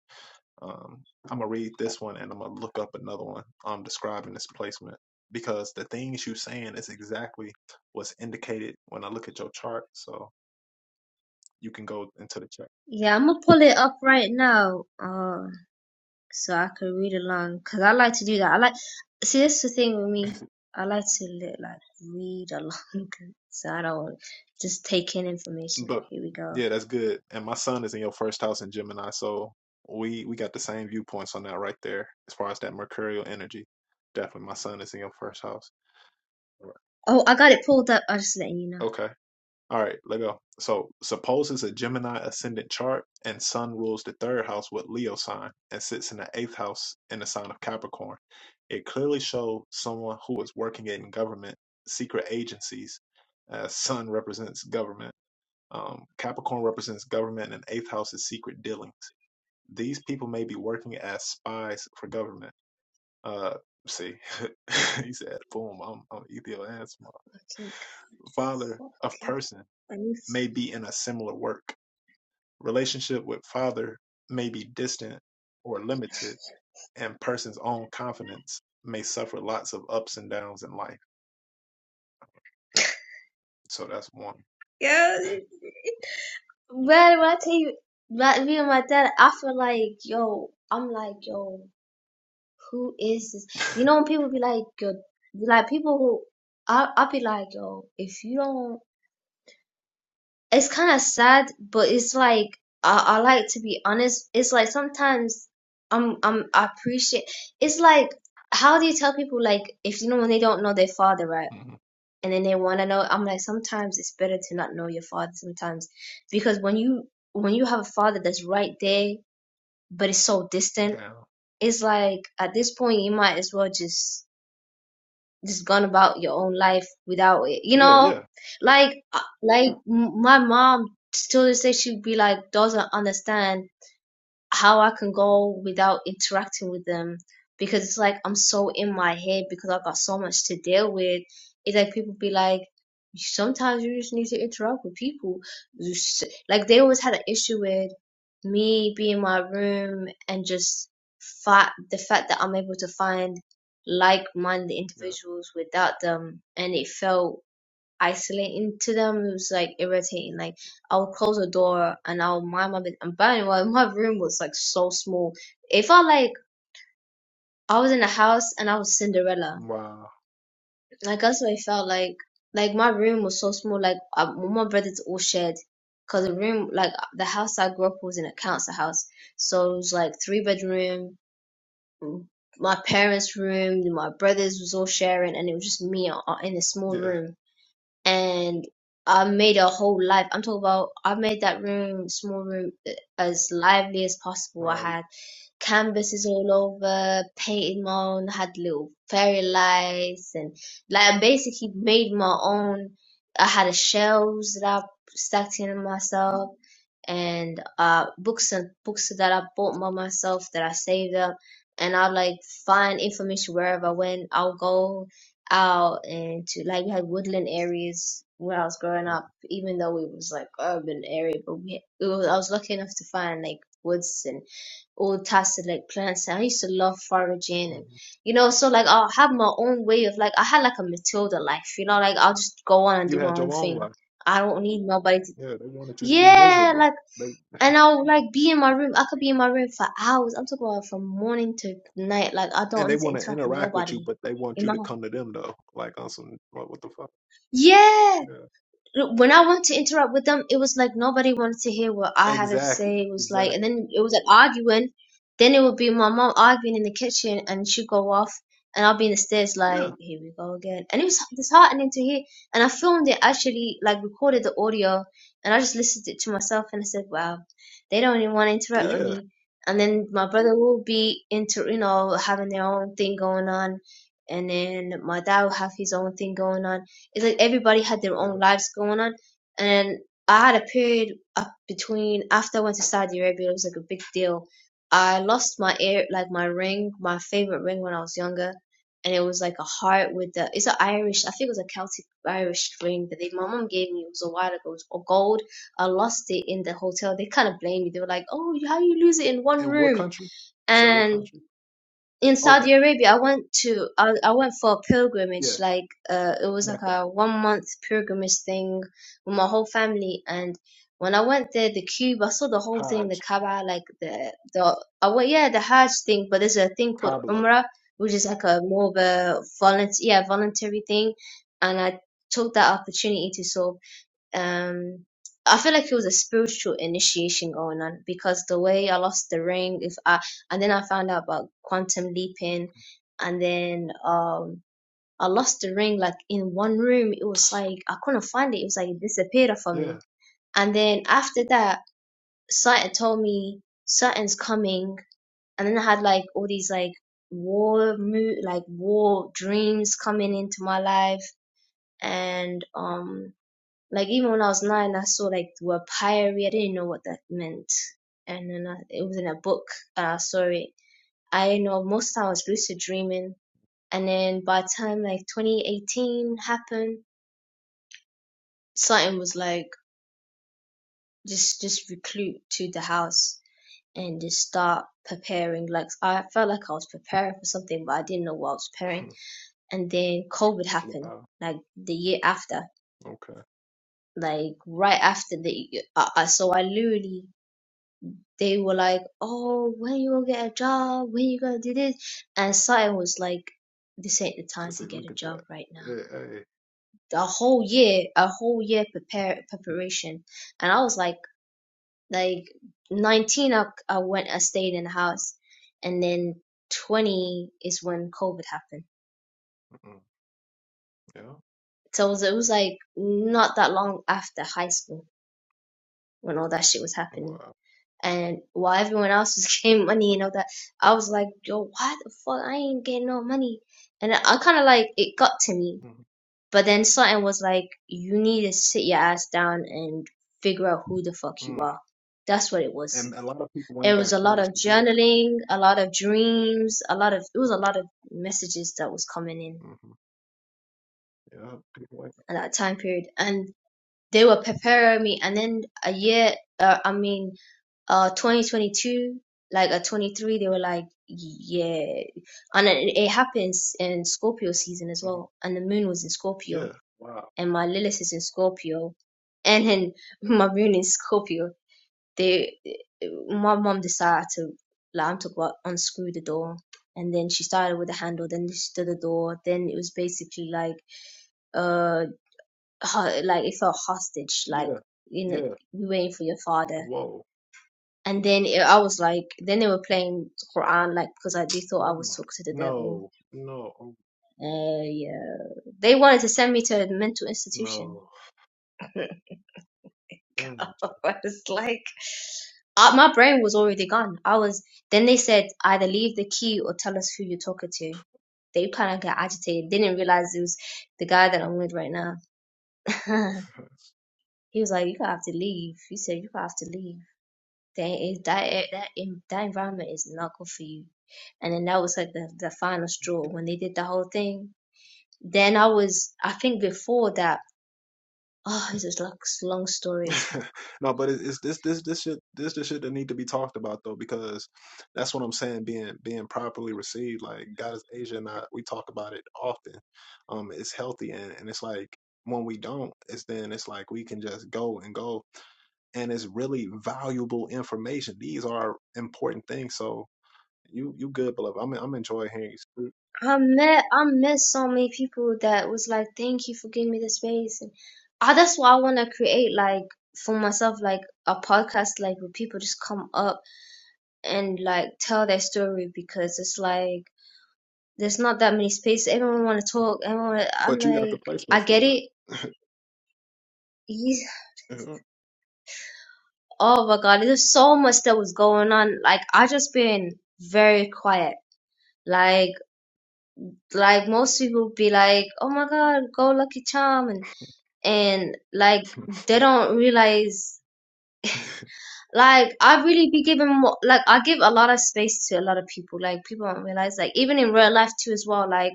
[SPEAKER 1] Um, I'm gonna read this one and I'm gonna look up another one um describing this placement because the things you saying is exactly what's indicated when I look at your chart. So you can go into the chat.
[SPEAKER 3] Yeah, I'm gonna pull it up right now. Uh, so I could read along because I like to do that. I like see this the thing with me. I like to like read along, so I don't want to just take in information.
[SPEAKER 1] But
[SPEAKER 3] Here we go.
[SPEAKER 1] yeah, that's good. And my son is in your first house in Gemini, so we we got the same viewpoints on that right there as far as that mercurial energy. Definitely my son is in your first house.
[SPEAKER 3] Oh, I got it pulled up. I'm just letting you know.
[SPEAKER 1] Okay. All right, let go. So suppose it's a Gemini ascendant chart and Sun rules the third house with Leo sign and sits in the eighth house in the sign of Capricorn. It clearly shows someone who is working in government, secret agencies, as Sun represents government Um, Capricorn represents government and eighth house is secret dealings. These people may be working as spies for government. Uh, see, he said, boom, I'm, I'm Ethio Ansma.
[SPEAKER 3] Fucking god,
[SPEAKER 1] Father of
[SPEAKER 3] fucking
[SPEAKER 1] person
[SPEAKER 3] god. I need.
[SPEAKER 1] may be in a similar work. Relationship with father may be distant or limited, and person's own confidence may suffer lots of ups and downs in life. So that's one.
[SPEAKER 3] Yeah, man. When I tell you, like me and my dad, I feel like yo. I'm like yo. Who is this? You know when people be like, yo, like people who. I I be like yo. If you don't it's kind of sad, but it's like I, I like to be honest. It's like sometimes I'm I'm I appreciate. It's like how do you tell people like if you know when they don't know their father, right?
[SPEAKER 1] Mhm.
[SPEAKER 3] And then they want to know. I'm like sometimes it's better to not know your father sometimes because when you when you have a father that's right there but it's so distant,
[SPEAKER 1] Down.
[SPEAKER 3] it's like at this point you might as well just just gone about your own life without it. You
[SPEAKER 1] Yeah, yeah,
[SPEAKER 3] know, like uh, like m- my mom still to this she'd be like doesn't understand how I can go without interacting with them because it's like I'm so in my head because I've got so much to deal with. It's like people be like, sometimes you just need to interact with people. You s- Like they always had an issue with me being in my room and just fa the fact that I'm able to find like-minded
[SPEAKER 1] yeah.
[SPEAKER 3] individuals without them, and it felt isolating to them. It was like irritating. Like I would close the door and I would mind my business. But anyway, my room was like so small. It felt like I was in a house and I was Cinderella.
[SPEAKER 1] Wow.
[SPEAKER 3] Like that's what it felt like. Like my room was so small. Like I, my brothers all shared. Cause the room, like the house I grew up was in a council house, so it was like three bedroom. My parents' room, my brothers was all sharing, and it was just me uh, in a small
[SPEAKER 1] Yeah,
[SPEAKER 3] room and I made a whole life. I'm talking about I made that room, small room, uh, as lively as possible. I
[SPEAKER 1] right.
[SPEAKER 3] had canvases all over, painted my own, had little fairy lights, and like I basically made my own. I had a shelves that I stacked in myself and uh books and books that I bought by myself that I saved up and I like find information wherever I went. I'll go out and to like we had woodland areas where I was growing up, even though it was like urban area, but we it was, I was lucky enough to find like woods and all types of like plants and I used to love foraging
[SPEAKER 1] Mm-hmm.
[SPEAKER 3] and you know, so like I'll have my own way of like I had like a Matilda life, you know, like I'll just go on and
[SPEAKER 1] You
[SPEAKER 3] do my
[SPEAKER 1] had
[SPEAKER 3] own
[SPEAKER 1] your own
[SPEAKER 3] thing.
[SPEAKER 1] life.
[SPEAKER 3] I don't need nobody to
[SPEAKER 1] Yeah, they wanted you to be
[SPEAKER 3] yeah,
[SPEAKER 1] miserable.
[SPEAKER 3] like
[SPEAKER 1] They
[SPEAKER 3] and I'll like be in my room. I could be in my room for hours. I'm talking about from morning to night. Like I
[SPEAKER 1] and
[SPEAKER 3] don't
[SPEAKER 1] they
[SPEAKER 3] need to
[SPEAKER 1] want to
[SPEAKER 3] interact with
[SPEAKER 1] interact with you,
[SPEAKER 3] nobody.
[SPEAKER 1] but they want
[SPEAKER 3] In
[SPEAKER 1] you
[SPEAKER 3] my
[SPEAKER 1] to
[SPEAKER 3] house.
[SPEAKER 1] come to them though. Like on some what, what the fuck?
[SPEAKER 3] yeah,
[SPEAKER 1] Yeah.
[SPEAKER 3] when I went to interact with them, it was like nobody wanted to hear what I had to
[SPEAKER 1] Exactly.
[SPEAKER 3] say. It was like, and
[SPEAKER 1] Exactly.
[SPEAKER 3] then it was like arguing. Then it would be my mom arguing in the kitchen, and she'd go off, and I'll be in the stairs like,
[SPEAKER 1] Yeah.
[SPEAKER 3] here we go again. And it was disheartening to hear. And I filmed it actually, like recorded the audio, and I just listened it to myself, and I said, wow, they don't even want to
[SPEAKER 1] Yeah.
[SPEAKER 3] interact with
[SPEAKER 1] Yeah.
[SPEAKER 3] me. And then my brother will be into, you know, having their own thing going on, and then my dad will have his own thing going on it's like everybody had their
[SPEAKER 1] Yeah.
[SPEAKER 3] own lives going on. And I had a period up between after I went to Saudi Arabia, it was like a big deal. I lost my ear, like my ring, my favorite ring when I was younger, and it was like a heart with the. It's an Irish, I think it was a Celtic Irish ring that they, my mom gave me. It was a while ago. It was gold. I lost it in the hotel. They kind of blamed me. They were like, "Oh, how you lose it in one
[SPEAKER 1] And what
[SPEAKER 3] room?"
[SPEAKER 1] country? You said what
[SPEAKER 3] and
[SPEAKER 1] country?
[SPEAKER 3] in
[SPEAKER 1] Okay.
[SPEAKER 3] Saudi Arabia, I went to I, I went for a pilgrimage.
[SPEAKER 1] Yeah.
[SPEAKER 3] Like uh, it was like
[SPEAKER 1] Mecca,
[SPEAKER 3] a one month pilgrimage thing with my whole family. And when I went there, the cube, I saw the whole thing,
[SPEAKER 1] Hajj,
[SPEAKER 3] the Kaaba, like the the I went, yeah, the Hajj thing. But there's a thing called
[SPEAKER 1] Kabbalah.
[SPEAKER 3] Umrah, which is like a more of a volunteer, yeah, voluntary thing. And I took that opportunity to sort of um, I feel like it was a spiritual initiation going on because the way I lost the ring, if I and then I found out about quantum leaping, and then um, I lost the ring like in one room. It was like I couldn't find it. It was like it disappeared from
[SPEAKER 1] Yeah.
[SPEAKER 3] me. And then after that, Satan told me Satan's coming, and then I had like all these like war mo- like war dreams coming into my life and um like even when I was nine, I saw like the word pyre. I didn't know what that meant, and then I, it was in a book. And sorry, I know most of the time I was lucid dreaming, and then by the time like 2018 happened, something was like just just recruit to the house and just start preparing. Like I felt like I was preparing for something, but I didn't know what I was preparing. And then COVID happened,
[SPEAKER 1] wow.
[SPEAKER 3] like the year after,
[SPEAKER 1] Okay.
[SPEAKER 3] like right after the. I, so I literally They were like, "Oh, when you will get a job? When you gonna do this?" And Saeed was like, "This ain't the time
[SPEAKER 1] See,
[SPEAKER 3] to get
[SPEAKER 1] look
[SPEAKER 3] a
[SPEAKER 1] at
[SPEAKER 3] job
[SPEAKER 1] that.
[SPEAKER 3] right now.
[SPEAKER 1] Hey. hey.
[SPEAKER 3] A whole year, a whole year prepare preparation." And I was like, like 19, I, I went, I stayed in the house, and then 20 is when COVID happened.
[SPEAKER 1] Mm-mm. Yeah.
[SPEAKER 3] So it was, it was like not that long after high school when all that shit was happening.
[SPEAKER 1] Wow.
[SPEAKER 3] and while everyone else was getting money and all that, I was like, yo, why the fuck I ain't getting no money? And I, kind of like it got to me,
[SPEAKER 1] mm
[SPEAKER 3] but then something was like, you need to sit your ass down and figure out who the fuck you
[SPEAKER 1] Mm.
[SPEAKER 3] are. That's what it was.
[SPEAKER 1] And a lot of people
[SPEAKER 3] It
[SPEAKER 1] ain't
[SPEAKER 3] was
[SPEAKER 1] got
[SPEAKER 3] a lot
[SPEAKER 1] courage
[SPEAKER 3] of
[SPEAKER 1] to do that.
[SPEAKER 3] journaling, a lot of dreams, a lot of it was a lot of messages that was coming in
[SPEAKER 1] hmm Yeah. People ain't.
[SPEAKER 3] at that time period, and they were preparing me and then a year uh, i mean uh 2022 like at 23 they were like yeah and it, it happens in scorpio season as
[SPEAKER 1] mhm.
[SPEAKER 3] well and the moon was in scorpio
[SPEAKER 1] Yeah. Wow.
[SPEAKER 3] and my lilith is in scorpio and then my moon is scorpio they my mom decided to like i'm talking about unscrew the door and then she started with the handle then she did the door then it was basically like uh ho- like it felt hostage, like
[SPEAKER 1] Yeah,
[SPEAKER 3] you know,
[SPEAKER 1] yeah.
[SPEAKER 3] you waiting for your father.
[SPEAKER 1] Whoa.
[SPEAKER 3] And then it, I was like, then they were playing Quran, like because I, they thought I
[SPEAKER 1] Oh my.
[SPEAKER 3] was talking to the devil.
[SPEAKER 1] No, no, oh,
[SPEAKER 3] Uh, yeah, they wanted to send me to a mental institution.
[SPEAKER 1] no. Damn,
[SPEAKER 3] I was like, uh, my brain was already gone. I was. Then they said either leave the key or tell us who you're talking to. They kind of got agitated. They didn't realize it was the guy that I'm with right now.
[SPEAKER 1] Jack.
[SPEAKER 3] he was like, "You gonna have to leave." He said, "You gonna have to leave." That is that a- that en- that environment is not good for you. And then that was like the the final straw when they did the whole thing. Then I was I think before that oh this is like s- long story. It's like
[SPEAKER 1] No, but it's, it's this this this shit this the shit that need to be talked about though because that's what I'm saying being being properly received like God is Asia and I we talk about it often um it's healthy and and it's like when we don't it's then it's like we can just go and go and it's really valuable information these are important things so you you good beloved I'm I'm enjoying hearing you
[SPEAKER 3] I met I met so many people that was like thank you for giving me the space and ah that's why I want to create like for myself like a podcast like where people just come up and like tell their story because it's like there's not that many spaces everyone want to talk everyone I'm
[SPEAKER 1] but you got the
[SPEAKER 3] like I
[SPEAKER 1] placement
[SPEAKER 3] get
[SPEAKER 1] for
[SPEAKER 3] it
[SPEAKER 1] it.
[SPEAKER 3] He's,
[SPEAKER 1] Yeah.
[SPEAKER 3] oh my god, there's so much that was going on. Like I just been very quiet. Like like most people be like, oh my god, go Lucky Charm, and and like they don't realize. Like I really be giving more. Like I give a lot of space to a lot of people. Like people don't realize. Like even in real life too as well. Like.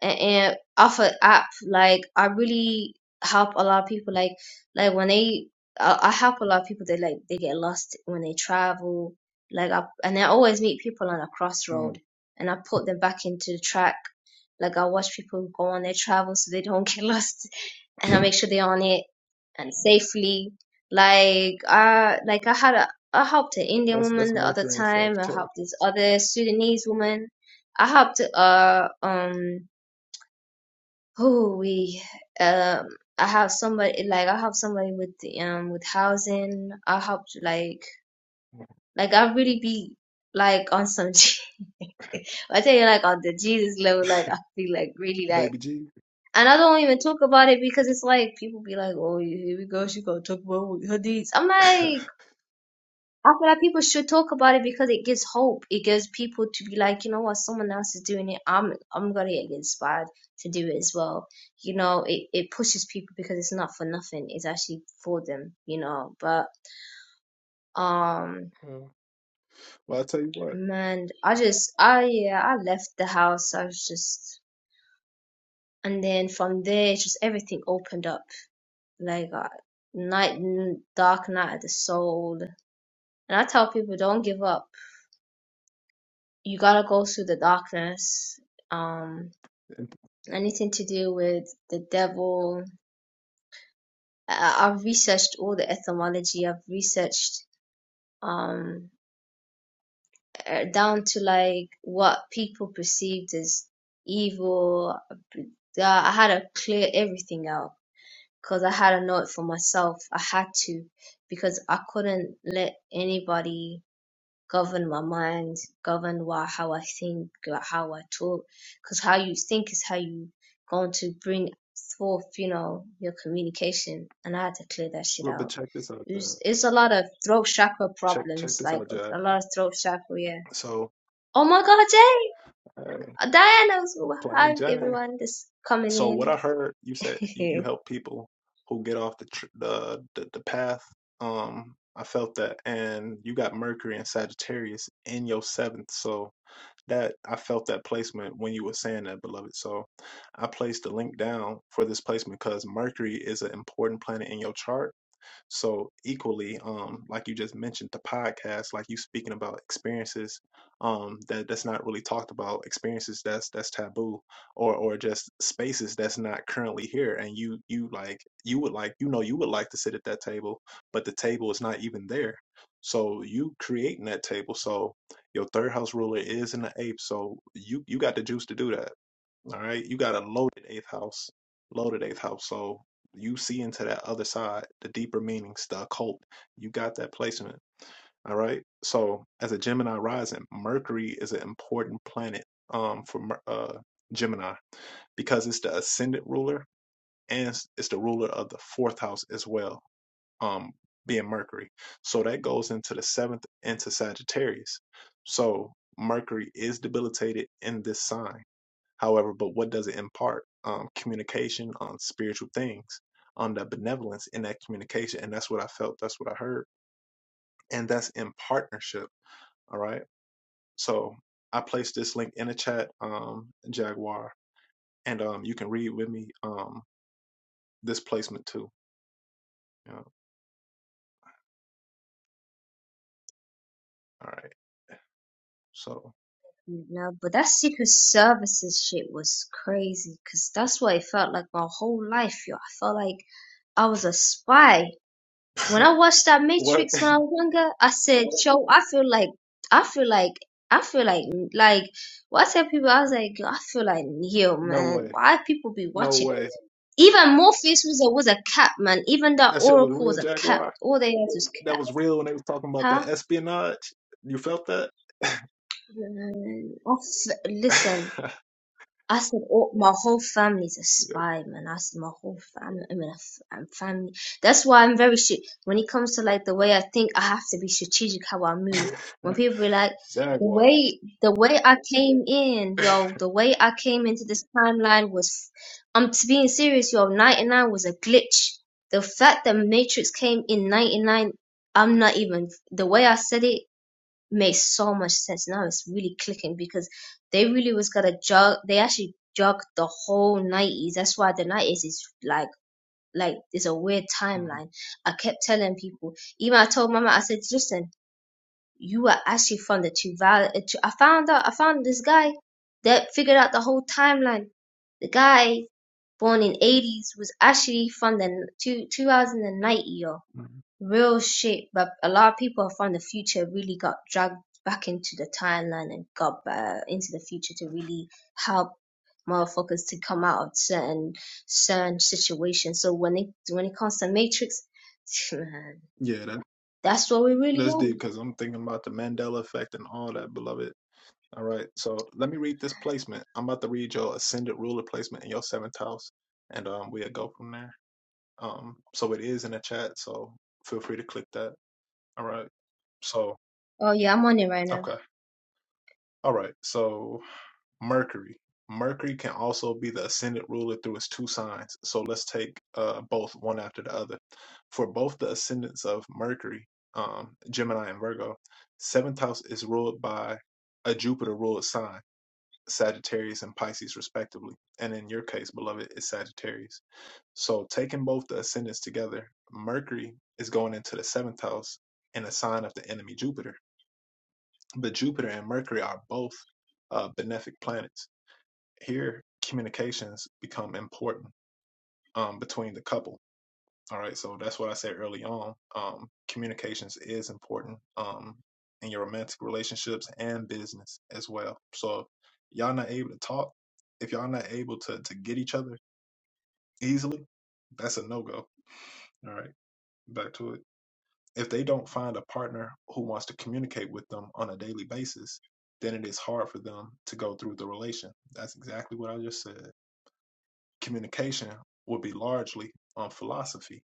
[SPEAKER 3] and, and off an app like i really help a lot of people like like when they I, I help a lot of people they like they get lost when they travel like I, and i always meet people on a
[SPEAKER 1] Mm,
[SPEAKER 3] crossroad and i put them back into the track like i watch people go on their travel so they don't get lost and i make sure they're on it and safely like i like i had a i helped an indian
[SPEAKER 1] that's that's
[SPEAKER 3] woman the other
[SPEAKER 1] Mercury and
[SPEAKER 3] time i
[SPEAKER 1] Sagittarius.
[SPEAKER 3] helped this other sudanese woman i helped uh um Oh, we um I have somebody like I have somebody with the, um with housing. I help like like I really be like on some I tell you like on the Jesus level like I be like really like
[SPEAKER 1] Baby G.
[SPEAKER 3] and I don't even talk about it because it's like people be like oh here we go she gonna talk about her deeds. I'm like I feel like people should talk about it because it gives hope. It gives people to be like, you know what, someone else is doing it. I'm I'm gonna get inspired to do it as well. You know, it, it pushes people because it's not for nothing. It's actually for them, you know. But um
[SPEAKER 1] Yeah. well, I tell you what.
[SPEAKER 3] man, I just I yeah, I left the house. I was just and then from there just everything opened up. Like uh, night dark night of the soul. And I tell people don't give up. You gotta go through the darkness. Um
[SPEAKER 1] and-
[SPEAKER 3] anything to do with the devil. I- I've researched all the etymology. I've researched um uh, down to like what people perceived as evil. Uh, I had to clear everything out because I had to know it for myself. I had to because I couldn't let anybody. govern my mind, govern why how I think, like how I talk, because how you think is how you going to bring forth, you know, your communication. And I had to clear that shit
[SPEAKER 1] Well, but
[SPEAKER 3] out.
[SPEAKER 1] check this out,
[SPEAKER 3] It
[SPEAKER 1] Dad.
[SPEAKER 3] was, it's a lot of throat chakra
[SPEAKER 1] Check check
[SPEAKER 3] problems,
[SPEAKER 1] this
[SPEAKER 3] like
[SPEAKER 1] out, Jad.
[SPEAKER 3] a lot of throat chakra. Yeah.
[SPEAKER 1] So,
[SPEAKER 3] Oh my God,
[SPEAKER 1] hey,
[SPEAKER 3] Jay, Diana's
[SPEAKER 1] plain
[SPEAKER 3] hi
[SPEAKER 1] Jane.
[SPEAKER 3] everyone, just coming
[SPEAKER 1] So what I heard you said you, you
[SPEAKER 3] in.
[SPEAKER 1] help people who get off the, tr- the the the path. Um, I felt that, and you got Mercury and Sagittarius in your seventh. So. that I felt that placement when you were saying that, beloved. So I placed the link down for this placement because Mercury is an important planet in your chart so equally, um, like you just mentioned, the podcast, like you speaking about experiences, um, that that's not really talked about, experiences that's that's taboo, or or just spaces that's not currently here, and you you like you would like you know you would like to sit at that table, but the table is not even there. So you creating that table. So your third house ruler is in the ape. So you you got the juice to do that. All right. You got a loaded eighth house, loaded eighth house. So you see into that other side, the deeper meanings, the occult. You got that placement. All right. So as a Gemini rising, Mercury is an important planet um, for Mer- uh, Gemini because it's the ascendant ruler and it's, it's the ruler of the fourth house as well, um, being Mercury. So that goes into the seventh into Sagittarius. So Mercury is debilitated in this sign However, but what does it impart? Um, communication on spiritual things, on the benevolence in that communication. And that's what I felt, that's what I heard. And that's in partnership. All right. So I placed this link in the chat, um, Jaguar, and um, you can read with me um, this placement too. Yeah. All right. So
[SPEAKER 3] No, but that Secret Services shit was crazy because that's what it felt like my whole life, yo. I felt like I was a spy. When I watched that
[SPEAKER 1] what?
[SPEAKER 3] Matrix when I was younger, I said, "Yo, I feel like, I feel like, I feel like, like." What I tell people, I was like, "I feel like, yo,
[SPEAKER 1] no
[SPEAKER 3] man,
[SPEAKER 1] way.
[SPEAKER 3] why people be
[SPEAKER 1] No
[SPEAKER 3] watching?"
[SPEAKER 1] way.
[SPEAKER 3] Even Morpheus was a was a cap, man. Even that
[SPEAKER 1] That shit was
[SPEAKER 3] Oracle
[SPEAKER 1] real,
[SPEAKER 3] was a cap.
[SPEAKER 1] Jaguar.
[SPEAKER 3] All they had was
[SPEAKER 1] That
[SPEAKER 3] cap.
[SPEAKER 1] was real when they was talking about
[SPEAKER 3] Huh?
[SPEAKER 1] that espionage. You felt that?
[SPEAKER 3] Oh, listen. I said all, my whole family's a spy, man. I said my whole family. I mean, i am family. That's why I'm very shit. When it comes to like the way I think, I have to be strategic how I move.
[SPEAKER 1] Yeah.
[SPEAKER 3] When people be like, the
[SPEAKER 1] Jaguar.
[SPEAKER 3] way the way I came in, yo, the way I came into this timeline was, I'm t- being serious, yo. 99 was a glitch. The fact that Matrix came in 99, I'm not even the way I said it made so much sense. Now it's really clicking because they really was gonna jog. They actually jogged the whole nineties. That's why the nineties is like like it's a weird timeline. I kept telling people. Even I told Mama. I said, listen, you are actually from the two val. uh, I found out. I found this guy that figured out the whole timeline. The guy born in eighties was actually from the two two thousand and ninety. yo
[SPEAKER 1] Mhm.
[SPEAKER 3] real shit. But a lot of people from the future really got dragged back into the timeline and got uh, into the future to really help motherfuckers to come out of certain certain situations. So when it when it comes to Matrix, man,
[SPEAKER 1] Yeah, that,
[SPEAKER 3] that's what we really
[SPEAKER 1] that's deep
[SPEAKER 3] in.
[SPEAKER 1] because I'm thinking about the Mandela effect and all that, beloved. All right, so let me read this placement. I'm about to read your ascendant ruler placement in your seventh house, and um, we'll go from there. Um, so it is in the chat, so feel free to click that. All right, so
[SPEAKER 3] Oh yeah, I'm on it right now.
[SPEAKER 1] okay, all right, so Mercury. Mercury can also be the ascendant ruler through its two signs. So let's take uh, both one after the other. For both the ascendants of Mercury, um, Gemini and Virgo, seventh house is ruled by a Jupiter ruled sign, Sagittarius and Pisces, respectively. And in your case, beloved, it's Sagittarius. So taking both the ascendants together, Mercury is going into the seventh house in a sign of the enemy Jupiter. But Jupiter and Mercury are both uh, benefic planets here communications become important um, between the couple. All right, so that's what I said early on. Um, communications is important um, in your romantic relationships and business as well. So y'all not able to talk, if y'all not able to to get each other easily, that's a no go. All right, back to it. If they don't find a partner who wants to communicate with them on a daily basis, then it is hard for them to go through the relation. That's exactly what I just said. communication would be largely on philosophy.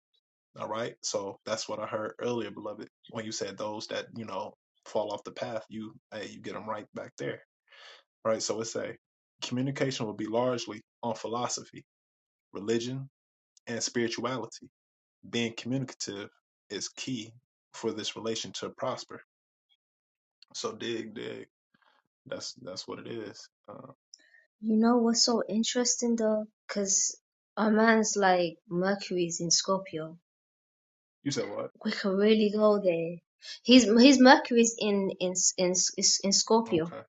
[SPEAKER 1] All right. So that's what I heard earlier, beloved, when you said those that, you know, fall off the path, you hey, you get them right back there. Right. So it's a communication will be largely on philosophy, religion, and spirituality. Being communicative is key for this relation to prosper. So dig, dig. That's that's what it is. Uh,
[SPEAKER 3] You know what's so interesting though? Cause our man's like Mercury's in Scorpio.
[SPEAKER 1] you said what?
[SPEAKER 3] We could really go there. His his Mercury's in in in in Scorpio.
[SPEAKER 1] Okay.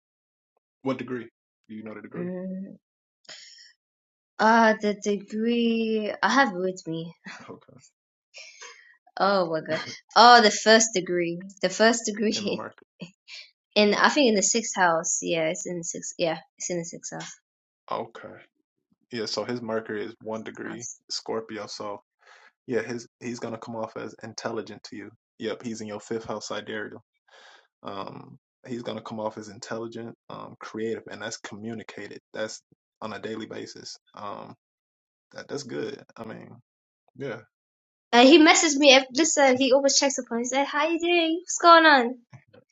[SPEAKER 1] What degree? Do you know the degree?
[SPEAKER 3] Mm, Ah, the degree I have with me.
[SPEAKER 1] Okay.
[SPEAKER 3] Oh my god. Oh, the first degree. The first
[SPEAKER 1] In
[SPEAKER 3] degree.
[SPEAKER 1] market.
[SPEAKER 3] In I think in the sixth house. Yeah, it's in the sixth. Yeah, it's in the sixth house.
[SPEAKER 1] Okay. Yeah, so his Mercury is one degree
[SPEAKER 3] house.
[SPEAKER 1] Scorpio. So yeah, his he's gonna come off as intelligent to you. Yep, he's in your fifth house sidereal. Um, he's gonna come off as intelligent, um, creative, and that's communicated. That's on a daily basis. Um, that that's good. I mean, yeah,
[SPEAKER 3] Uh, he messaged me. ev- Listen, he always checks up on. me. He's like, "How you doing? What's going on?"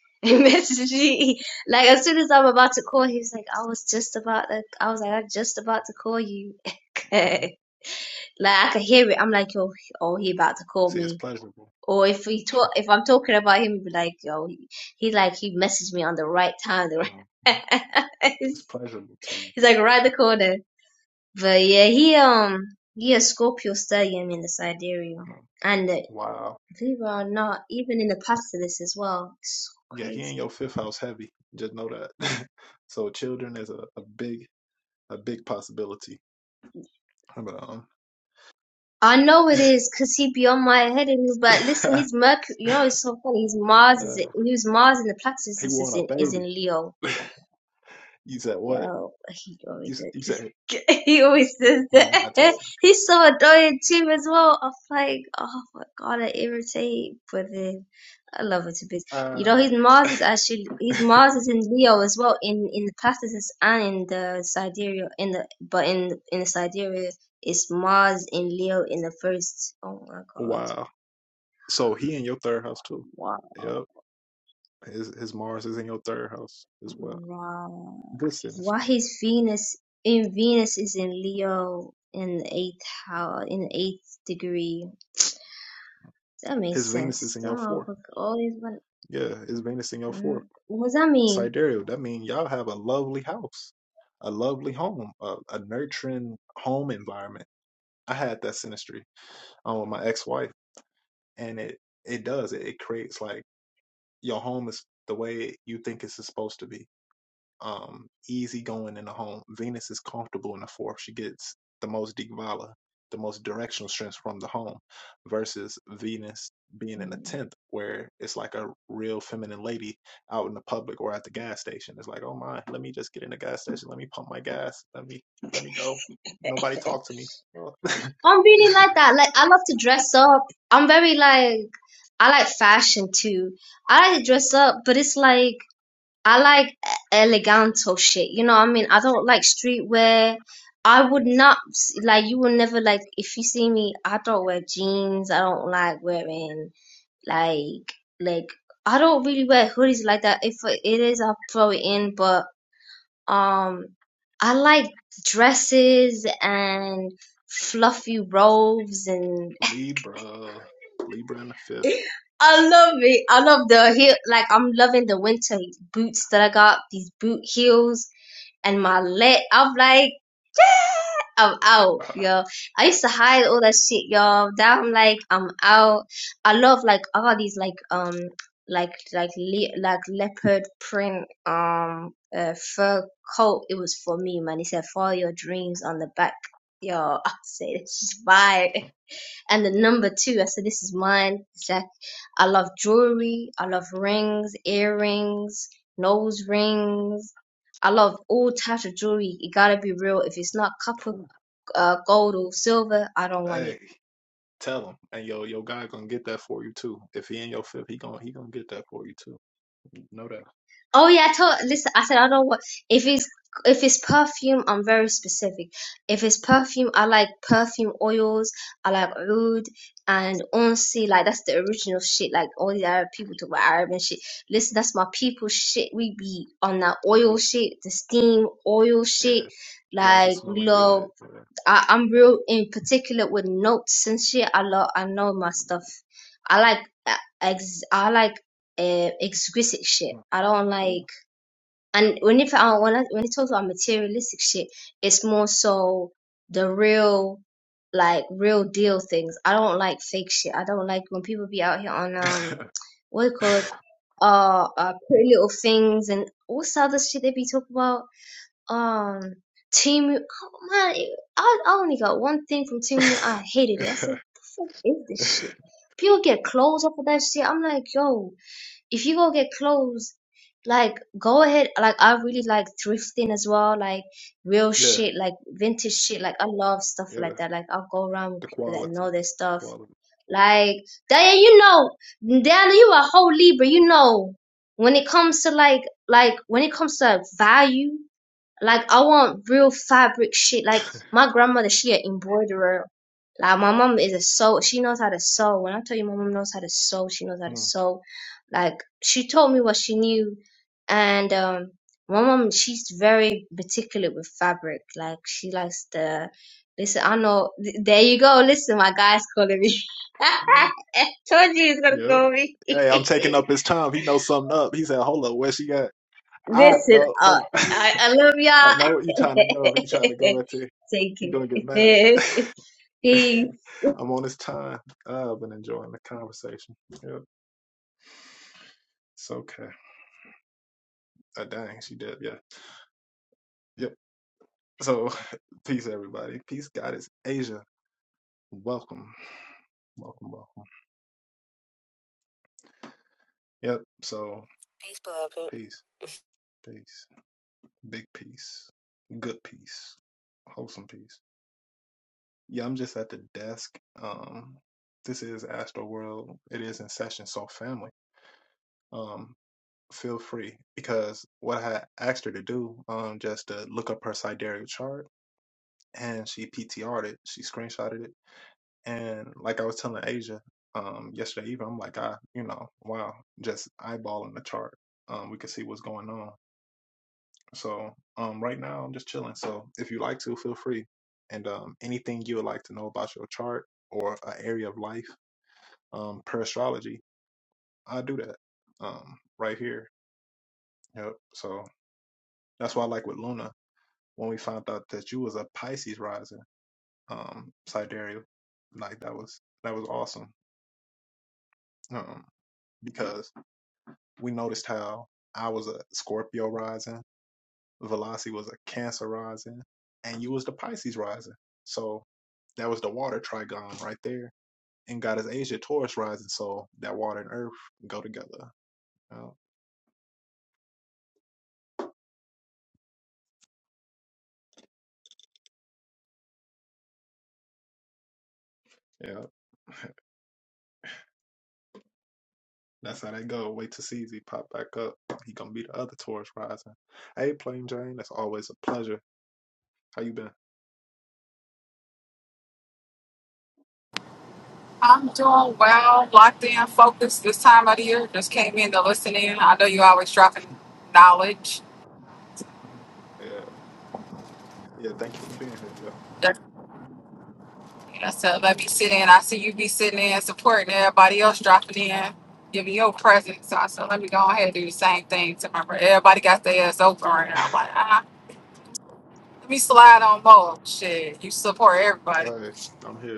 [SPEAKER 3] He messaged me like as soon as I'm about to call. He was like, "I was just about to." I was like, "I'm just about to call you."
[SPEAKER 1] yeah.
[SPEAKER 3] like I could hear it. I'm like, "Yo, oh, he about to call
[SPEAKER 1] See, it's
[SPEAKER 3] me."
[SPEAKER 1] pleasurable.
[SPEAKER 3] Or if he talk, if I'm talking about him, be like, yo, he, he like he messaged me on the right time, the
[SPEAKER 1] Mhm.
[SPEAKER 3] right.
[SPEAKER 1] It's
[SPEAKER 3] he's,
[SPEAKER 1] pleasurable to you.
[SPEAKER 3] like right the corner. But yeah, he um he a Scorpio stallion in the sidereal,
[SPEAKER 1] Mm.
[SPEAKER 3] and uh,
[SPEAKER 1] Wow.
[SPEAKER 3] believe it or not, even in the past of this as well. It's so
[SPEAKER 1] Yeah, he in
[SPEAKER 3] crazy.
[SPEAKER 1] your fifth house heavy. Just know that. so children is a, a big a big possibility. But um
[SPEAKER 3] I know it is, cause he be on my head, and but listen, his Mercury, you know, it's so funny. His Mars
[SPEAKER 1] Uh,
[SPEAKER 3] is his Mars in the plexus
[SPEAKER 1] he
[SPEAKER 3] is
[SPEAKER 1] want a
[SPEAKER 3] in is in
[SPEAKER 1] baby.
[SPEAKER 3] Leo.
[SPEAKER 1] you said what?
[SPEAKER 3] Oh, he
[SPEAKER 1] You,
[SPEAKER 3] always does.
[SPEAKER 1] you
[SPEAKER 3] he,
[SPEAKER 1] said
[SPEAKER 3] he always does
[SPEAKER 1] mm, I
[SPEAKER 3] that.
[SPEAKER 1] told.
[SPEAKER 3] He's so annoying too as well. I'm like, oh my god, I irritate. But then I love it to bits.
[SPEAKER 1] You.
[SPEAKER 3] You know,
[SPEAKER 1] Uh,
[SPEAKER 3] his Mars is actually his Mars is in Leo as well in in the Platypus and in the Sidereal in the but in in the Sidereal it's Mars in Leo in the first. Oh my god!
[SPEAKER 1] wow. So he in your third house too.
[SPEAKER 3] Wow!
[SPEAKER 1] Yep. His his Mars is in your third house as well.
[SPEAKER 3] Wow!
[SPEAKER 1] Good sentence.
[SPEAKER 3] Why his Venus in Venus is in Leo in the eighth house in the eighth degree. That
[SPEAKER 1] His
[SPEAKER 3] makes
[SPEAKER 1] Venus is
[SPEAKER 3] sense.
[SPEAKER 1] in
[SPEAKER 3] That
[SPEAKER 1] your fourth.
[SPEAKER 3] motherfucker always want.
[SPEAKER 1] Yeah, his Venus in your
[SPEAKER 3] Mm,
[SPEAKER 1] fourth.
[SPEAKER 3] what does that mean?
[SPEAKER 1] Sidereal. That means y'all have a lovely house, a lovely home, a, a nurturing home environment. I had that synastry um, with my ex-wife, and it it does it, it creates like your home is the way you think it's supposed to be um, easygoing in the home. Venus is comfortable in the fourth. She gets the most Digvala, the most directional strength from the home, versus Venus being in the
[SPEAKER 3] Mm.
[SPEAKER 1] tenth, where it's like a real feminine lady out in the public or at the gas station. It's like, oh my, let me just get in the gas station. Let me pump my gas. Let me let me go. Nobody talk to me.
[SPEAKER 3] I'm really like that. Like I love to dress up. I'm very like I like fashion too. I like to dress up, but it's like. I like e- eleganto shit. You know what I mean? I don't like streetwear. I would not s- like you will never like if you see me. I don't wear jeans. I don't like wearing like like I don't really wear hoodies like that. If it is, I'll throw it in. But um, I like dresses and fluffy robes and
[SPEAKER 1] Libra, Libra in the fifth.
[SPEAKER 3] I love it. I love the heel. Like I'm loving the winter boots that I got. These boot heels. and my leg. I'm like, I'm out, yo. I used to hide all that shit, yo. Now I'm like, I'm out. I love like all these like um like like le- like leopard print um uh, fur coat. It was for me, man. It said, "Follow your dreams" on the back. Yo, I said, "This is fire." And the number two, I said, this is mine. Zach, I love jewelry. I love rings, earrings, nose rings. I love all types of jewelry. It gotta be real. If it's not copper, uh, gold or silver, I don't want it.
[SPEAKER 1] hey, tell him, and yo, your guy gonna get that for you too. If he in your fifth, he gonna he gonna get that for you too. Know that.
[SPEAKER 3] Oh yeah, I told. Listen, I said I don't want if it's if it's perfume. I'm very specific. If it's perfume, I like perfume oils. I like oud and unsi. Like that's the original shit. Like all the Arab people talk about Arab and shit. Listen, that's my people shit. We be on that
[SPEAKER 1] Really?
[SPEAKER 3] oil shit, the steam oil
[SPEAKER 1] Yeah.
[SPEAKER 3] shit.
[SPEAKER 1] Y'all be
[SPEAKER 3] Like we
[SPEAKER 1] smelling good.
[SPEAKER 3] love.
[SPEAKER 1] Yeah.
[SPEAKER 3] I, I'm real in particular with notes and shit. I love. I know my stuff. I like. uh, Ex, I like uh, exquisite shit. I don't like
[SPEAKER 1] Cool.
[SPEAKER 3] and when if I when I, when it talks about materialistic shit, it's more so the real like real deal things. I don't like fake shit. I don't like when people be out here on
[SPEAKER 1] yeah,
[SPEAKER 3] um what it called uh, uh pretty little things and what's the other shit they be talking about um team oh man it- I, I only got one thing from team I hated it. I said the fuck is this shit? People get clothes off of that shit. I'm like yo if you go get clothes, like go ahead. Like I really like thrifting as well, like real shit, like vintage shit. Like I love stuff
[SPEAKER 1] yeah.
[SPEAKER 3] like that. Like I'll go around with
[SPEAKER 1] The
[SPEAKER 3] people that
[SPEAKER 1] quality.
[SPEAKER 3] know their
[SPEAKER 1] The
[SPEAKER 3] stuff.
[SPEAKER 1] quality.
[SPEAKER 3] Like Diana, you know, Diana, you a whole Libra, you know. When it comes to like, like when it comes to value, like I want real fabric shit. Like my grandmother, she an embroiderer. Like my mom is a sew. She knows how to sew. When I tell you my mom knows how to sew, she knows how to
[SPEAKER 1] Mm.
[SPEAKER 3] sew. Like she told me what she knew, and um, my mom, she's very particular with fabric. Like she likes the. Listen, I know. th- There you go. Listen, my guy's calling me.
[SPEAKER 1] Uh,
[SPEAKER 3] I told you he's gonna
[SPEAKER 1] yeah.
[SPEAKER 3] call me.
[SPEAKER 1] Hey, I'm taking up his time. He knows something up. He said, Hold up, where she at? I
[SPEAKER 3] Listen
[SPEAKER 1] know hold
[SPEAKER 3] up.
[SPEAKER 1] up.
[SPEAKER 3] I, I love
[SPEAKER 1] I know what you
[SPEAKER 3] y'all.
[SPEAKER 1] trying to go. You trying to go at you.
[SPEAKER 3] Take
[SPEAKER 1] He gonna get mad.
[SPEAKER 3] it. Peace.
[SPEAKER 1] I'm on his time. I've been enjoying the conversation. Yep. It's okay. Uh, dang, she did, yeah. Yeah. So, peace, everybody. Peace, Goddess Asia. Welcome. Welcome, welcome. Yep. So, peace, peace, big peace, good peace, wholesome peace. Yeah, I'm just at the desk. Um, this is Astro World. It is in session, so family. Um, feel free because what I asked her to do, um, just to look up her sidereal chart, and she PTR'd it. She screenshotted it And like I was telling Asia um, yesterday evening, I'm like, I, you know, wow, just eyeballing the chart. Um, we can see what's going on. So um, right now, I'm just chilling. So if you like to, feel free. And um, anything you would like to know about your chart or an area of life um, per astrology, I do that um, right here. Yep. So that's why I like with Luna when we found out that you was a Pisces rising, um, sidereal. Like that was that was awesome. Um, because we noticed how I was a Scorpio rising, Velasi was a Cancer rising, and you was the Pisces rising. So that was the water trigon right there. And God is Asia Taurus rising, so that water and earth go together. Oh, yeah, that's how they go. Wait to see Z pop back up. He gonna be the other Taurus rising. Hey, Plain Jane, that's always a pleasure. How you been?
[SPEAKER 5] I'm doing well, locked in, focused this time of the year. Just came in to listen in. I know you always dropping knowledge.
[SPEAKER 1] Mhm. Yeah, yeah. Thank you for being here. Yeah.
[SPEAKER 5] That- yeah, So let me sit in. I see you be sitting in, supporting everybody else dropping in, giving your presence. So I said, let me go ahead and do the same thing to my brother. Everybody got their ass open right now. I'm like, ah, let me slide on more. Shit, you support everybody.
[SPEAKER 1] Hey, I'm here.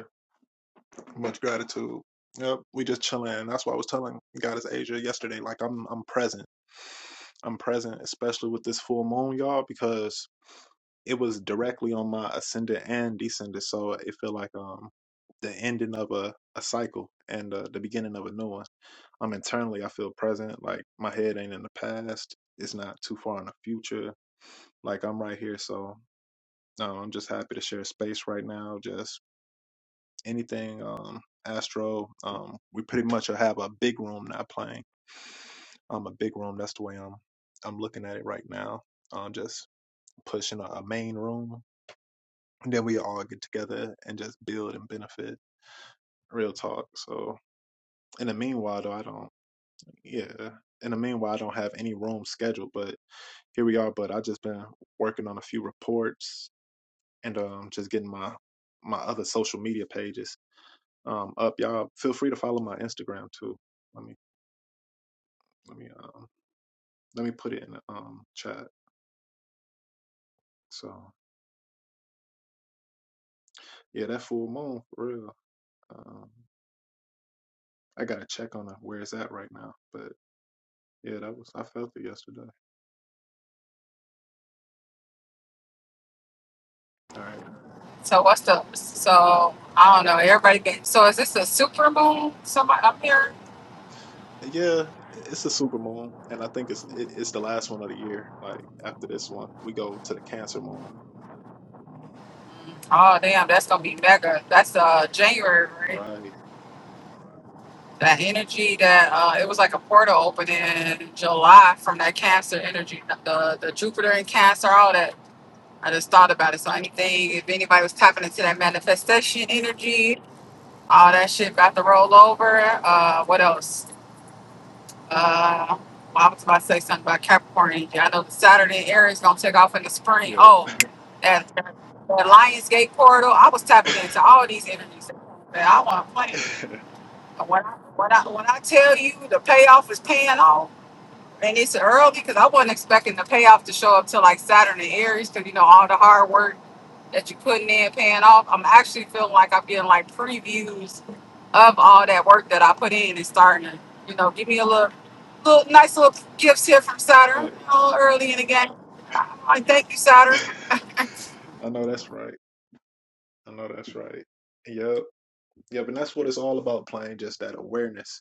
[SPEAKER 1] Much gratitude. Yep, we just chilling. That's why I was telling Goddess Asia yesterday. Like I'm, I'm present. I'm present, especially with this full moon, y'all, because it was directly on my ascendant and descendant. So it feel like um the ending of a, a cycle and uh, the beginning of a new one. I'm internally, I feel present. Like my head ain't in the past. It's not too far in the future. Like I'm right here. So um, I'm just happy to share space right now. Just anything um, Astro. Um, we pretty much have a big room not playing. Um, a big room. That's the way I'm I'm looking at it right now. Um, just pushing a, a main room, and then we all get together and just build and benefit. Real talk. So in the meanwhile, though, I don't. Yeah. In the meanwhile, I don't have any room scheduled, but here we are. But I just been working on a few reports and um, just getting my my other social media pages um, up. Y'all feel free to follow my Instagram too. Let me. Let me um let me put it in the um chat. So yeah, that full moon for real. Um, I gotta check on uh, where it's at right now. But yeah, that was I felt it yesterday. All right.
[SPEAKER 5] So what's up? So I don't know. Everybody been. So is this a super moon? Somebody up here?
[SPEAKER 1] Yeah, it's a super moon, and I think it's it, it's the last one of the year. Like after this one, we go to the Cancer moon.
[SPEAKER 5] Oh damn, that's gonna be mega. That's uh January,
[SPEAKER 1] All
[SPEAKER 5] right?
[SPEAKER 1] Right.
[SPEAKER 5] That energy that uh it was like a portal open in July from that Cancer energy, the the Jupiter and Cancer, all that. I just thought about it. So anything, if anybody was tapping into that manifestation energy, all that shit about to roll over. Uh, what else? Uh, I was about to say something about Capricorn. energy. I know the Saturday Aries gonna take off in the spring.
[SPEAKER 1] Yep.
[SPEAKER 5] Oh, that, that Lionsgate portal. I was tapping into all these energies. that- I want to plan. And When I, when I when I tell you the payoff is paying off. And it's early because I wasn't expecting the payoff to show up till like Saturn and Aries because you know all the hard work that you're putting in paying off. I'm actually feeling like I'm getting like previews of all that work that I put in and starting to you know give me a little little nice little gifts here from Saturn
[SPEAKER 1] Hey.
[SPEAKER 5] you know, early in the game. I thank you Saturn.
[SPEAKER 1] I know that's right. I know that's right. Yep. yep. And that's what it's all about, playing just that awareness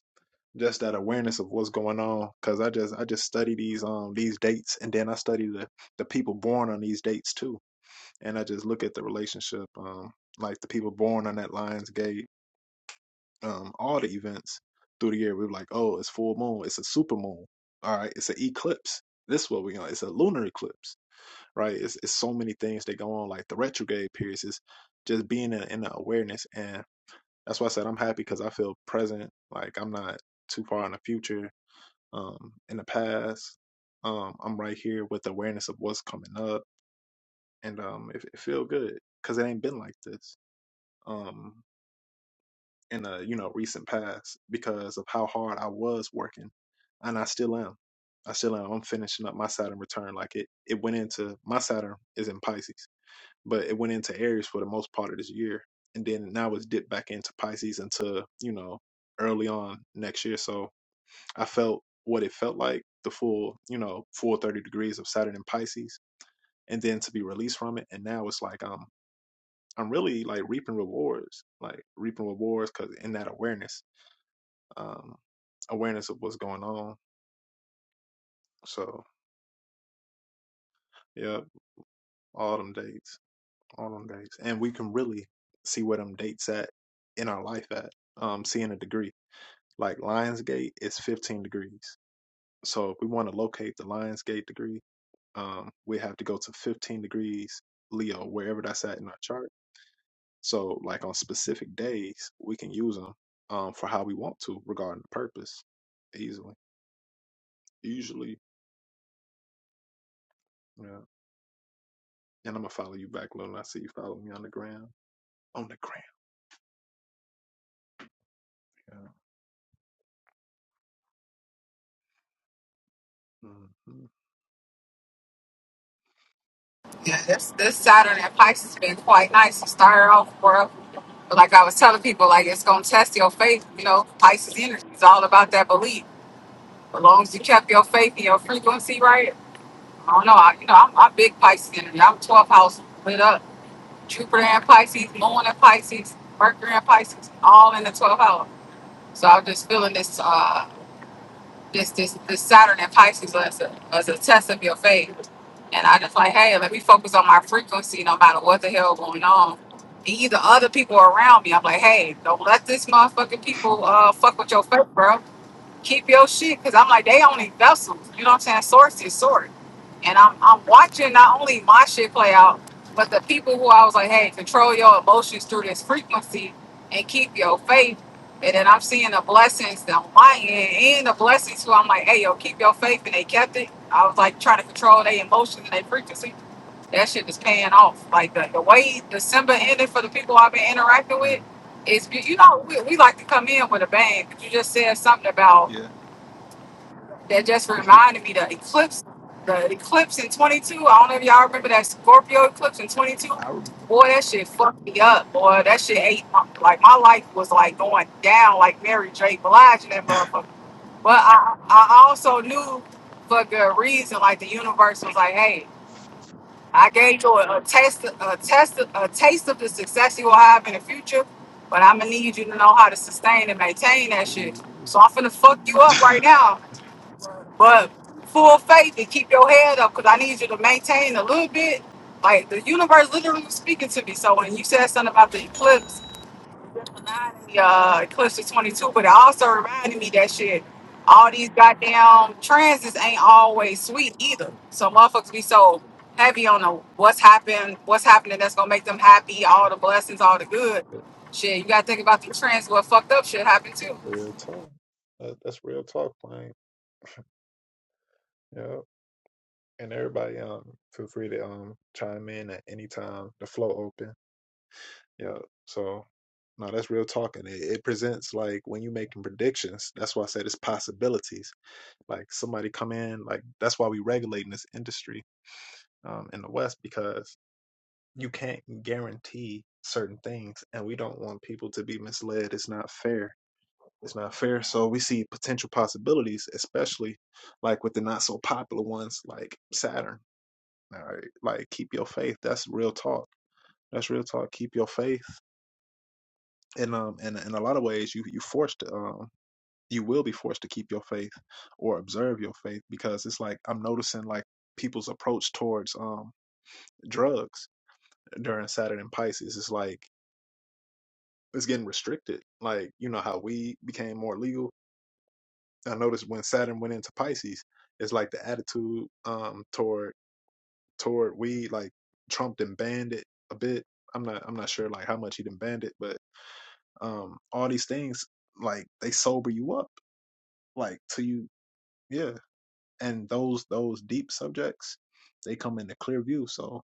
[SPEAKER 1] just that awareness of what's going on because i just i just study these um these dates and then i study the the people born on these dates too and i just look at the relationship um like the people born on that lion's gate um all the events through the year we were like oh it's full moon it's a super moon all right it's an eclipse this is what we on it's a lunar eclipse right it's, it's so many things that go on like the retrograde periods is just being in, in the awareness and that's why i said i'm happy because i feel present like i'm not too far in the future um, in the past. Um, I'm right here with awareness of what's coming up, and um, it, it feel good because it ain't been like this um, in a you know recent past because of how hard I was working, and I still am. I still am. I'm finishing up my Saturn return. Like it, it went into my Saturn is in Pisces, but it went into Aries for the most part of this year, and then now it's dipped back into Pisces until you know early on next year. So I felt what it felt like the full, you know, full 30 degrees of Saturn in Pisces and then to be released from it. And now it's like um I'm really like reaping rewards, like reaping rewards because in that awareness, um, awareness of what's going on. So, yep, all them dates, all them dates. And we can really see where them dates at in our life at, um, seeing a degree. Like Lionsgate is 15 degrees. So if we want to locate the Lionsgate degree, um, we have to go to 15 degrees Leo, wherever that's at in our chart. So, like on specific days, we can use them um, for how we want to regarding the purpose easily. Usually, yeah. And I'm gonna follow you back, Lil. I see you follow me on the gram. On the gram, yeah. hmm
[SPEAKER 5] Yeah, this this Saturn and Pisces has been quite nice to start off for. But like I was telling people, like it's gonna test your faith. You know, Pisces energy is all about that belief As long as you kept your faith and your frequency right, I don't know. I, you know, I'm, I'm big Pisces energy. I'm 12th house lit up. Jupiter and Pisces, Moon and Pisces, Mercury and Pisces, all in the 12th house. So I'm just feeling this, uh, this, this, this Saturn and Pisces as a, as a test of your faith. And I just like, hey, let me focus on my frequency, no matter what the hell going on. Either other people around me, I'm like, hey, don't let this motherfucking people uh, fuck with your faith, bro keep your shit because I'm like they only vessels. You know what I'm saying? Source is source, and I'm I'm watching not only my shit play out, but the people who I was like, hey, control your emotions through this frequency and keep your faith. And then I'm seeing the blessings on my end and the blessings who I'm like, hey, yo, keep your faith, and they kept it. I was like trying to control their emotions and their frequency. That shit is paying off. Like the, the way December ended for the people I've been interacting
[SPEAKER 1] hmm
[SPEAKER 5] with is, be- you know, we, we like to come in with a bang, but you just said something about
[SPEAKER 1] Yeah,
[SPEAKER 5] that just reminded me the eclipse, the eclipse in 22. I don't know if y'all remember that Scorpio eclipse in 22.
[SPEAKER 1] I remember.
[SPEAKER 5] Boy, that shit fucked me up. Boy, that shit ate my, like my life was like going down like Mary J. Blige in that motherfucker. But I, I also knew for good reason, like the universe was like, hey, I gave you a, a taste, a test, a taste of the success you will have in the future. But I'm gonna need you to know how to sustain and maintain that shit.
[SPEAKER 1] Ooh.
[SPEAKER 5] So I'm finna fuck you up right now but full faith and keep your head up because I need you to maintain a little bit. Like the universe literally was speaking to me. So when you said something about the eclipse, the uh, eclipse of 22, but it also reminded me that shit. All these goddamn transits ain't always sweet either. So motherfuckers be so heavy on the what's happened, what's happening that's gonna make them happy, all the blessings, all the good.
[SPEAKER 1] Yeah,
[SPEAKER 5] Shit, you gotta think about the trans. What fucked up shit happened too.
[SPEAKER 1] real talk. Uh, that's real talk, man. Yeah. And everybody, um, feel free to um chime in at any time. The flow open. Yeah. So, no, that's real talking. It, it presents like when you making predictions. That's why I said it's possibilities. Like somebody come in. Like that's why we regulating this industry um, in the West because you can't guarantee certain things, and we don't want people to be misled. It's not fair. It's not fair. So we see potential possibilities, especially like with the not so popular ones like Saturn. All right, like keep your faith. That's real talk. That's real talk. Keep your faith and um and in a lot of ways you you forced um you will be forced to keep your faith or observe your faith because it's like I'm noticing like people's approach towards um drugs during Saturn and Pisces is like it's getting restricted. Like you know how weed became more legal. I noticed when Saturn went into Pisces, it's like the attitude um toward toward weed like Trump done banned it a bit. I'm not I'm not sure like how much he done banned it, but um all these things like they sober you up like till you Yeah, and those those deep subjects, they come into clear view. So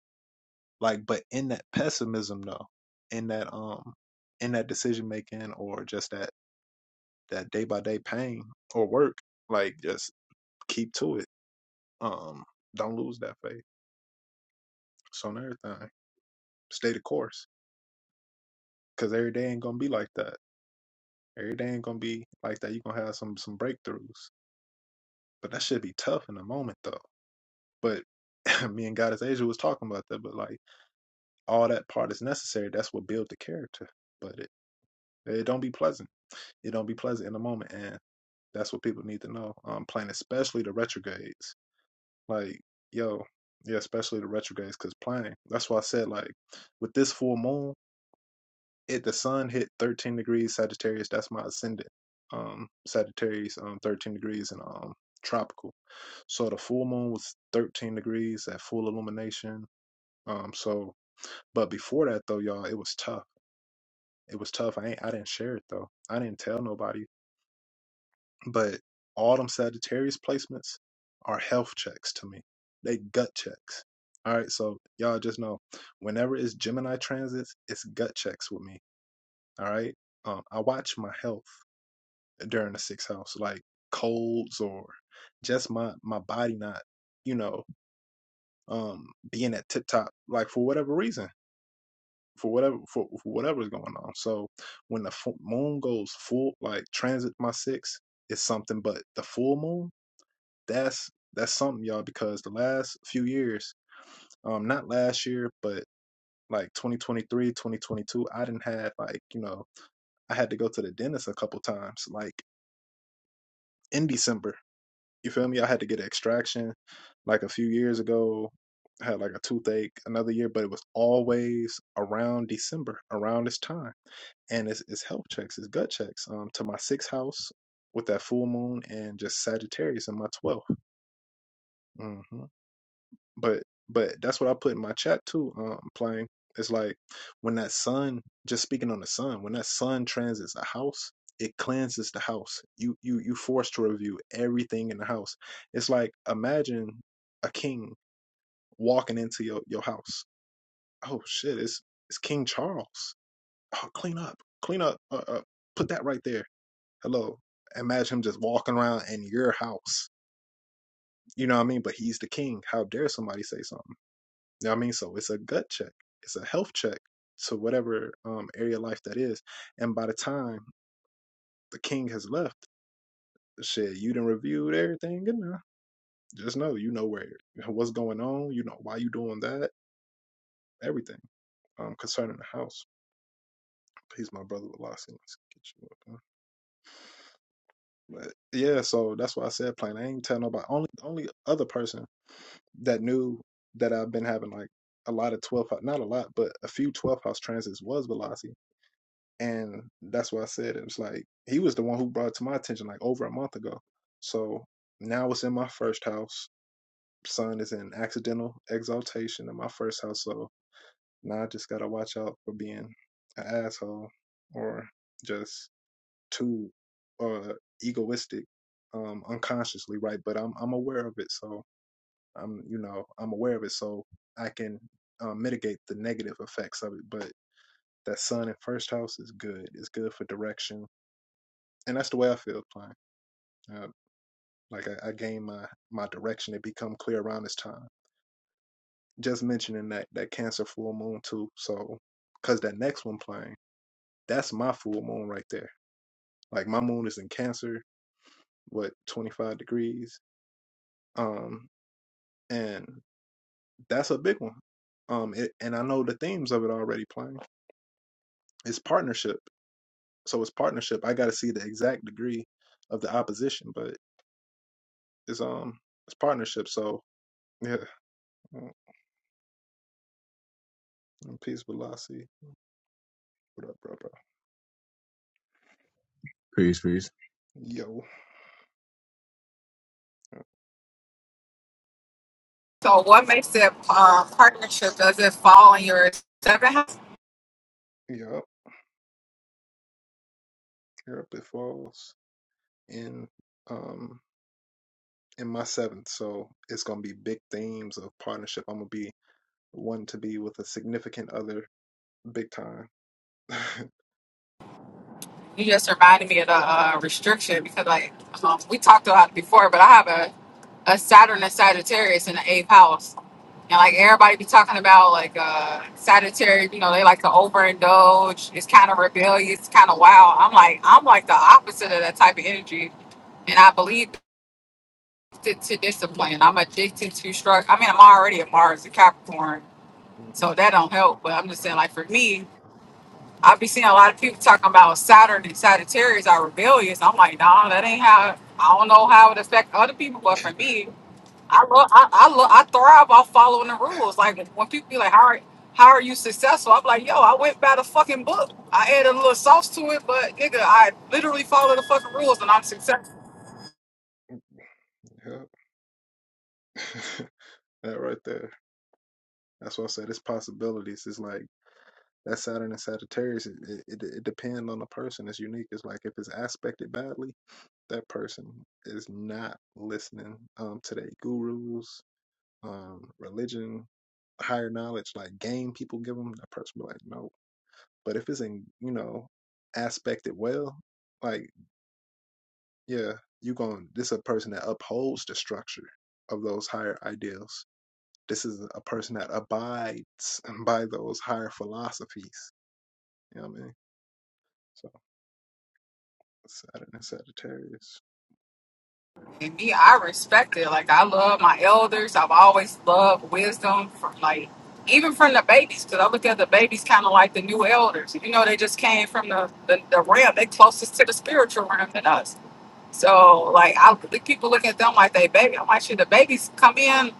[SPEAKER 1] like, but in that pessimism though, in that um, in that decision making or just that that day by day pain or work, like just keep to it. Um, don't lose that faith. So on everything, stay the course, because every day ain't gonna be like that. Every day ain't gonna be like that. You gonna have some some breakthroughs, but that should be tough in the moment though. But me and Goddess Asia was talking about that, but like all that part is necessary. That's what build the character. But it it don't be pleasant. It don't be pleasant in the moment, and that's what people need to know. Um, playing especially the retrogrades, like yo, yeah, especially the retrogrades, because playing. That's why I said like with this full moon, it the sun hit 13 degrees Sagittarius. That's my ascendant, um, Sagittarius, um, 13 degrees and um tropical. So the full moon was 13 degrees at full illumination. Um, so but before that though, y'all, it was tough. It was tough. I ain't, I didn't share it though. I didn't tell nobody. But all them Sagittarius placements are health checks to me. They gut checks. All right, so y'all just know whenever it's Gemini transits, it's gut checks with me. All right. Um, I watch my health during the sixth house, like colds or just my my body not, you know, um, being at tip top, like for whatever reason. for whatever for, for whatever's going on. So when the moon goes full, like transit my six, it's something. But the full moon, that's that's something, y'all, because the last few years, um, not last year, but like 2023, 2022, I didn't have like you know I had to go to the dentist a couple times, like in December. You feel me? I had to get an extraction like a few years ago. I had like a toothache another year, but it was always around December, around this time and it's, it's health checks, it's gut checks um, to my sixth house with that full moon and just Sagittarius in my 12th. hmm But but that's what I put in my chat too. Um, playing it's like when that sun, just speaking on the sun, when that sun transits a house, it cleanses the house. You you you forced to review everything in the house. It's like imagine a king walking into your your house. Oh shit! It's it's King Charles. Oh, clean up, clean up. Uh, uh, put that right there Hello. Imagine him just walking around in your house. You know what I mean? But he's the king. How dare somebody say something? You know what I mean? So it's a gut check. It's a health check to whatever um area of life that is. And by the time the king has left, shit, you done reviewed everything good enough. Just know you know where what's going on, you know why you doing that, everything. Um concerning the house. He's my brother with Lossy. Let's get you up, huh? But yeah, so that's why I said plain. I ain't tell nobody. Only only other person that knew that I've been having like a lot of twelfth not a lot, but a few twelfth house transits was Velocity. And that's why I said it was like he was the one who brought it to my attention like over a month ago. So now it's in my first house. Sun is in accidental exaltation in my first house. So now I just got to watch out for being an asshole or just too uh, egoistic um, unconsciously, right? But I'm, I'm aware of it. So I'm you know I'm aware of it, so I can um, mitigate the negative effects of it. But that sun in first house is good. It's good for direction, and that's the way I feel playing. Uh, like I, I gain my my direction. It become clear around this time. Just mentioning that that Cancer full moon too. So because that next one playing, that's my full moon right there. Like my moon is in Cancer, what 25 degrees, um, and that's a big one. Um, it, and I know the themes of it already playing. It's partnership so it's partnership. I got to see the exact degree of the opposition, but it's um it's partnership. So yeah, Mm, and peace with Lassie. What up, bro, bro?
[SPEAKER 6] Peace, peace.
[SPEAKER 1] Yo,
[SPEAKER 5] So, what makes it uh, partnership? Does it fall in your seventh house?
[SPEAKER 1] yup, Europe it falls in um in my seventh, so it's gonna be big themes of partnership. I'm gonna be one to be with a significant other, big time.
[SPEAKER 5] You just reminded me of the uh, restriction because, like, um, we talked about it before, but I have a, a Saturn and Sagittarius in the eighth house. And, like, everybody be talking about, like, uh, Sagittarius, you know, they like to overindulge. It's kind of rebellious, kind of wild. I'm like, I'm like the opposite of that type of energy. And I believe to, to discipline. I'm addicted to structure. I mean, I'm already a Mars, a Capricorn.
[SPEAKER 1] Mhm,
[SPEAKER 5] So that don't help. But I'm just saying, like for me, I be seeing a lot of people talking about Saturn and Sagittarius are rebellious. I'm like, nah, that ain't how. I don't know how it affect other people, but for me, I love, I, I love, I thrive off following the rules. Like when people be like, how are, how are you successful? I'm like, yo, I went by the fucking book. I added a little sauce to it, but nigga, I literally follow the fucking rules and I'm successful.
[SPEAKER 1] yup. That right there. That's why I said it's possibilities. It's like that Saturn and Sagittarius. It, it, it depends on the person. It's unique. It's like if it's aspected badly, that person is not listening um, to their gurus, um, religion, higher knowledge, like game people give them. That person be like, no. But if it's in, you know, aspected well, like yeah, you going. This is a person that upholds the structure of those higher ideals This is a person that abides by those higher philosophies. You know what I mean? So Saturn and Sagittarius.
[SPEAKER 5] And me, I respect it. Like I love my elders. I've always loved wisdom from like even from the babies, because I look at the babies kind of like the new elders. You know, they just came from the, the the realm. They closest to the spiritual realm than us. So like I the people look at them like they baby. I'm like, shit, the babies come in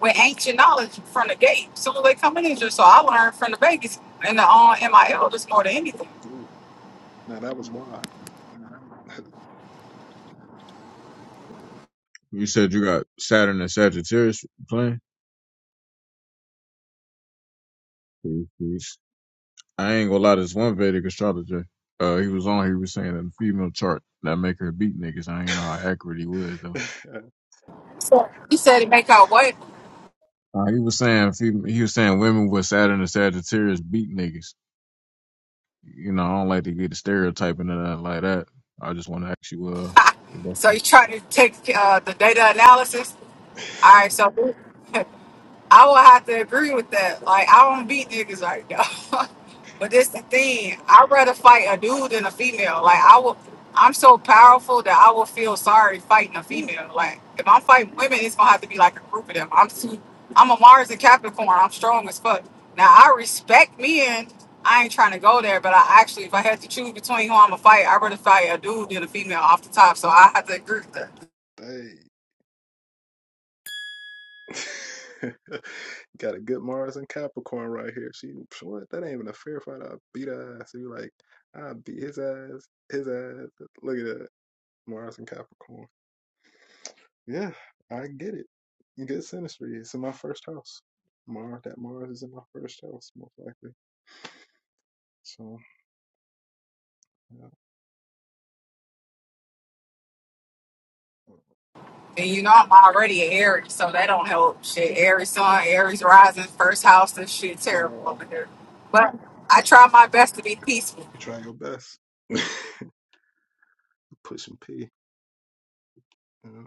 [SPEAKER 5] with ancient knowledge from the gate. Soon as they come in, it's just so I learned from the babies and the uh, and my elders more than anything.
[SPEAKER 1] Ooh, now that was why.
[SPEAKER 6] You said you got Saturn and Sagittarius playing. Peace, peace. I ain't gonna lie, to this one Vedic astrologer, uh, he was on, he was saying that the female chart that make her beat niggas. I ain't know how accurate he was though.
[SPEAKER 5] He said he make out what?
[SPEAKER 6] Uh, he was saying fem- he was saying women with Saturn and Sagittarius beat niggas. You know, I don't like to get the stereotyping and nothing like that. I just want to ask you, uh, if
[SPEAKER 5] So
[SPEAKER 6] that's-
[SPEAKER 5] he tried to take uh, the data analysis All right, so I will have to agree with that. Like, I don't beat niggas right now. but this the thing. I'd rather fight a dude than a female. Like, I will. I'm so powerful that I will feel sorry fighting a female. Like, if I'm fighting women, it's gonna have to be like a group of them. I'm too. I'm a Mars and Capricorn. I'm strong as fuck. Now I respect men. I ain't trying to go there, but I actually, if I had to choose between who I'm gonna fight, I'd rather fight a dude than a female off the top. So I have to agree with that.
[SPEAKER 1] Dang. Got a good Mars and Capricorn right here. She what? That ain't even a fair fight. I beat her ass. You like, I beat his ass, his ass. Look at that. Mars and Capricorn. Yeah, I get it. Good synastry. It's in my first house. Mars that Mars is in my first house, most likely. So yeah.
[SPEAKER 5] And you know I'm already an Aries, so that don't help. Shit, Aries sun, Aries rising, first house and shit,
[SPEAKER 1] at
[SPEAKER 5] terrible
[SPEAKER 1] all.
[SPEAKER 5] over here.
[SPEAKER 1] And,
[SPEAKER 5] But
[SPEAKER 1] uh,
[SPEAKER 5] I try my best to be peaceful.
[SPEAKER 1] you try your best. Push and pee. You know?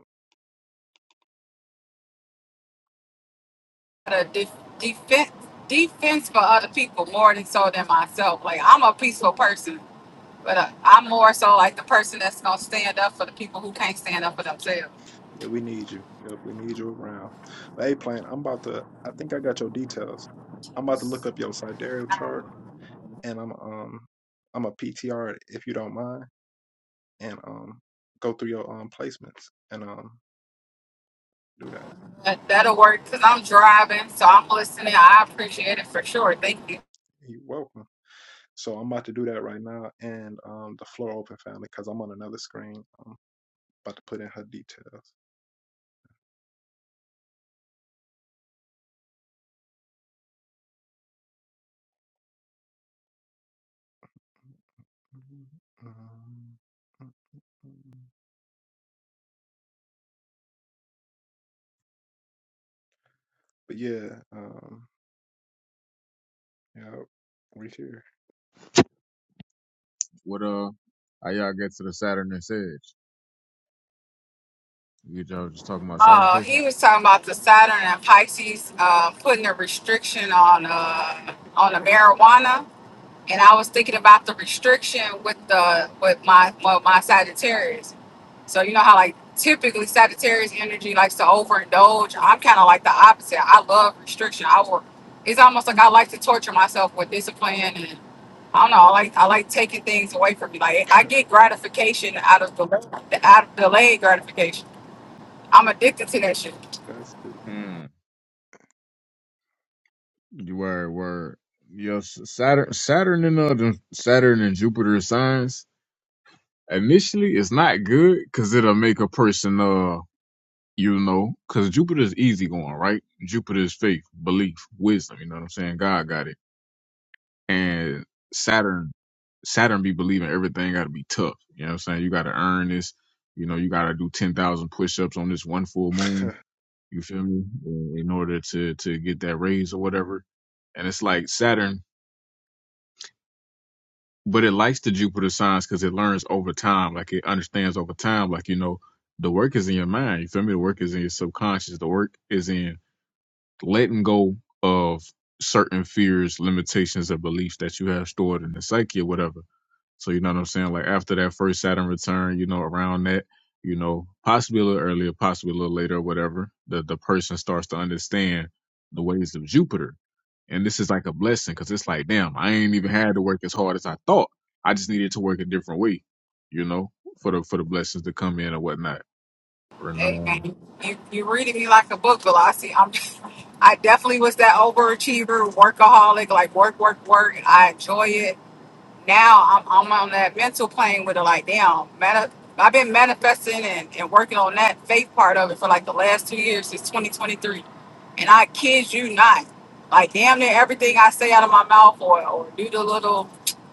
[SPEAKER 5] The de- defense, defense for other people more than so than myself. Like I'm a peaceful person, but uh, I'm more so like the person that's gonna stand up for the people who can't stand up for themselves.
[SPEAKER 1] Yeah, we need you. Yep, we need you around. But hey, plan. I'm about to. I think I got your details. I'm about to look up your sidereal chart, and I'm um, I'm a PTR if you don't mind, and um, go through your um placements and um do that.
[SPEAKER 5] That, that'll work because I'm driving, so I'm listening. I appreciate it for sure. Thank you.
[SPEAKER 1] You're welcome. So I'm about to do that right now, and um, the floor open family, because I'm on another screen. Um, About to put in her details. Um, But yeah, um, yeah, we here.
[SPEAKER 6] what uh, how y'all get to the Saturn and Sag? You y'all just talking about Saturn
[SPEAKER 5] Uh, he
[SPEAKER 6] placements?
[SPEAKER 5] was talking about the Saturn and Pisces uh, putting a restriction on uh, on the marijuana, and I was thinking about the restriction with the with my with my Sagittarius. So you know how like typically Sagittarius energy likes to overindulge. I'm kind of like the opposite. I love restriction. I work. It's almost like I like to torture myself with discipline and. I don't know. I like I like taking things away from me. Like I get gratification out of delay, out of delayed gratification. I'm addicted to that shit.
[SPEAKER 1] That's
[SPEAKER 6] Word, word. Yes, Saturn, Saturn and uh, them- Saturn and Jupiter signs initially it's not good because it'll make a person uh, you know, because Jupiter's easy going, right? Jupiter's faith, belief, wisdom. You know what I'm saying? God got it. And Saturn, Saturn be believing everything got to be tough. You know what I'm saying? You got to earn this. You know, you got to do ten thousand push-ups on this one
[SPEAKER 1] the.
[SPEAKER 6] full moon. You feel me? In in order to to get that raise or whatever. And it's like Saturn. but it likes the Jupiter signs because it learns over time. Like it understands over time. Like you know, the work is in your mind. You feel me? The work is in your subconscious. The work is in letting go of certain fears, limitations, or beliefs that you have stored in the psyche or whatever. So you know what I'm saying? Like after that first Saturn return, you know, around that, you know, possibly a little earlier, possibly a little later or whatever, the the person starts to understand the ways of Jupiter. And this is like a blessing because it's like, damn, I ain't even had to work as hard as I thought. I just needed to work a different way, you know, for the for the blessings to come in or whatnot. Or no.
[SPEAKER 5] Amen. You, you're reading me like a book, Velocity. I'm, I definitely was that overachiever, workaholic, like work, work, work. And I enjoy it now I'm, I'm on that mental plane with it like damn man I've been manifesting and, and working on that faith part of it for like the last two years since 2023 and I kid you not like damn near everything I say out of my mouth or, or do the little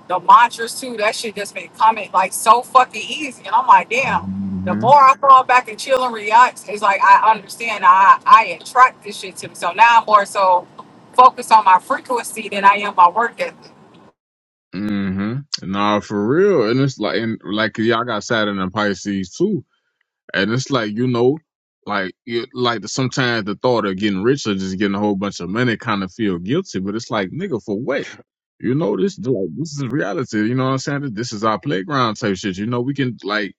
[SPEAKER 5] the mantras too that shit just been coming like so fucking easy and I'm like damn the
[SPEAKER 6] hmm
[SPEAKER 5] more I fall back and chill and relax it's like I understand I I attract this shit to me so now I'm more so focused on my frequency than I am my work ethic
[SPEAKER 6] hmm Nah, for real. And it's like and like y'all got Saturn and Pisces too And it's like, you know, like you like sometimes the thought of getting rich or just getting a whole bunch of money kind of feel guilty, but it's like, nigga, for what? You know, this like this is reality. You know what I'm saying? This is our playground type shit. You know, we can like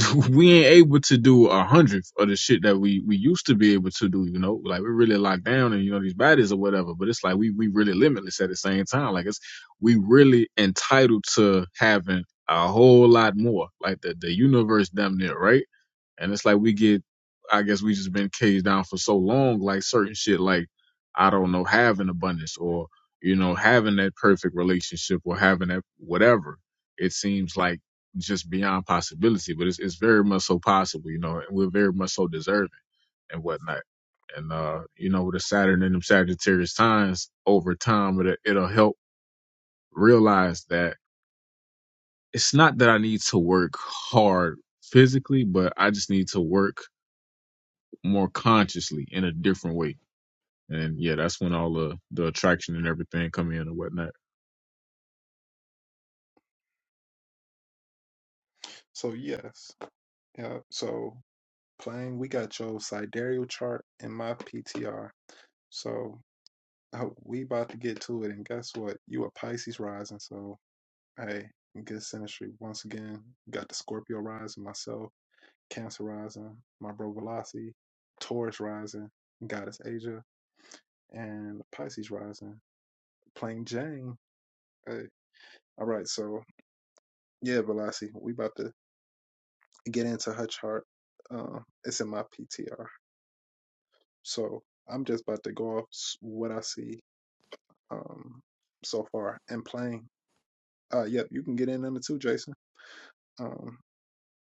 [SPEAKER 6] we ain't able to do a hundredth of the shit that we we used to be able to do. You know, like we're really locked down and you know these bodies or whatever. But it's like we we really limitless at the same time. Like it's we really entitled to having a whole lot more. Like the the universe damn near right and it's like we get, I guess we just been caged down for so long, like certain shit, like, I don't know, having abundance or, you know, having that perfect relationship or having that whatever. It seems like just beyond possibility, but it's, it's very much so possible, you know, and we're very much so deserving and whatnot. And, uh, you know, with the Saturn and them Sagittarius signs over time, it, it'll help realize that it's not that I need to work hard physically, but I just need to work more consciously in a different way. And yeah, that's when all the the attraction and everything come in and whatnot.
[SPEAKER 1] so yes, yeah. So playing, we got your sidereal chart in my PTR. So uh, we about to get to it, and guess what? You a Pisces rising, so. Hey, good Sinistry once again. Got the Scorpio rising, myself, Cancer rising, my bro Velocity, Taurus rising, Goddess Asia, and Pisces rising, playing Jane. Hey, all right, so yeah, Velocity, we about to get into her chart. Um, it's in my PTR, so I'm just about to go off s- what I see um so far and playing. Uh, yep, you can get in on it too, Jason. Um,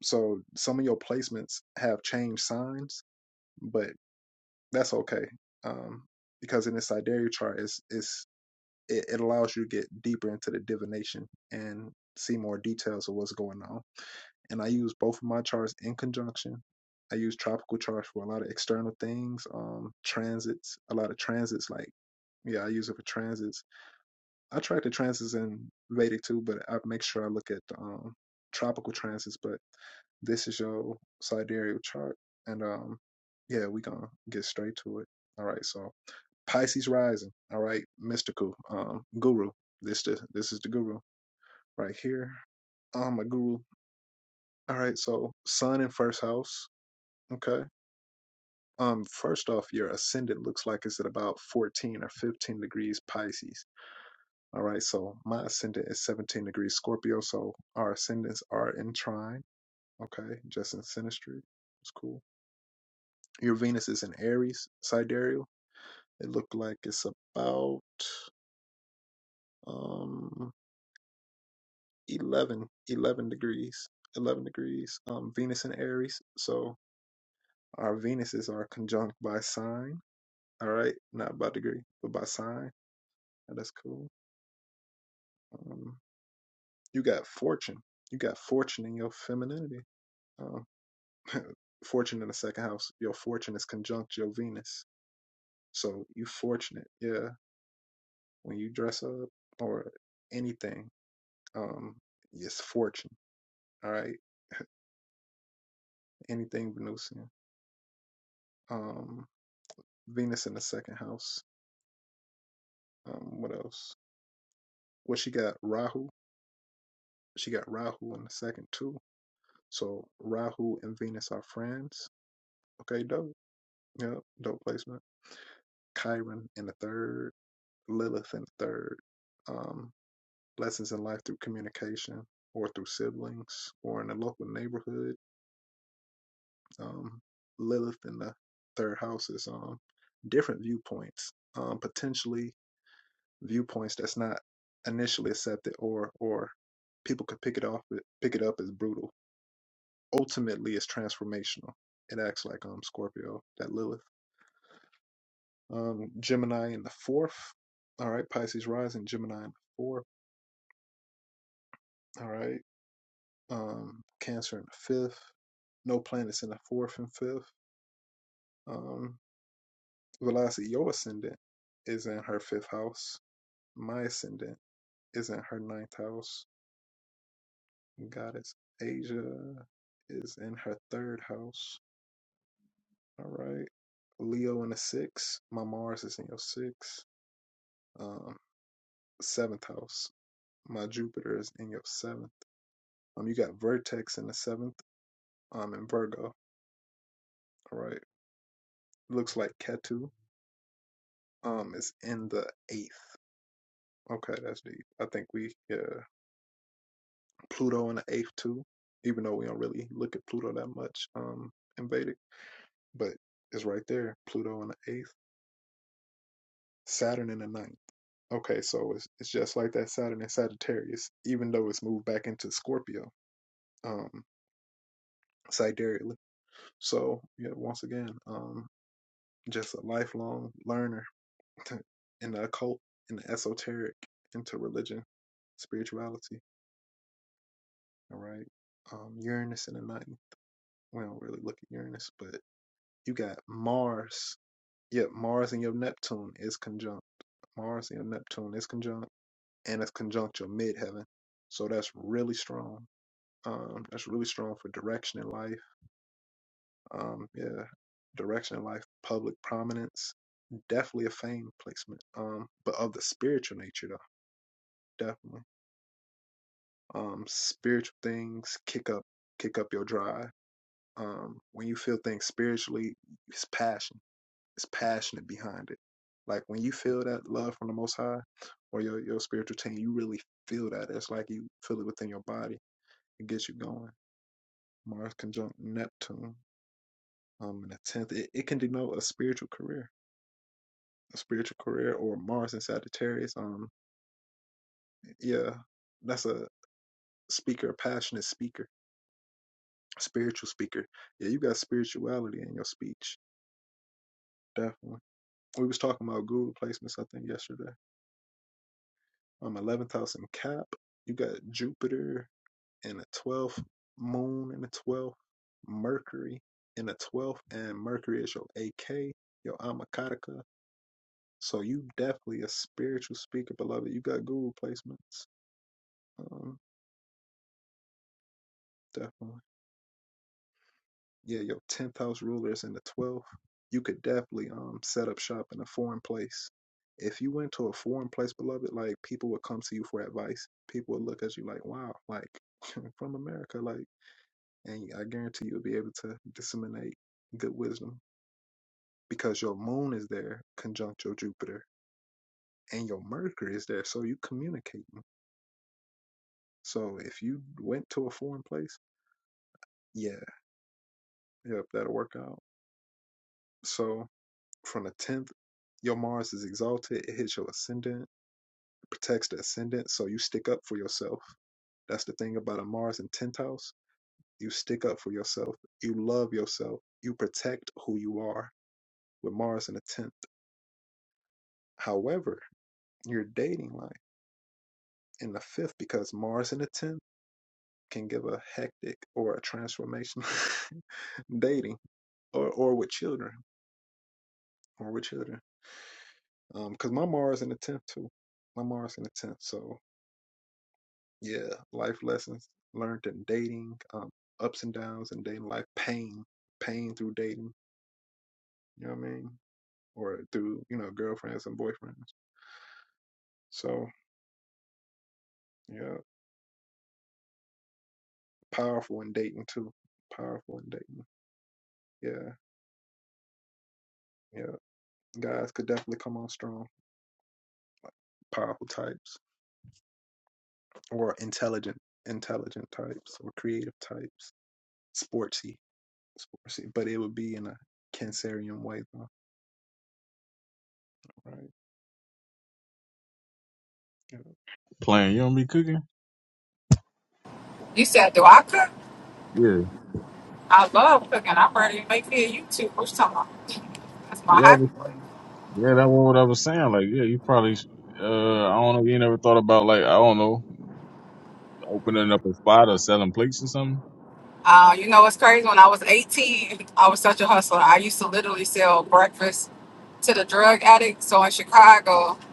[SPEAKER 1] so some of your placements have changed signs but that's okay um, because in the sidereal chart it's is it, it allows you to get deeper into the divination and see more details of what's going on and i use both of my charts in conjunction i use tropical charts for a lot of external things um transits a lot of transits like yeah i use it for transits I track the transits in Vedic too, but I make sure I look at um, tropical transits. But this is your sidereal chart, and um, yeah, we gonna get straight to it. All right, so Pisces rising. All right, mystical um, guru. This the this is the guru right here. Um, my guru. All right, so sun in first house. Okay. Um, first off, your ascendant looks like it's at about 14 or 15 degrees Pisces All right, so my ascendant is 17 degrees Scorpio, so our ascendants are in trine, okay, just in synastry. It's cool. Your Venus is in Aries, sidereal. It looked like it's about um 11, 11 degrees, 11 degrees. Um, Venus in Aries, so our Venuses are conjunct by sign, all right, not by degree, but by sign. That's cool. Um, you got fortune. You got fortune in your femininity. Uh, Fortune in the second house. Your fortune is conjunct your Venus. So you fortunate, yeah. When you dress up or anything, um, it's fortune. All right. Anything Venusian. Um, Venus in the second house. Um, what else? What she got? Rahu. She got Rahu in the second too. So Rahu and Venus are friends. Okay, dope. Yep, dope placement. Chiron in the third. Lilith in the third. Um, lessons in life through communication or through siblings or in the local neighborhood. Um, Lilith in the third house is um, different viewpoints, um, potentially viewpoints that's not initially accepted or or people could pick it off pick it up as brutal. Ultimately, it's transformational. It acts like um Scorpio, that Lilith. Um, Gemini in the fourth. All right, Pisces rising, Gemini in the fourth. All right. um, Cancer in the fifth, no planets in the fourth and fifth. Um, Velocity, your ascendant is in her fifth house. My ascendant is in her ninth house. Goddess Asia is in her third house. All right. Leo in the sixth. My Mars is in your sixth. Um, seventh house. My Jupiter is in your seventh. Um, you got Vertex in the seventh. Um, in Virgo. All right. Looks like Ketu. Um, is in the eighth. Okay, that's deep. I think we yeah Pluto in the eighth too, even though we don't really look at Pluto that much um in Vedic, but it's right there. Pluto in the eighth, Saturn in the ninth. Okay, so it's it's just like that Saturn in Sagittarius, even though it's moved back into Scorpio, um, sidereally. So yeah, once again, um, just a lifelong learner in the occult, in the esoteric, into religion, spirituality. All right, um, Uranus in the ninth. we don't really look at Uranus, but you got Mars. Yep, Mars and your Neptune is conjunct. Mars and your Neptune is conjunct, and it's conjunct your midheaven. So that's really strong. Um, that's really strong for direction in life. Um, yeah, direction in life, public prominence, definitely a fame placement. Um, but of the spiritual nature though, definitely. Um, spiritual things kick up, kick up your drive. Um, when you feel things spiritually, it's passion is passionate behind it. Like when you feel that love from the Most High or your, your spiritual team, you really feel that. It's like you feel it within your body. It gets you going. Mars conjunct Neptune um, in the 10th, it, it can denote a spiritual career, a spiritual career or Mars in Sagittarius. Um, Yeah, that's a speaker, a passionate speaker, a spiritual speaker. Yeah, you got spirituality in your speech, definitely. We was talking about Google placements, I think, yesterday. Um, 11th house in Cap. You got Jupiter and the twelfth moon in the twelfth Mercury in the twelfth, and Mercury is your AK, your Amakataka. So you definitely a spiritual speaker, beloved. You got guru placements. Um, definitely. Yeah, your tenth house ruler is in the twelfth. You could definitely um set up shop in a foreign place. If you went to a foreign place, beloved, like people would come to you for advice. People would look at you like, wow, like from America, like, and I guarantee you'll be able to disseminate good wisdom because your moon is there conjunct your Jupiter and your Mercury is there, so you communicating. So if you went to a foreign place, yeah, yep, that'll work out. So from the tenth, your Mars is exalted, it hits your ascendant, it protects the ascendant, so you stick up for yourself. That's the thing about a Mars in tenth house. You stick up for yourself, you love yourself, you protect who you are with Mars in the tenth. However, your dating life in the fifth because Mars in the tenth can give a hectic or a transformational dating or or with children or with children um, because my mars in the 10th too my mars in the 10th so yeah life lessons learned in dating um ups and downs in dating life pain pain through dating you know what i mean or through you know girlfriends and boyfriends so yeah powerful in dating too powerful in dating yeah yeah guys could definitely come on strong powerful types or intelligent intelligent types or creative types, sportsy, sportsy. But it would be in a Cancerian way though, right? Yeah.
[SPEAKER 6] Playing, you don't be cooking.
[SPEAKER 5] you said do I cook
[SPEAKER 6] Yeah,
[SPEAKER 5] I love cooking. I'm ready to make me a YouTube. What you talking about? That's my
[SPEAKER 6] yeah, I was-
[SPEAKER 5] hobby.
[SPEAKER 6] yeah. That was what I was saying. Like, yeah, you probably. sh- Uh, I don't know. You never thought about like I don't know, opening up a spot or selling plates or something.
[SPEAKER 5] Uh, you know what's crazy? When I was 18, I was such a hustler. I used to literally sell breakfast to the drug addicts. So in Chicago,
[SPEAKER 1] Mm,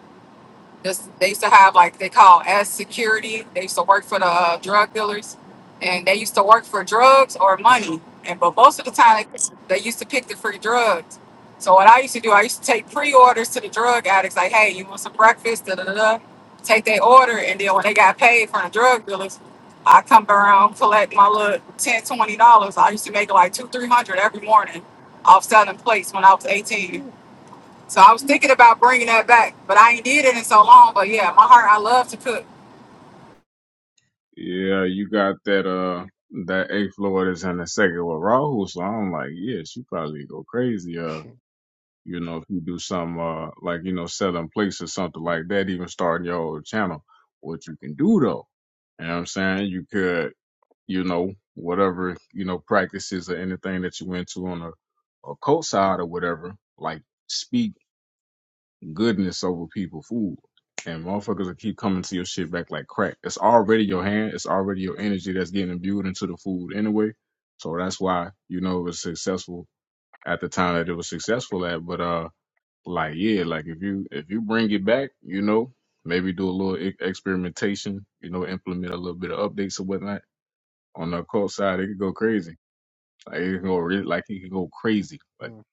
[SPEAKER 5] This, they used to have like they call as security. They used to work for the uh, drug dealers, and they used to work for drugs or money. And but most of the time, they used to pick the free drugs. So what I used to do, I used to take pre-orders to the drug addicts, like, "Hey, you want some breakfast?" Da da da. da. Take their order, and then when they got paid from the drug dealers, I come around collect my little ten, twenty dollars. I used to make like two, three hundred every morning off selling plates when I was eighteen. So I was thinking about bringing that back, but I ain't did it in so long. But yeah, my heart, I love to cook.
[SPEAKER 6] Yeah, you got that uh that eighth floor that's in the second with Rahu, so I'm like, yeah, she probably go crazy. uh, You know, if you do some uh like you know selling plates or something like that, even starting your own channel, what you can do though, you know what I'm saying? You could, you know, whatever you know practices or anything that you went to on a, a cult side or whatever, like speak goodness over people food. And motherfuckers will keep coming to your shit back like crack. It's already your hand. It's already your energy that's getting imbued into the food anyway. So that's why you know it was successful at the time that it was successful at. But uh like yeah like if you if you bring it back you know maybe do a little e- experimentation you know implement a little bit of updates or whatnot on the cult side it could go crazy like it can go really like it can go crazy like
[SPEAKER 1] mm,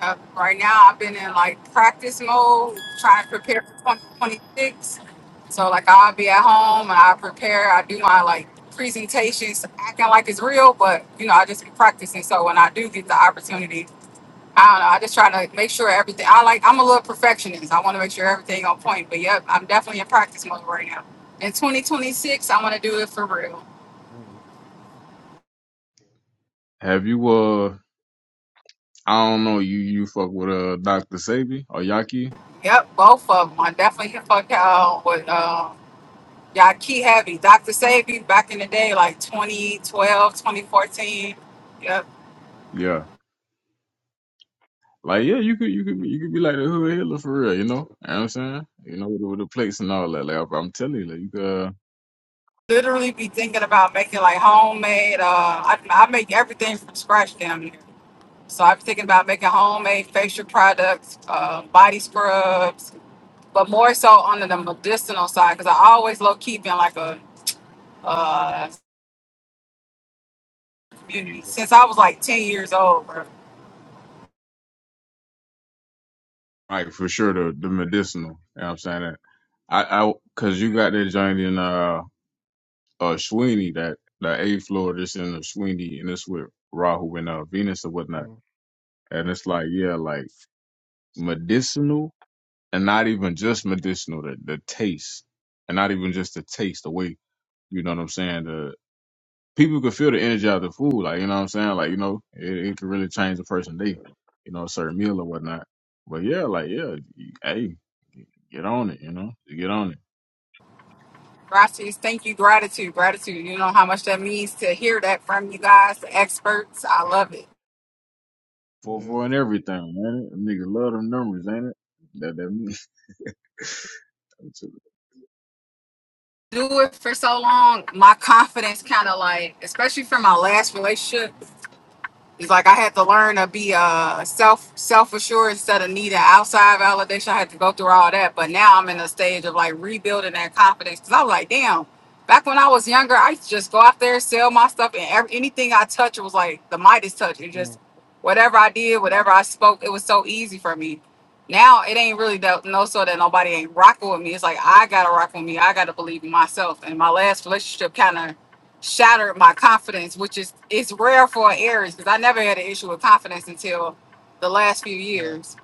[SPEAKER 5] Uh, right now, I've been in like practice mode, trying to prepare for 2026. So like, I'll be at home and I prepare. I do my like presentations, acting like it's real, but you know, I just be practicing. So when I do get the opportunity, I don't know. I just try to make sure everything. I like. I'm a little perfectionist. I want to make sure everything on point. But yep, I'm definitely in practice mode right now. In 2026, I want to do it for real.
[SPEAKER 1] mm,
[SPEAKER 6] have you uh i don't know you you fuck with uh dr sabi or yaki
[SPEAKER 5] Yep, both of them. I definitely hit fuck y'all with uh, y'all key heavy. Dr. Savy back in the day, like 2012, 2014. Yep.
[SPEAKER 6] yeah like yeah you could you could be- you could be like the hood hitler for real you know, You know what i'm saying you know with, the- with the plates and all that like i'm telling you like you could uh,
[SPEAKER 5] Literally be thinking about making like homemade. Uh, I, I make everything from scratch down here. So I'm thinking about making homemade facial products, uh, body scrubs, but more so on the medicinal side because I always low key been like a uh, community since I was like 10 years old.
[SPEAKER 6] like for sure the, the medicinal you know what i'm saying I, I, cause you got that joint in uh, uh Sweeney that the eighth floor that's in the Sweeney and it's with Rahu and uh Venus and whatnot.
[SPEAKER 1] mm.
[SPEAKER 6] And it's like yeah, like medicinal and not even just medicinal, the the taste and not even just the taste, the way you know what I'm saying. The people can feel the energy of the food, like you know what I'm saying. Like you know, it, it can really change a person's
[SPEAKER 1] Yeah,
[SPEAKER 6] day, you know, a certain meal or whatnot. But yeah, like yeah, hey, get on it, you know, get on it.
[SPEAKER 5] Gracias. Thank you. Gratitude. Gratitude. You know how much that means to hear that from you guys, the experts. I love it.
[SPEAKER 6] Four
[SPEAKER 1] yeah,
[SPEAKER 6] four and everything, man. Nigga love them numbers, ain't it? That that means.
[SPEAKER 5] Do it for so long. My confidence kind of like, especially for my last relationship. He's like, I had to learn to be uh self self assured instead of needing outside validation. I had to go through all that, but now I'm in a stage of like rebuilding that confidence. Cause I was like, damn. Back when I was younger, I used to just go out there, sell my stuff, and every, anything I touched was like the Midas touch. It
[SPEAKER 1] mm,
[SPEAKER 5] just whatever I did, whatever I spoke, it was so easy for me. Now it ain't really that, no so that nobody ain't rocking with me. It's like I gotta rock with me. I gotta believe in myself. And my last relationship kind of shattered my confidence, which is it's rare for an Aries because I never had an issue with confidence until the last few
[SPEAKER 1] right.
[SPEAKER 5] years.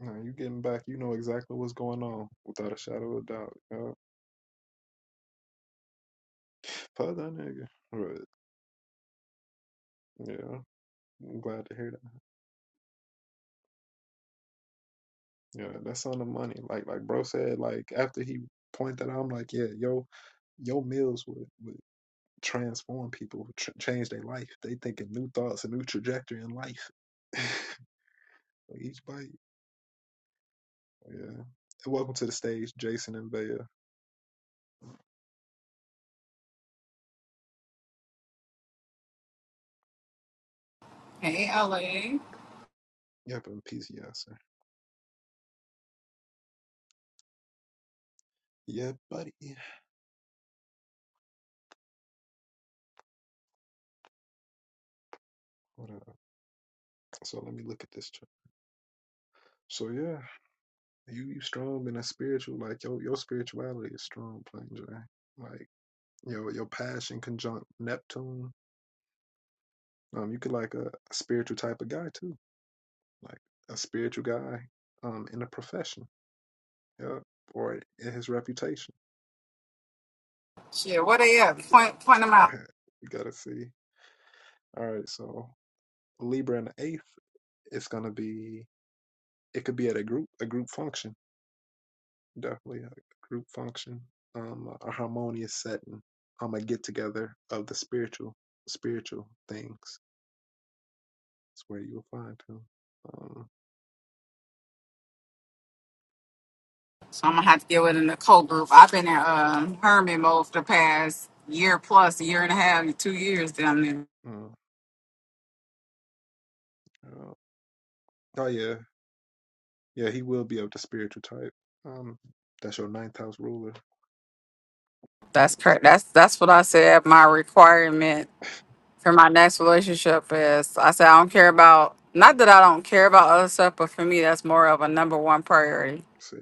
[SPEAKER 1] Now you getting back, you know exactly what's going on without a shadow of a doubt. Yeah. Fuck that nigga. But, yeah, I'm glad to hear that. Yeah, that's on the money. Like like bro said, like after he pointed that out, I'm like, yeah, yo, your meals would, would transform people, tr- change their life. They thinking new thoughts, a new trajectory in life. Each bite. Yeah. And welcome to the stage, Jason and Bea.
[SPEAKER 5] Hey, LA.
[SPEAKER 1] Yep, and PCI, sir. Yeah, buddy. What up? So let me look at this. Tr- so yeah, you you strong in a spiritual, like your your spirituality is strong, plain Jane. Like. your your passion conjunct Neptune. Um, you could like a, a spiritual type of guy too, like a spiritual guy, um, in a profession, yeah, or in his reputation.
[SPEAKER 5] Shit, what they up? Point point them out.
[SPEAKER 1] you gotta see. All right, so Libra and the eighth, it's gonna be. It could be at a group, a group function, definitely a group function, um, a harmonious setting, um, a get together of the spiritual, spiritual things. That's where you will find him. Um,
[SPEAKER 5] So I'm gonna have to deal with it in the co group. I've been in um Herman mode for the past year plus, a year and a half, two years down there.
[SPEAKER 1] mm, yeah. Oh yeah, Yeah, he will be of the spiritual type. Um, that's your ninth house ruler.
[SPEAKER 5] That's
[SPEAKER 1] Yep.
[SPEAKER 5] correct. That's that's what I said. My requirement for my next relationship is I said I don't care about not that I don't care about other stuff, but for me that's more of a number one priority.
[SPEAKER 1] See.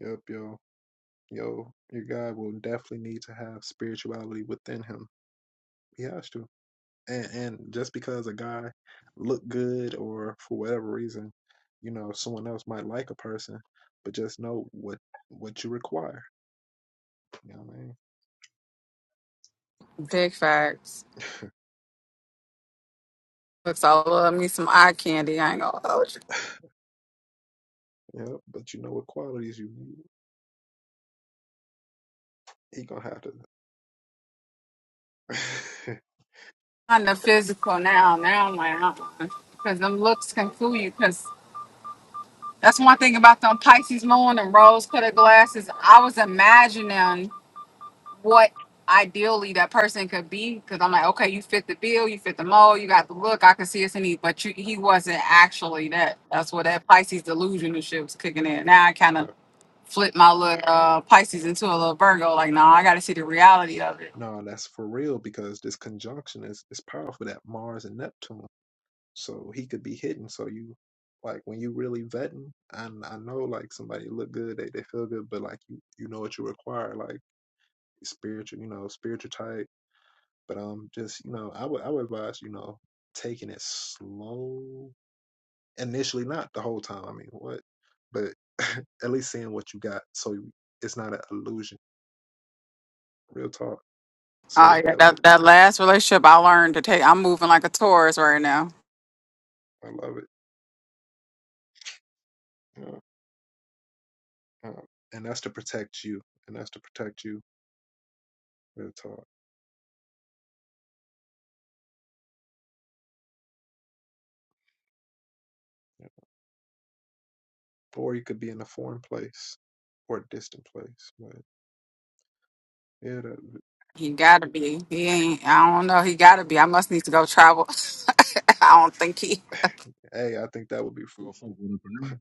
[SPEAKER 1] Yep. Yo. Yo. Your guy will definitely need to have spirituality within him. He has to. And and just because a guy look good or for whatever reason, you know, someone else might like a person, but just know what what you require. You know what I mean?
[SPEAKER 5] Big facts. Looks all love me some eye candy. I ain't gonna hold you.
[SPEAKER 1] Yeah, But you know what qualities you need. He gonna have to.
[SPEAKER 5] On the physical now, now I'm like, uh-uh. Cause them looks can fool you. Cause that's one thing about them Pisces moon and rose colored glasses. I was imagining what ideally that person could be. Cause I'm like, okay, you fit the bill, you fit the mold, you got the look. I could see us in you, but you, he wasn't actually that. That's where that Pisces delusion and shit was kicking in. Now I kind
[SPEAKER 1] Yeah.
[SPEAKER 5] of flip my little uh, Pisces into a little Virgo. Like, no, nah, I got to see the reality of it.
[SPEAKER 1] No, that's for real because this conjunction is is powerful that Mars and Neptune. So he could be hidden. So you like when you really vetting, and I know like somebody look good, they, they feel good, but like you you know what you require, like spiritual, you know, spiritual type. But um just, you know, I would I would advise, you know, taking it slow initially, not the whole time. I mean, what? But at least seeing what you got so it's not an illusion. Real talk. So
[SPEAKER 5] Oh yeah,
[SPEAKER 1] that,
[SPEAKER 5] that that last relationship I learned to take. I'm moving like a tourist right now.
[SPEAKER 1] I love it. You know. Um, and that's to protect you. And that's to protect you, real talk. Or you could be in a foreign place or a distant place. But yeah, that,
[SPEAKER 5] He gotta be. He ain't. I don't know. He gotta be. I must need to go travel. I don't think he.
[SPEAKER 1] hey, I think that would be
[SPEAKER 6] Girl, fuck with
[SPEAKER 1] fruitful.
[SPEAKER 6] a number.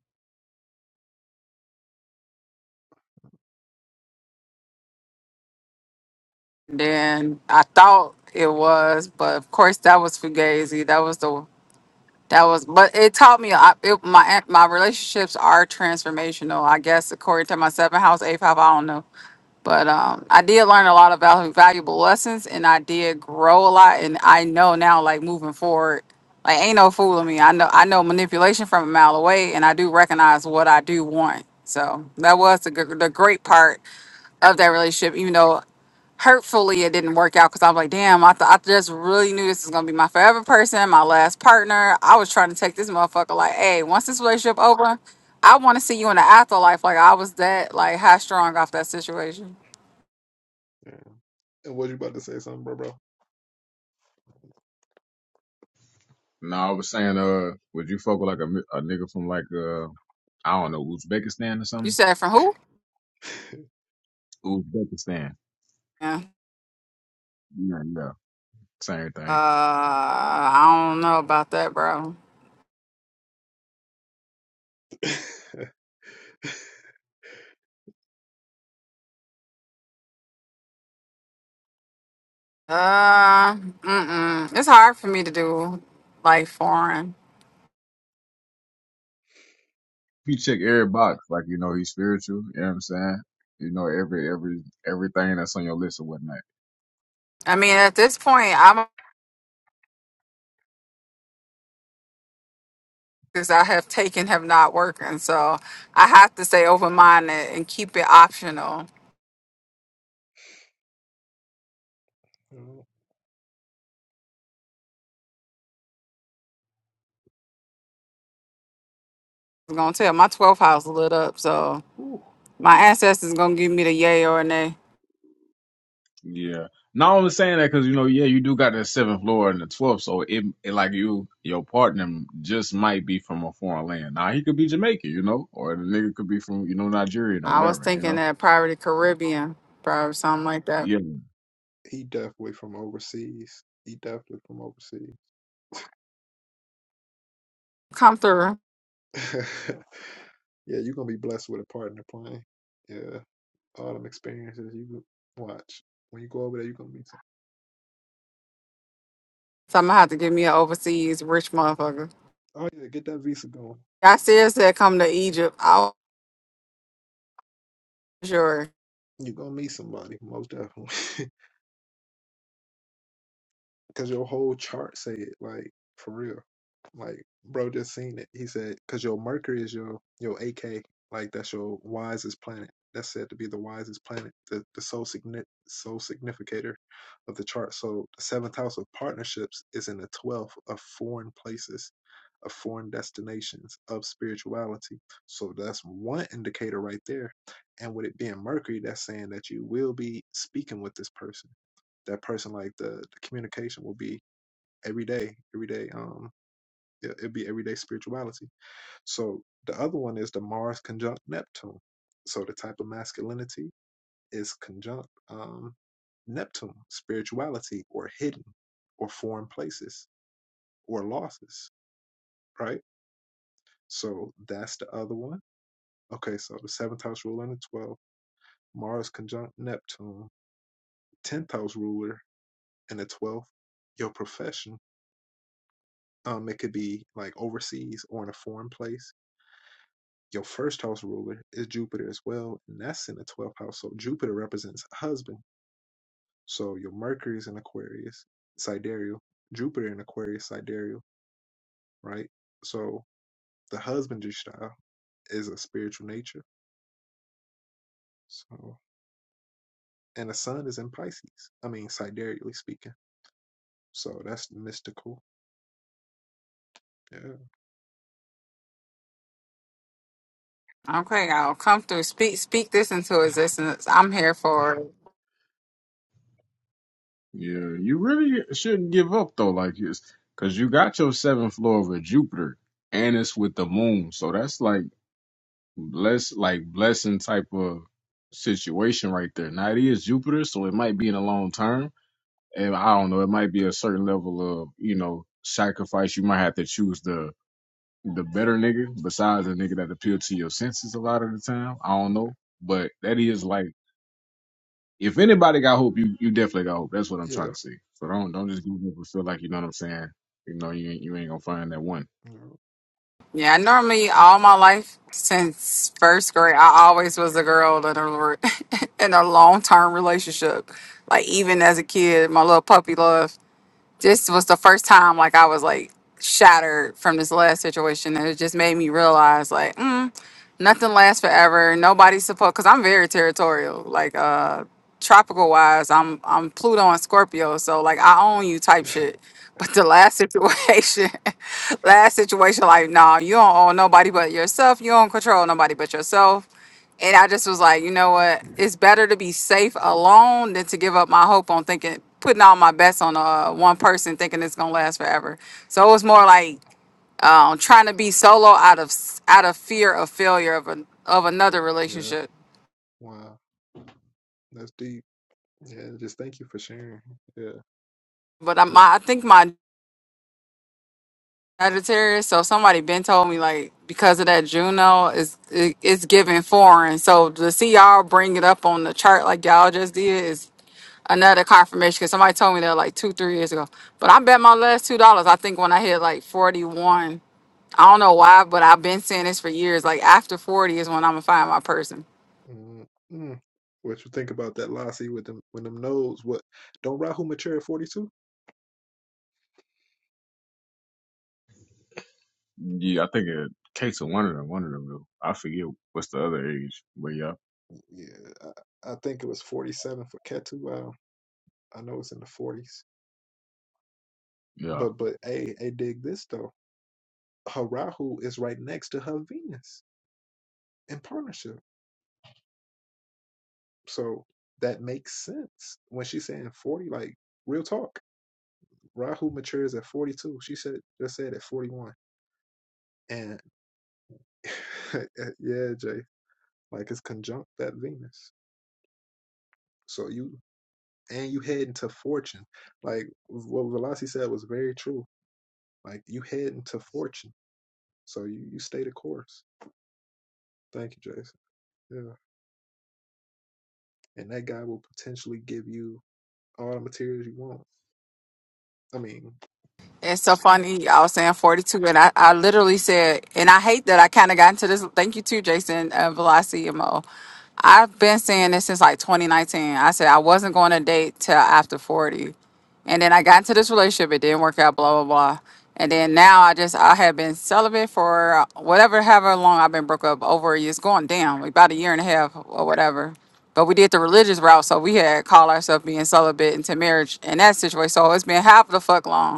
[SPEAKER 5] Then I thought it was, but of course that was fugazi. That was the. That was. But it taught me. I, it, my my relationships are transformational. I guess according to my seventh house, eighth house. I don't know. But um, I did learn a lot of val- valuable lessons, and I did grow a lot. And I know now, like moving forward, like ain't no fooling me. I know I know manipulation from a mile away, and I do recognize what I do want. So that was the gr- the great part of that relationship, even though hurtfully it didn't work out because I'm like, damn, I, th- I just really knew this is gonna be my forever person, my last partner. I was trying to take this motherfucker like, hey, once this relationship over, I want to see you in the afterlife. Like I was that like high strong off that situation.
[SPEAKER 1] Yeah. And was you about to say something, bro, bro?
[SPEAKER 6] No, I was saying, uh, would you fuck with like a, mi- a nigga from like uh, I don't know, Uzbekistan or
[SPEAKER 5] You
[SPEAKER 6] something?
[SPEAKER 5] said from who?
[SPEAKER 6] Uzbekistan.
[SPEAKER 5] Yeah.
[SPEAKER 6] Yeah, yeah. Same
[SPEAKER 5] Uh,
[SPEAKER 6] thing.
[SPEAKER 5] I don't know about that, bro. Uh, mm-mm. It's hard for me to do like foreign.
[SPEAKER 6] You check every box, like you know he's spiritual. You know what I'm saying? You know every every everything that's on your list or whatnot.
[SPEAKER 5] I mean, at this point, I'm because I have taken have not working, so I have to stay open minded and keep it optional.
[SPEAKER 1] Uh,
[SPEAKER 5] I'm gonna tell my 12th house lit up, so
[SPEAKER 1] whew.
[SPEAKER 5] my ancestors gonna give me the yay or nay.
[SPEAKER 6] Yeah. Now I'm saying that because you know, yeah, you do got that seventh floor and the twelfth, so it, it like you, your partner just might be from a foreign land. Now he could be Jamaican, you know, or the nigga could be from you know Nigerian or
[SPEAKER 5] I was
[SPEAKER 6] whatever, you
[SPEAKER 5] thinking
[SPEAKER 6] know.
[SPEAKER 5] that probably Caribbean, probably something like that.
[SPEAKER 6] Yeah,
[SPEAKER 1] he definitely from overseas. He definitely from overseas.
[SPEAKER 5] Come through.
[SPEAKER 1] yeah, you're gonna be blessed with a partner playing. Yeah, all them experiences you could watch. When you go over there, you're gonna meet some.
[SPEAKER 5] So I'm gonna have to give me an overseas rich motherfucker.
[SPEAKER 1] Oh yeah, get that visa going.
[SPEAKER 5] I seriously said come to Egypt. I'll sure.
[SPEAKER 1] You're gonna meet somebody, most definitely. Cause your whole chart say it, like for real. Like bro just seen it. He said, cause your Mercury is your your AK, like that's your wisest planet. That's said to be the wisest planet, the the sole signi sole significator of the chart. So the seventh house of partnerships is in the twelfth of foreign places, of foreign destinations, of spirituality. So that's one indicator right there. And with it being Mercury, that's saying that you will be speaking with this person that person like the, the communication will be every day every day um it, it'll be everyday spirituality so the other one is the mars conjunct neptune so the type of masculinity is conjunct um neptune spirituality or hidden or foreign places or losses right so that's the other one okay so the seventh house ruler and the 12th mars conjunct neptune 10th house ruler and the 12th your profession Um, it could be like overseas or in a foreign place. Your first house ruler is Jupiter as well, and that's in the 12th house. So Jupiter represents husband. So your Mercury is in Aquarius, sidereal. Jupiter in Aquarius, sidereal, right? So the husbandry style is a spiritual nature. So, and the sun is in Pisces. I mean, sidereally speaking. So that's mystical. Yeah.
[SPEAKER 5] Okay, I'll Come through. Speak speak this into existence. I'm here for it.
[SPEAKER 6] yeah. You really shouldn't give up though, like it's because you got your seventh floor with Jupiter and it's with the moon, so that's like bless, like blessing type of situation right there. Now it is Jupiter, so it might be in a long term and I don't know, it might be a certain level of, you know, sacrifice. You might have to choose the the better nigga besides the nigga that appeal to your senses a lot of the time. I don't know. But that is like if anybody got hope, you you definitely got hope. That's what I'm trying to
[SPEAKER 1] Yeah.
[SPEAKER 6] say. So don't don't just give up and feel like you know what I'm saying. You know, you ain't you ain't gonna find that one.
[SPEAKER 1] Yeah.
[SPEAKER 5] Yeah, normally all my life since first grade, I always was a girl in a re- in a long term relationship. Like even as a kid, my little puppy love. This was the first time like I was like shattered from this last situation and it just made me realize like mm. nothing lasts forever. Nobody's supposed because I'm very territorial. Like uh tropical wise, I'm I'm Pluto and Scorpio, so like I own you type shit. But the last situation, last situation, like nah, you don't own nobody but yourself. You don't control nobody but yourself. And I just was like, you know what? It's better to be safe alone than to give up my hope on thinking, putting all my bets on uh, one person, thinking it's gonna last forever. So it was more like um, trying to be solo out of out of fear of failure of an, of another
[SPEAKER 1] yeah.
[SPEAKER 5] relationship.
[SPEAKER 1] Wow. That's deep. Yeah. Just thank you for sharing. Yeah.
[SPEAKER 5] But I, am
[SPEAKER 1] Good.
[SPEAKER 5] I think my Sagittarius. So somebody been told me like because of that Juno is it, it's giving foreign. So to see y'all bring it up on the chart like y'all just did is another confirmation because somebody told me that like two three years ago. But I bet my last two dollars. I think when I hit like forty one. I don't know why, but I've been saying this for years. Like after 40 is when I'm gonna find my person.
[SPEAKER 1] mm mm. What you think about that Lassie with them when them nodes? What don't Rahu mature at forty two?
[SPEAKER 6] Yeah, I think a case of one of them, one of them though. I forget what's the other age. But yeah,
[SPEAKER 1] Yeah, I, I think it was forty seven for Ketu. Uh, I know it's in the forties,
[SPEAKER 6] yeah.
[SPEAKER 1] but but hey, hey, dig this though. Her Rahu is right next to her Venus in partnership, so that makes sense when she's saying forty. Like real talk, Rahu matures at forty two. She said just said at forty one, and yeah, Jay, like it's conjunct that Venus. So you and you heading to fortune. Like what Velasi said was very true. Like you heading to fortune, so you you stay the course. Thank you, Jason. Yeah, and that guy will potentially give you all the materials you want. I mean,
[SPEAKER 5] It's so funny. I was saying 42, and I, I literally said, and I hate that I kind of got into this. Thank you, too, Jason, uh, Velocity and Mo. I've been saying this since like 2019. I said I wasn't going to date till after 40. And then I got into this relationship. It didn't work out, blah, blah, blah. And then now I just, I have been celibate for uh, whatever, however long I've been broke up over a year. It's going down, like, about a year and a half or whatever. But we did the religious route. So we had called ourselves being celibate into marriage in that situation. So it's been half the fuck long.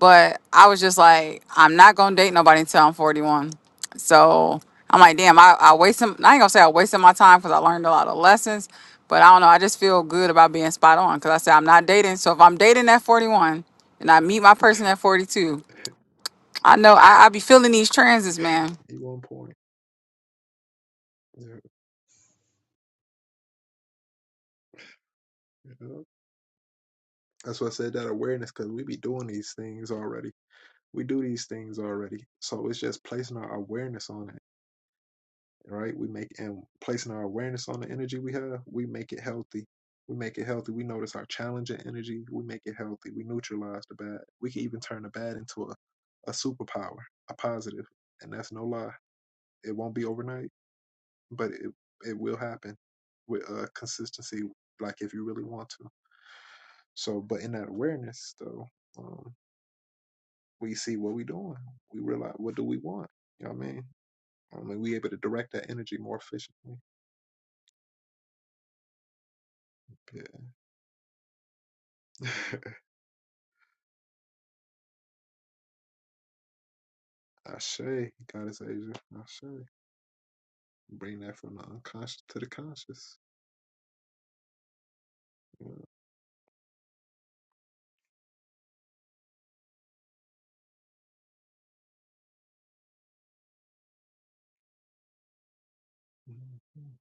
[SPEAKER 5] But I was just like, I'm not gonna date nobody until I'm 41. So I'm like, damn, I, I wasted. I ain't gonna say I wasted my time because I learned a lot of lessons. But I don't know. I just feel good about being spot on because I said I'm not dating. So if I'm dating at 41 and I meet my person at 42,
[SPEAKER 1] at
[SPEAKER 5] I know I, I be feeling these transits, man.
[SPEAKER 1] one point. Yeah, yeah. That's why I said that awareness because we be doing these things already. We do these things already, so it's just placing our awareness on it right? We make and placing our awareness on the energy we have, we make it healthy. We make it healthy. We notice our challenging energy. We make it healthy. We neutralize the bad. We can even turn the bad into a, a superpower, a positive, and that's no lie. It won't be overnight, but it it will happen with uh, consistency. Like if you really want to. So, but in that awareness, though, um, we see what we doing. We realize what do we want. You know what I mean? I mean, we able to direct that energy more efficiently. Yeah. I say, God is Asia, I say, bring that from the unconscious to the conscious. Yeah. Mhm.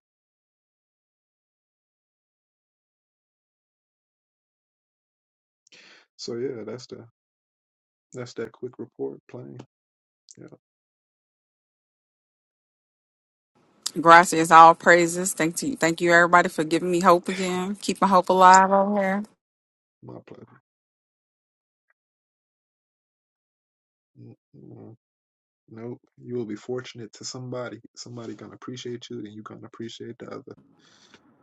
[SPEAKER 1] So yeah, that's the that's that quick report plane. Yeah,
[SPEAKER 5] Gracias, all praises. Thank you, thank you, everybody for giving me hope again. Keep my hope alive over here.
[SPEAKER 1] my pleasure. Mm-mm. Nope, you will be fortunate to somebody. Somebody gonna appreciate you, then you gonna appreciate the other.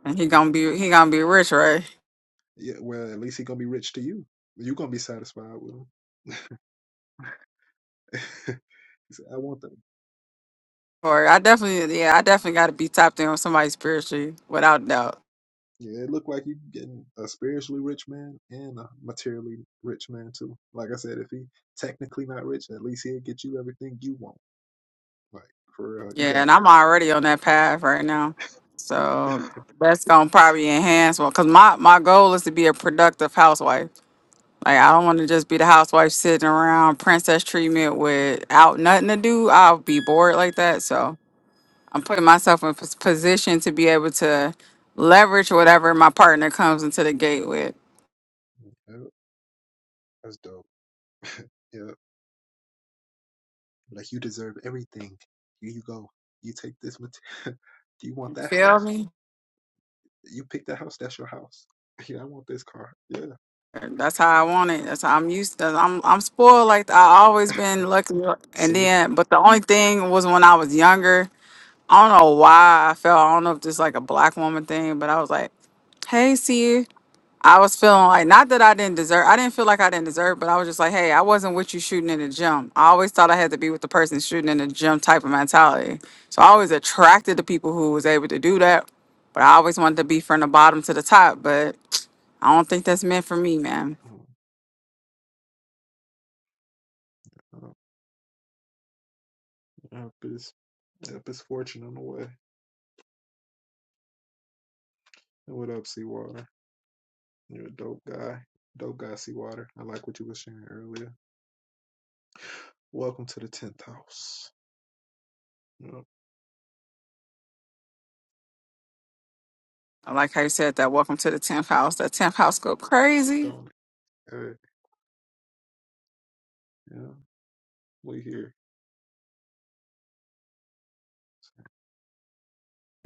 [SPEAKER 5] And
[SPEAKER 1] And
[SPEAKER 5] he
[SPEAKER 1] do
[SPEAKER 5] gonna be he gonna be rich, right?
[SPEAKER 1] yeah, well, at least he gonna be rich to you. You gonna be satisfied with him. He said, I want that.
[SPEAKER 5] Or I definitely, yeah, I definitely got to be tapped in on somebody spiritually, without doubt.
[SPEAKER 1] Yeah, it looked like you getting a spiritually rich man and a materially rich man too. Like I said, if he technically not rich, at least he'll get you everything you want. Like for real, you
[SPEAKER 5] Yeah,
[SPEAKER 1] got
[SPEAKER 5] and I'm already on that path right now, so that's gonna probably enhance one. Cause my my goal is to be a productive housewife. Like I don't want to just be the housewife sitting around princess treatment without nothing to do. I'll be bored like that. So I'm putting myself in pos- position to be able to leverage whatever my partner comes into the gate with.
[SPEAKER 1] yeah, that's dope. Yeah, like you deserve everything. Here you go. You take this material. Do you want that
[SPEAKER 5] Feel
[SPEAKER 1] house?
[SPEAKER 5] me?
[SPEAKER 1] You pick that house. That's your house. Yeah, I want this car. Yeah,
[SPEAKER 5] That's how I want it. That's how I'm used to. I'm I'm spoiled like that. I always been lucky. And
[SPEAKER 1] see,
[SPEAKER 5] then, but the only thing was when I was younger. I don't know why I felt. I don't know if this like a black woman thing, but I was like, "Hey, see you." I was feeling like not that I didn't deserve. I didn't feel like I didn't deserve, but I was just like, "Hey, I wasn't with you shooting in the gym." I always thought I had to be with the person shooting in the gym type of mentality. So I always attracted to people who was able to do that. But I always wanted to be from the bottom to the top. But I don't think that's meant for me, man.
[SPEAKER 1] Mm, uh, up his up his fortune on the way. What up, Seawater? You're a dope guy. Dope guy, Seawater. I like what you were sharing earlier. Welcome to the 10th house. Yep,
[SPEAKER 5] I like how you said that. Welcome to the 10th house. That 10th house go crazy.
[SPEAKER 1] don't hey, yeah, we here.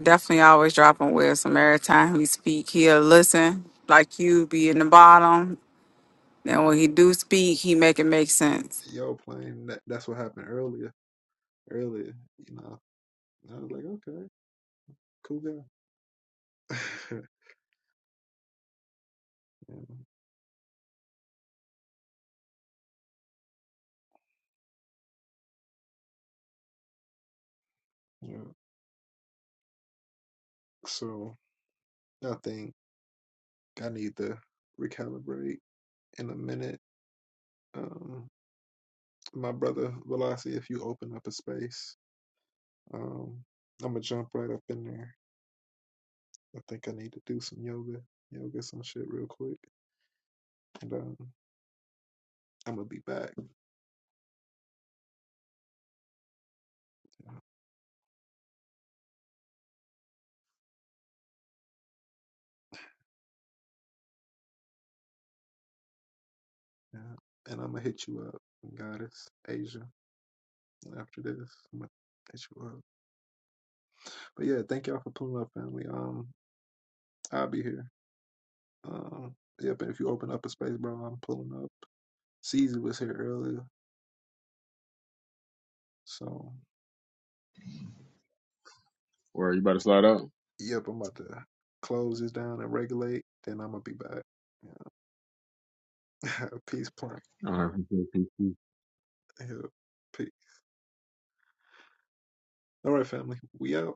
[SPEAKER 5] Definitely always dropping wisdom. Every time he speak, he'll listen like you be in the bottom. And when he do speak, he make it make sense.
[SPEAKER 1] Yo, playing that, that's what happened earlier. Earlier, you know. I was like, okay, cool guy. yeah, yeah. So I think I need to recalibrate in a minute. Um, my brother Velocity, if you open up a space, um, I'm gonna jump right up in there I think I need to do some yoga, yoga some shit real quick, and um, I'm gonna be back. Yeah. yeah, And I'm gonna hit you up, Goddess Asia. After this, I'm gonna hit you up. But yeah, thank y'all for pulling up, family. Um, I'll be here. Um, yep. And if you open up a space, bro, I'm pulling up. Caesar was here earlier, so
[SPEAKER 6] Where you about to slide out?
[SPEAKER 1] yep. I'm about to close this down and regulate. Then I'm gonna be back. Yeah. Peace, plant.
[SPEAKER 6] All right.
[SPEAKER 1] Yeah. Peace. All right, family. We out.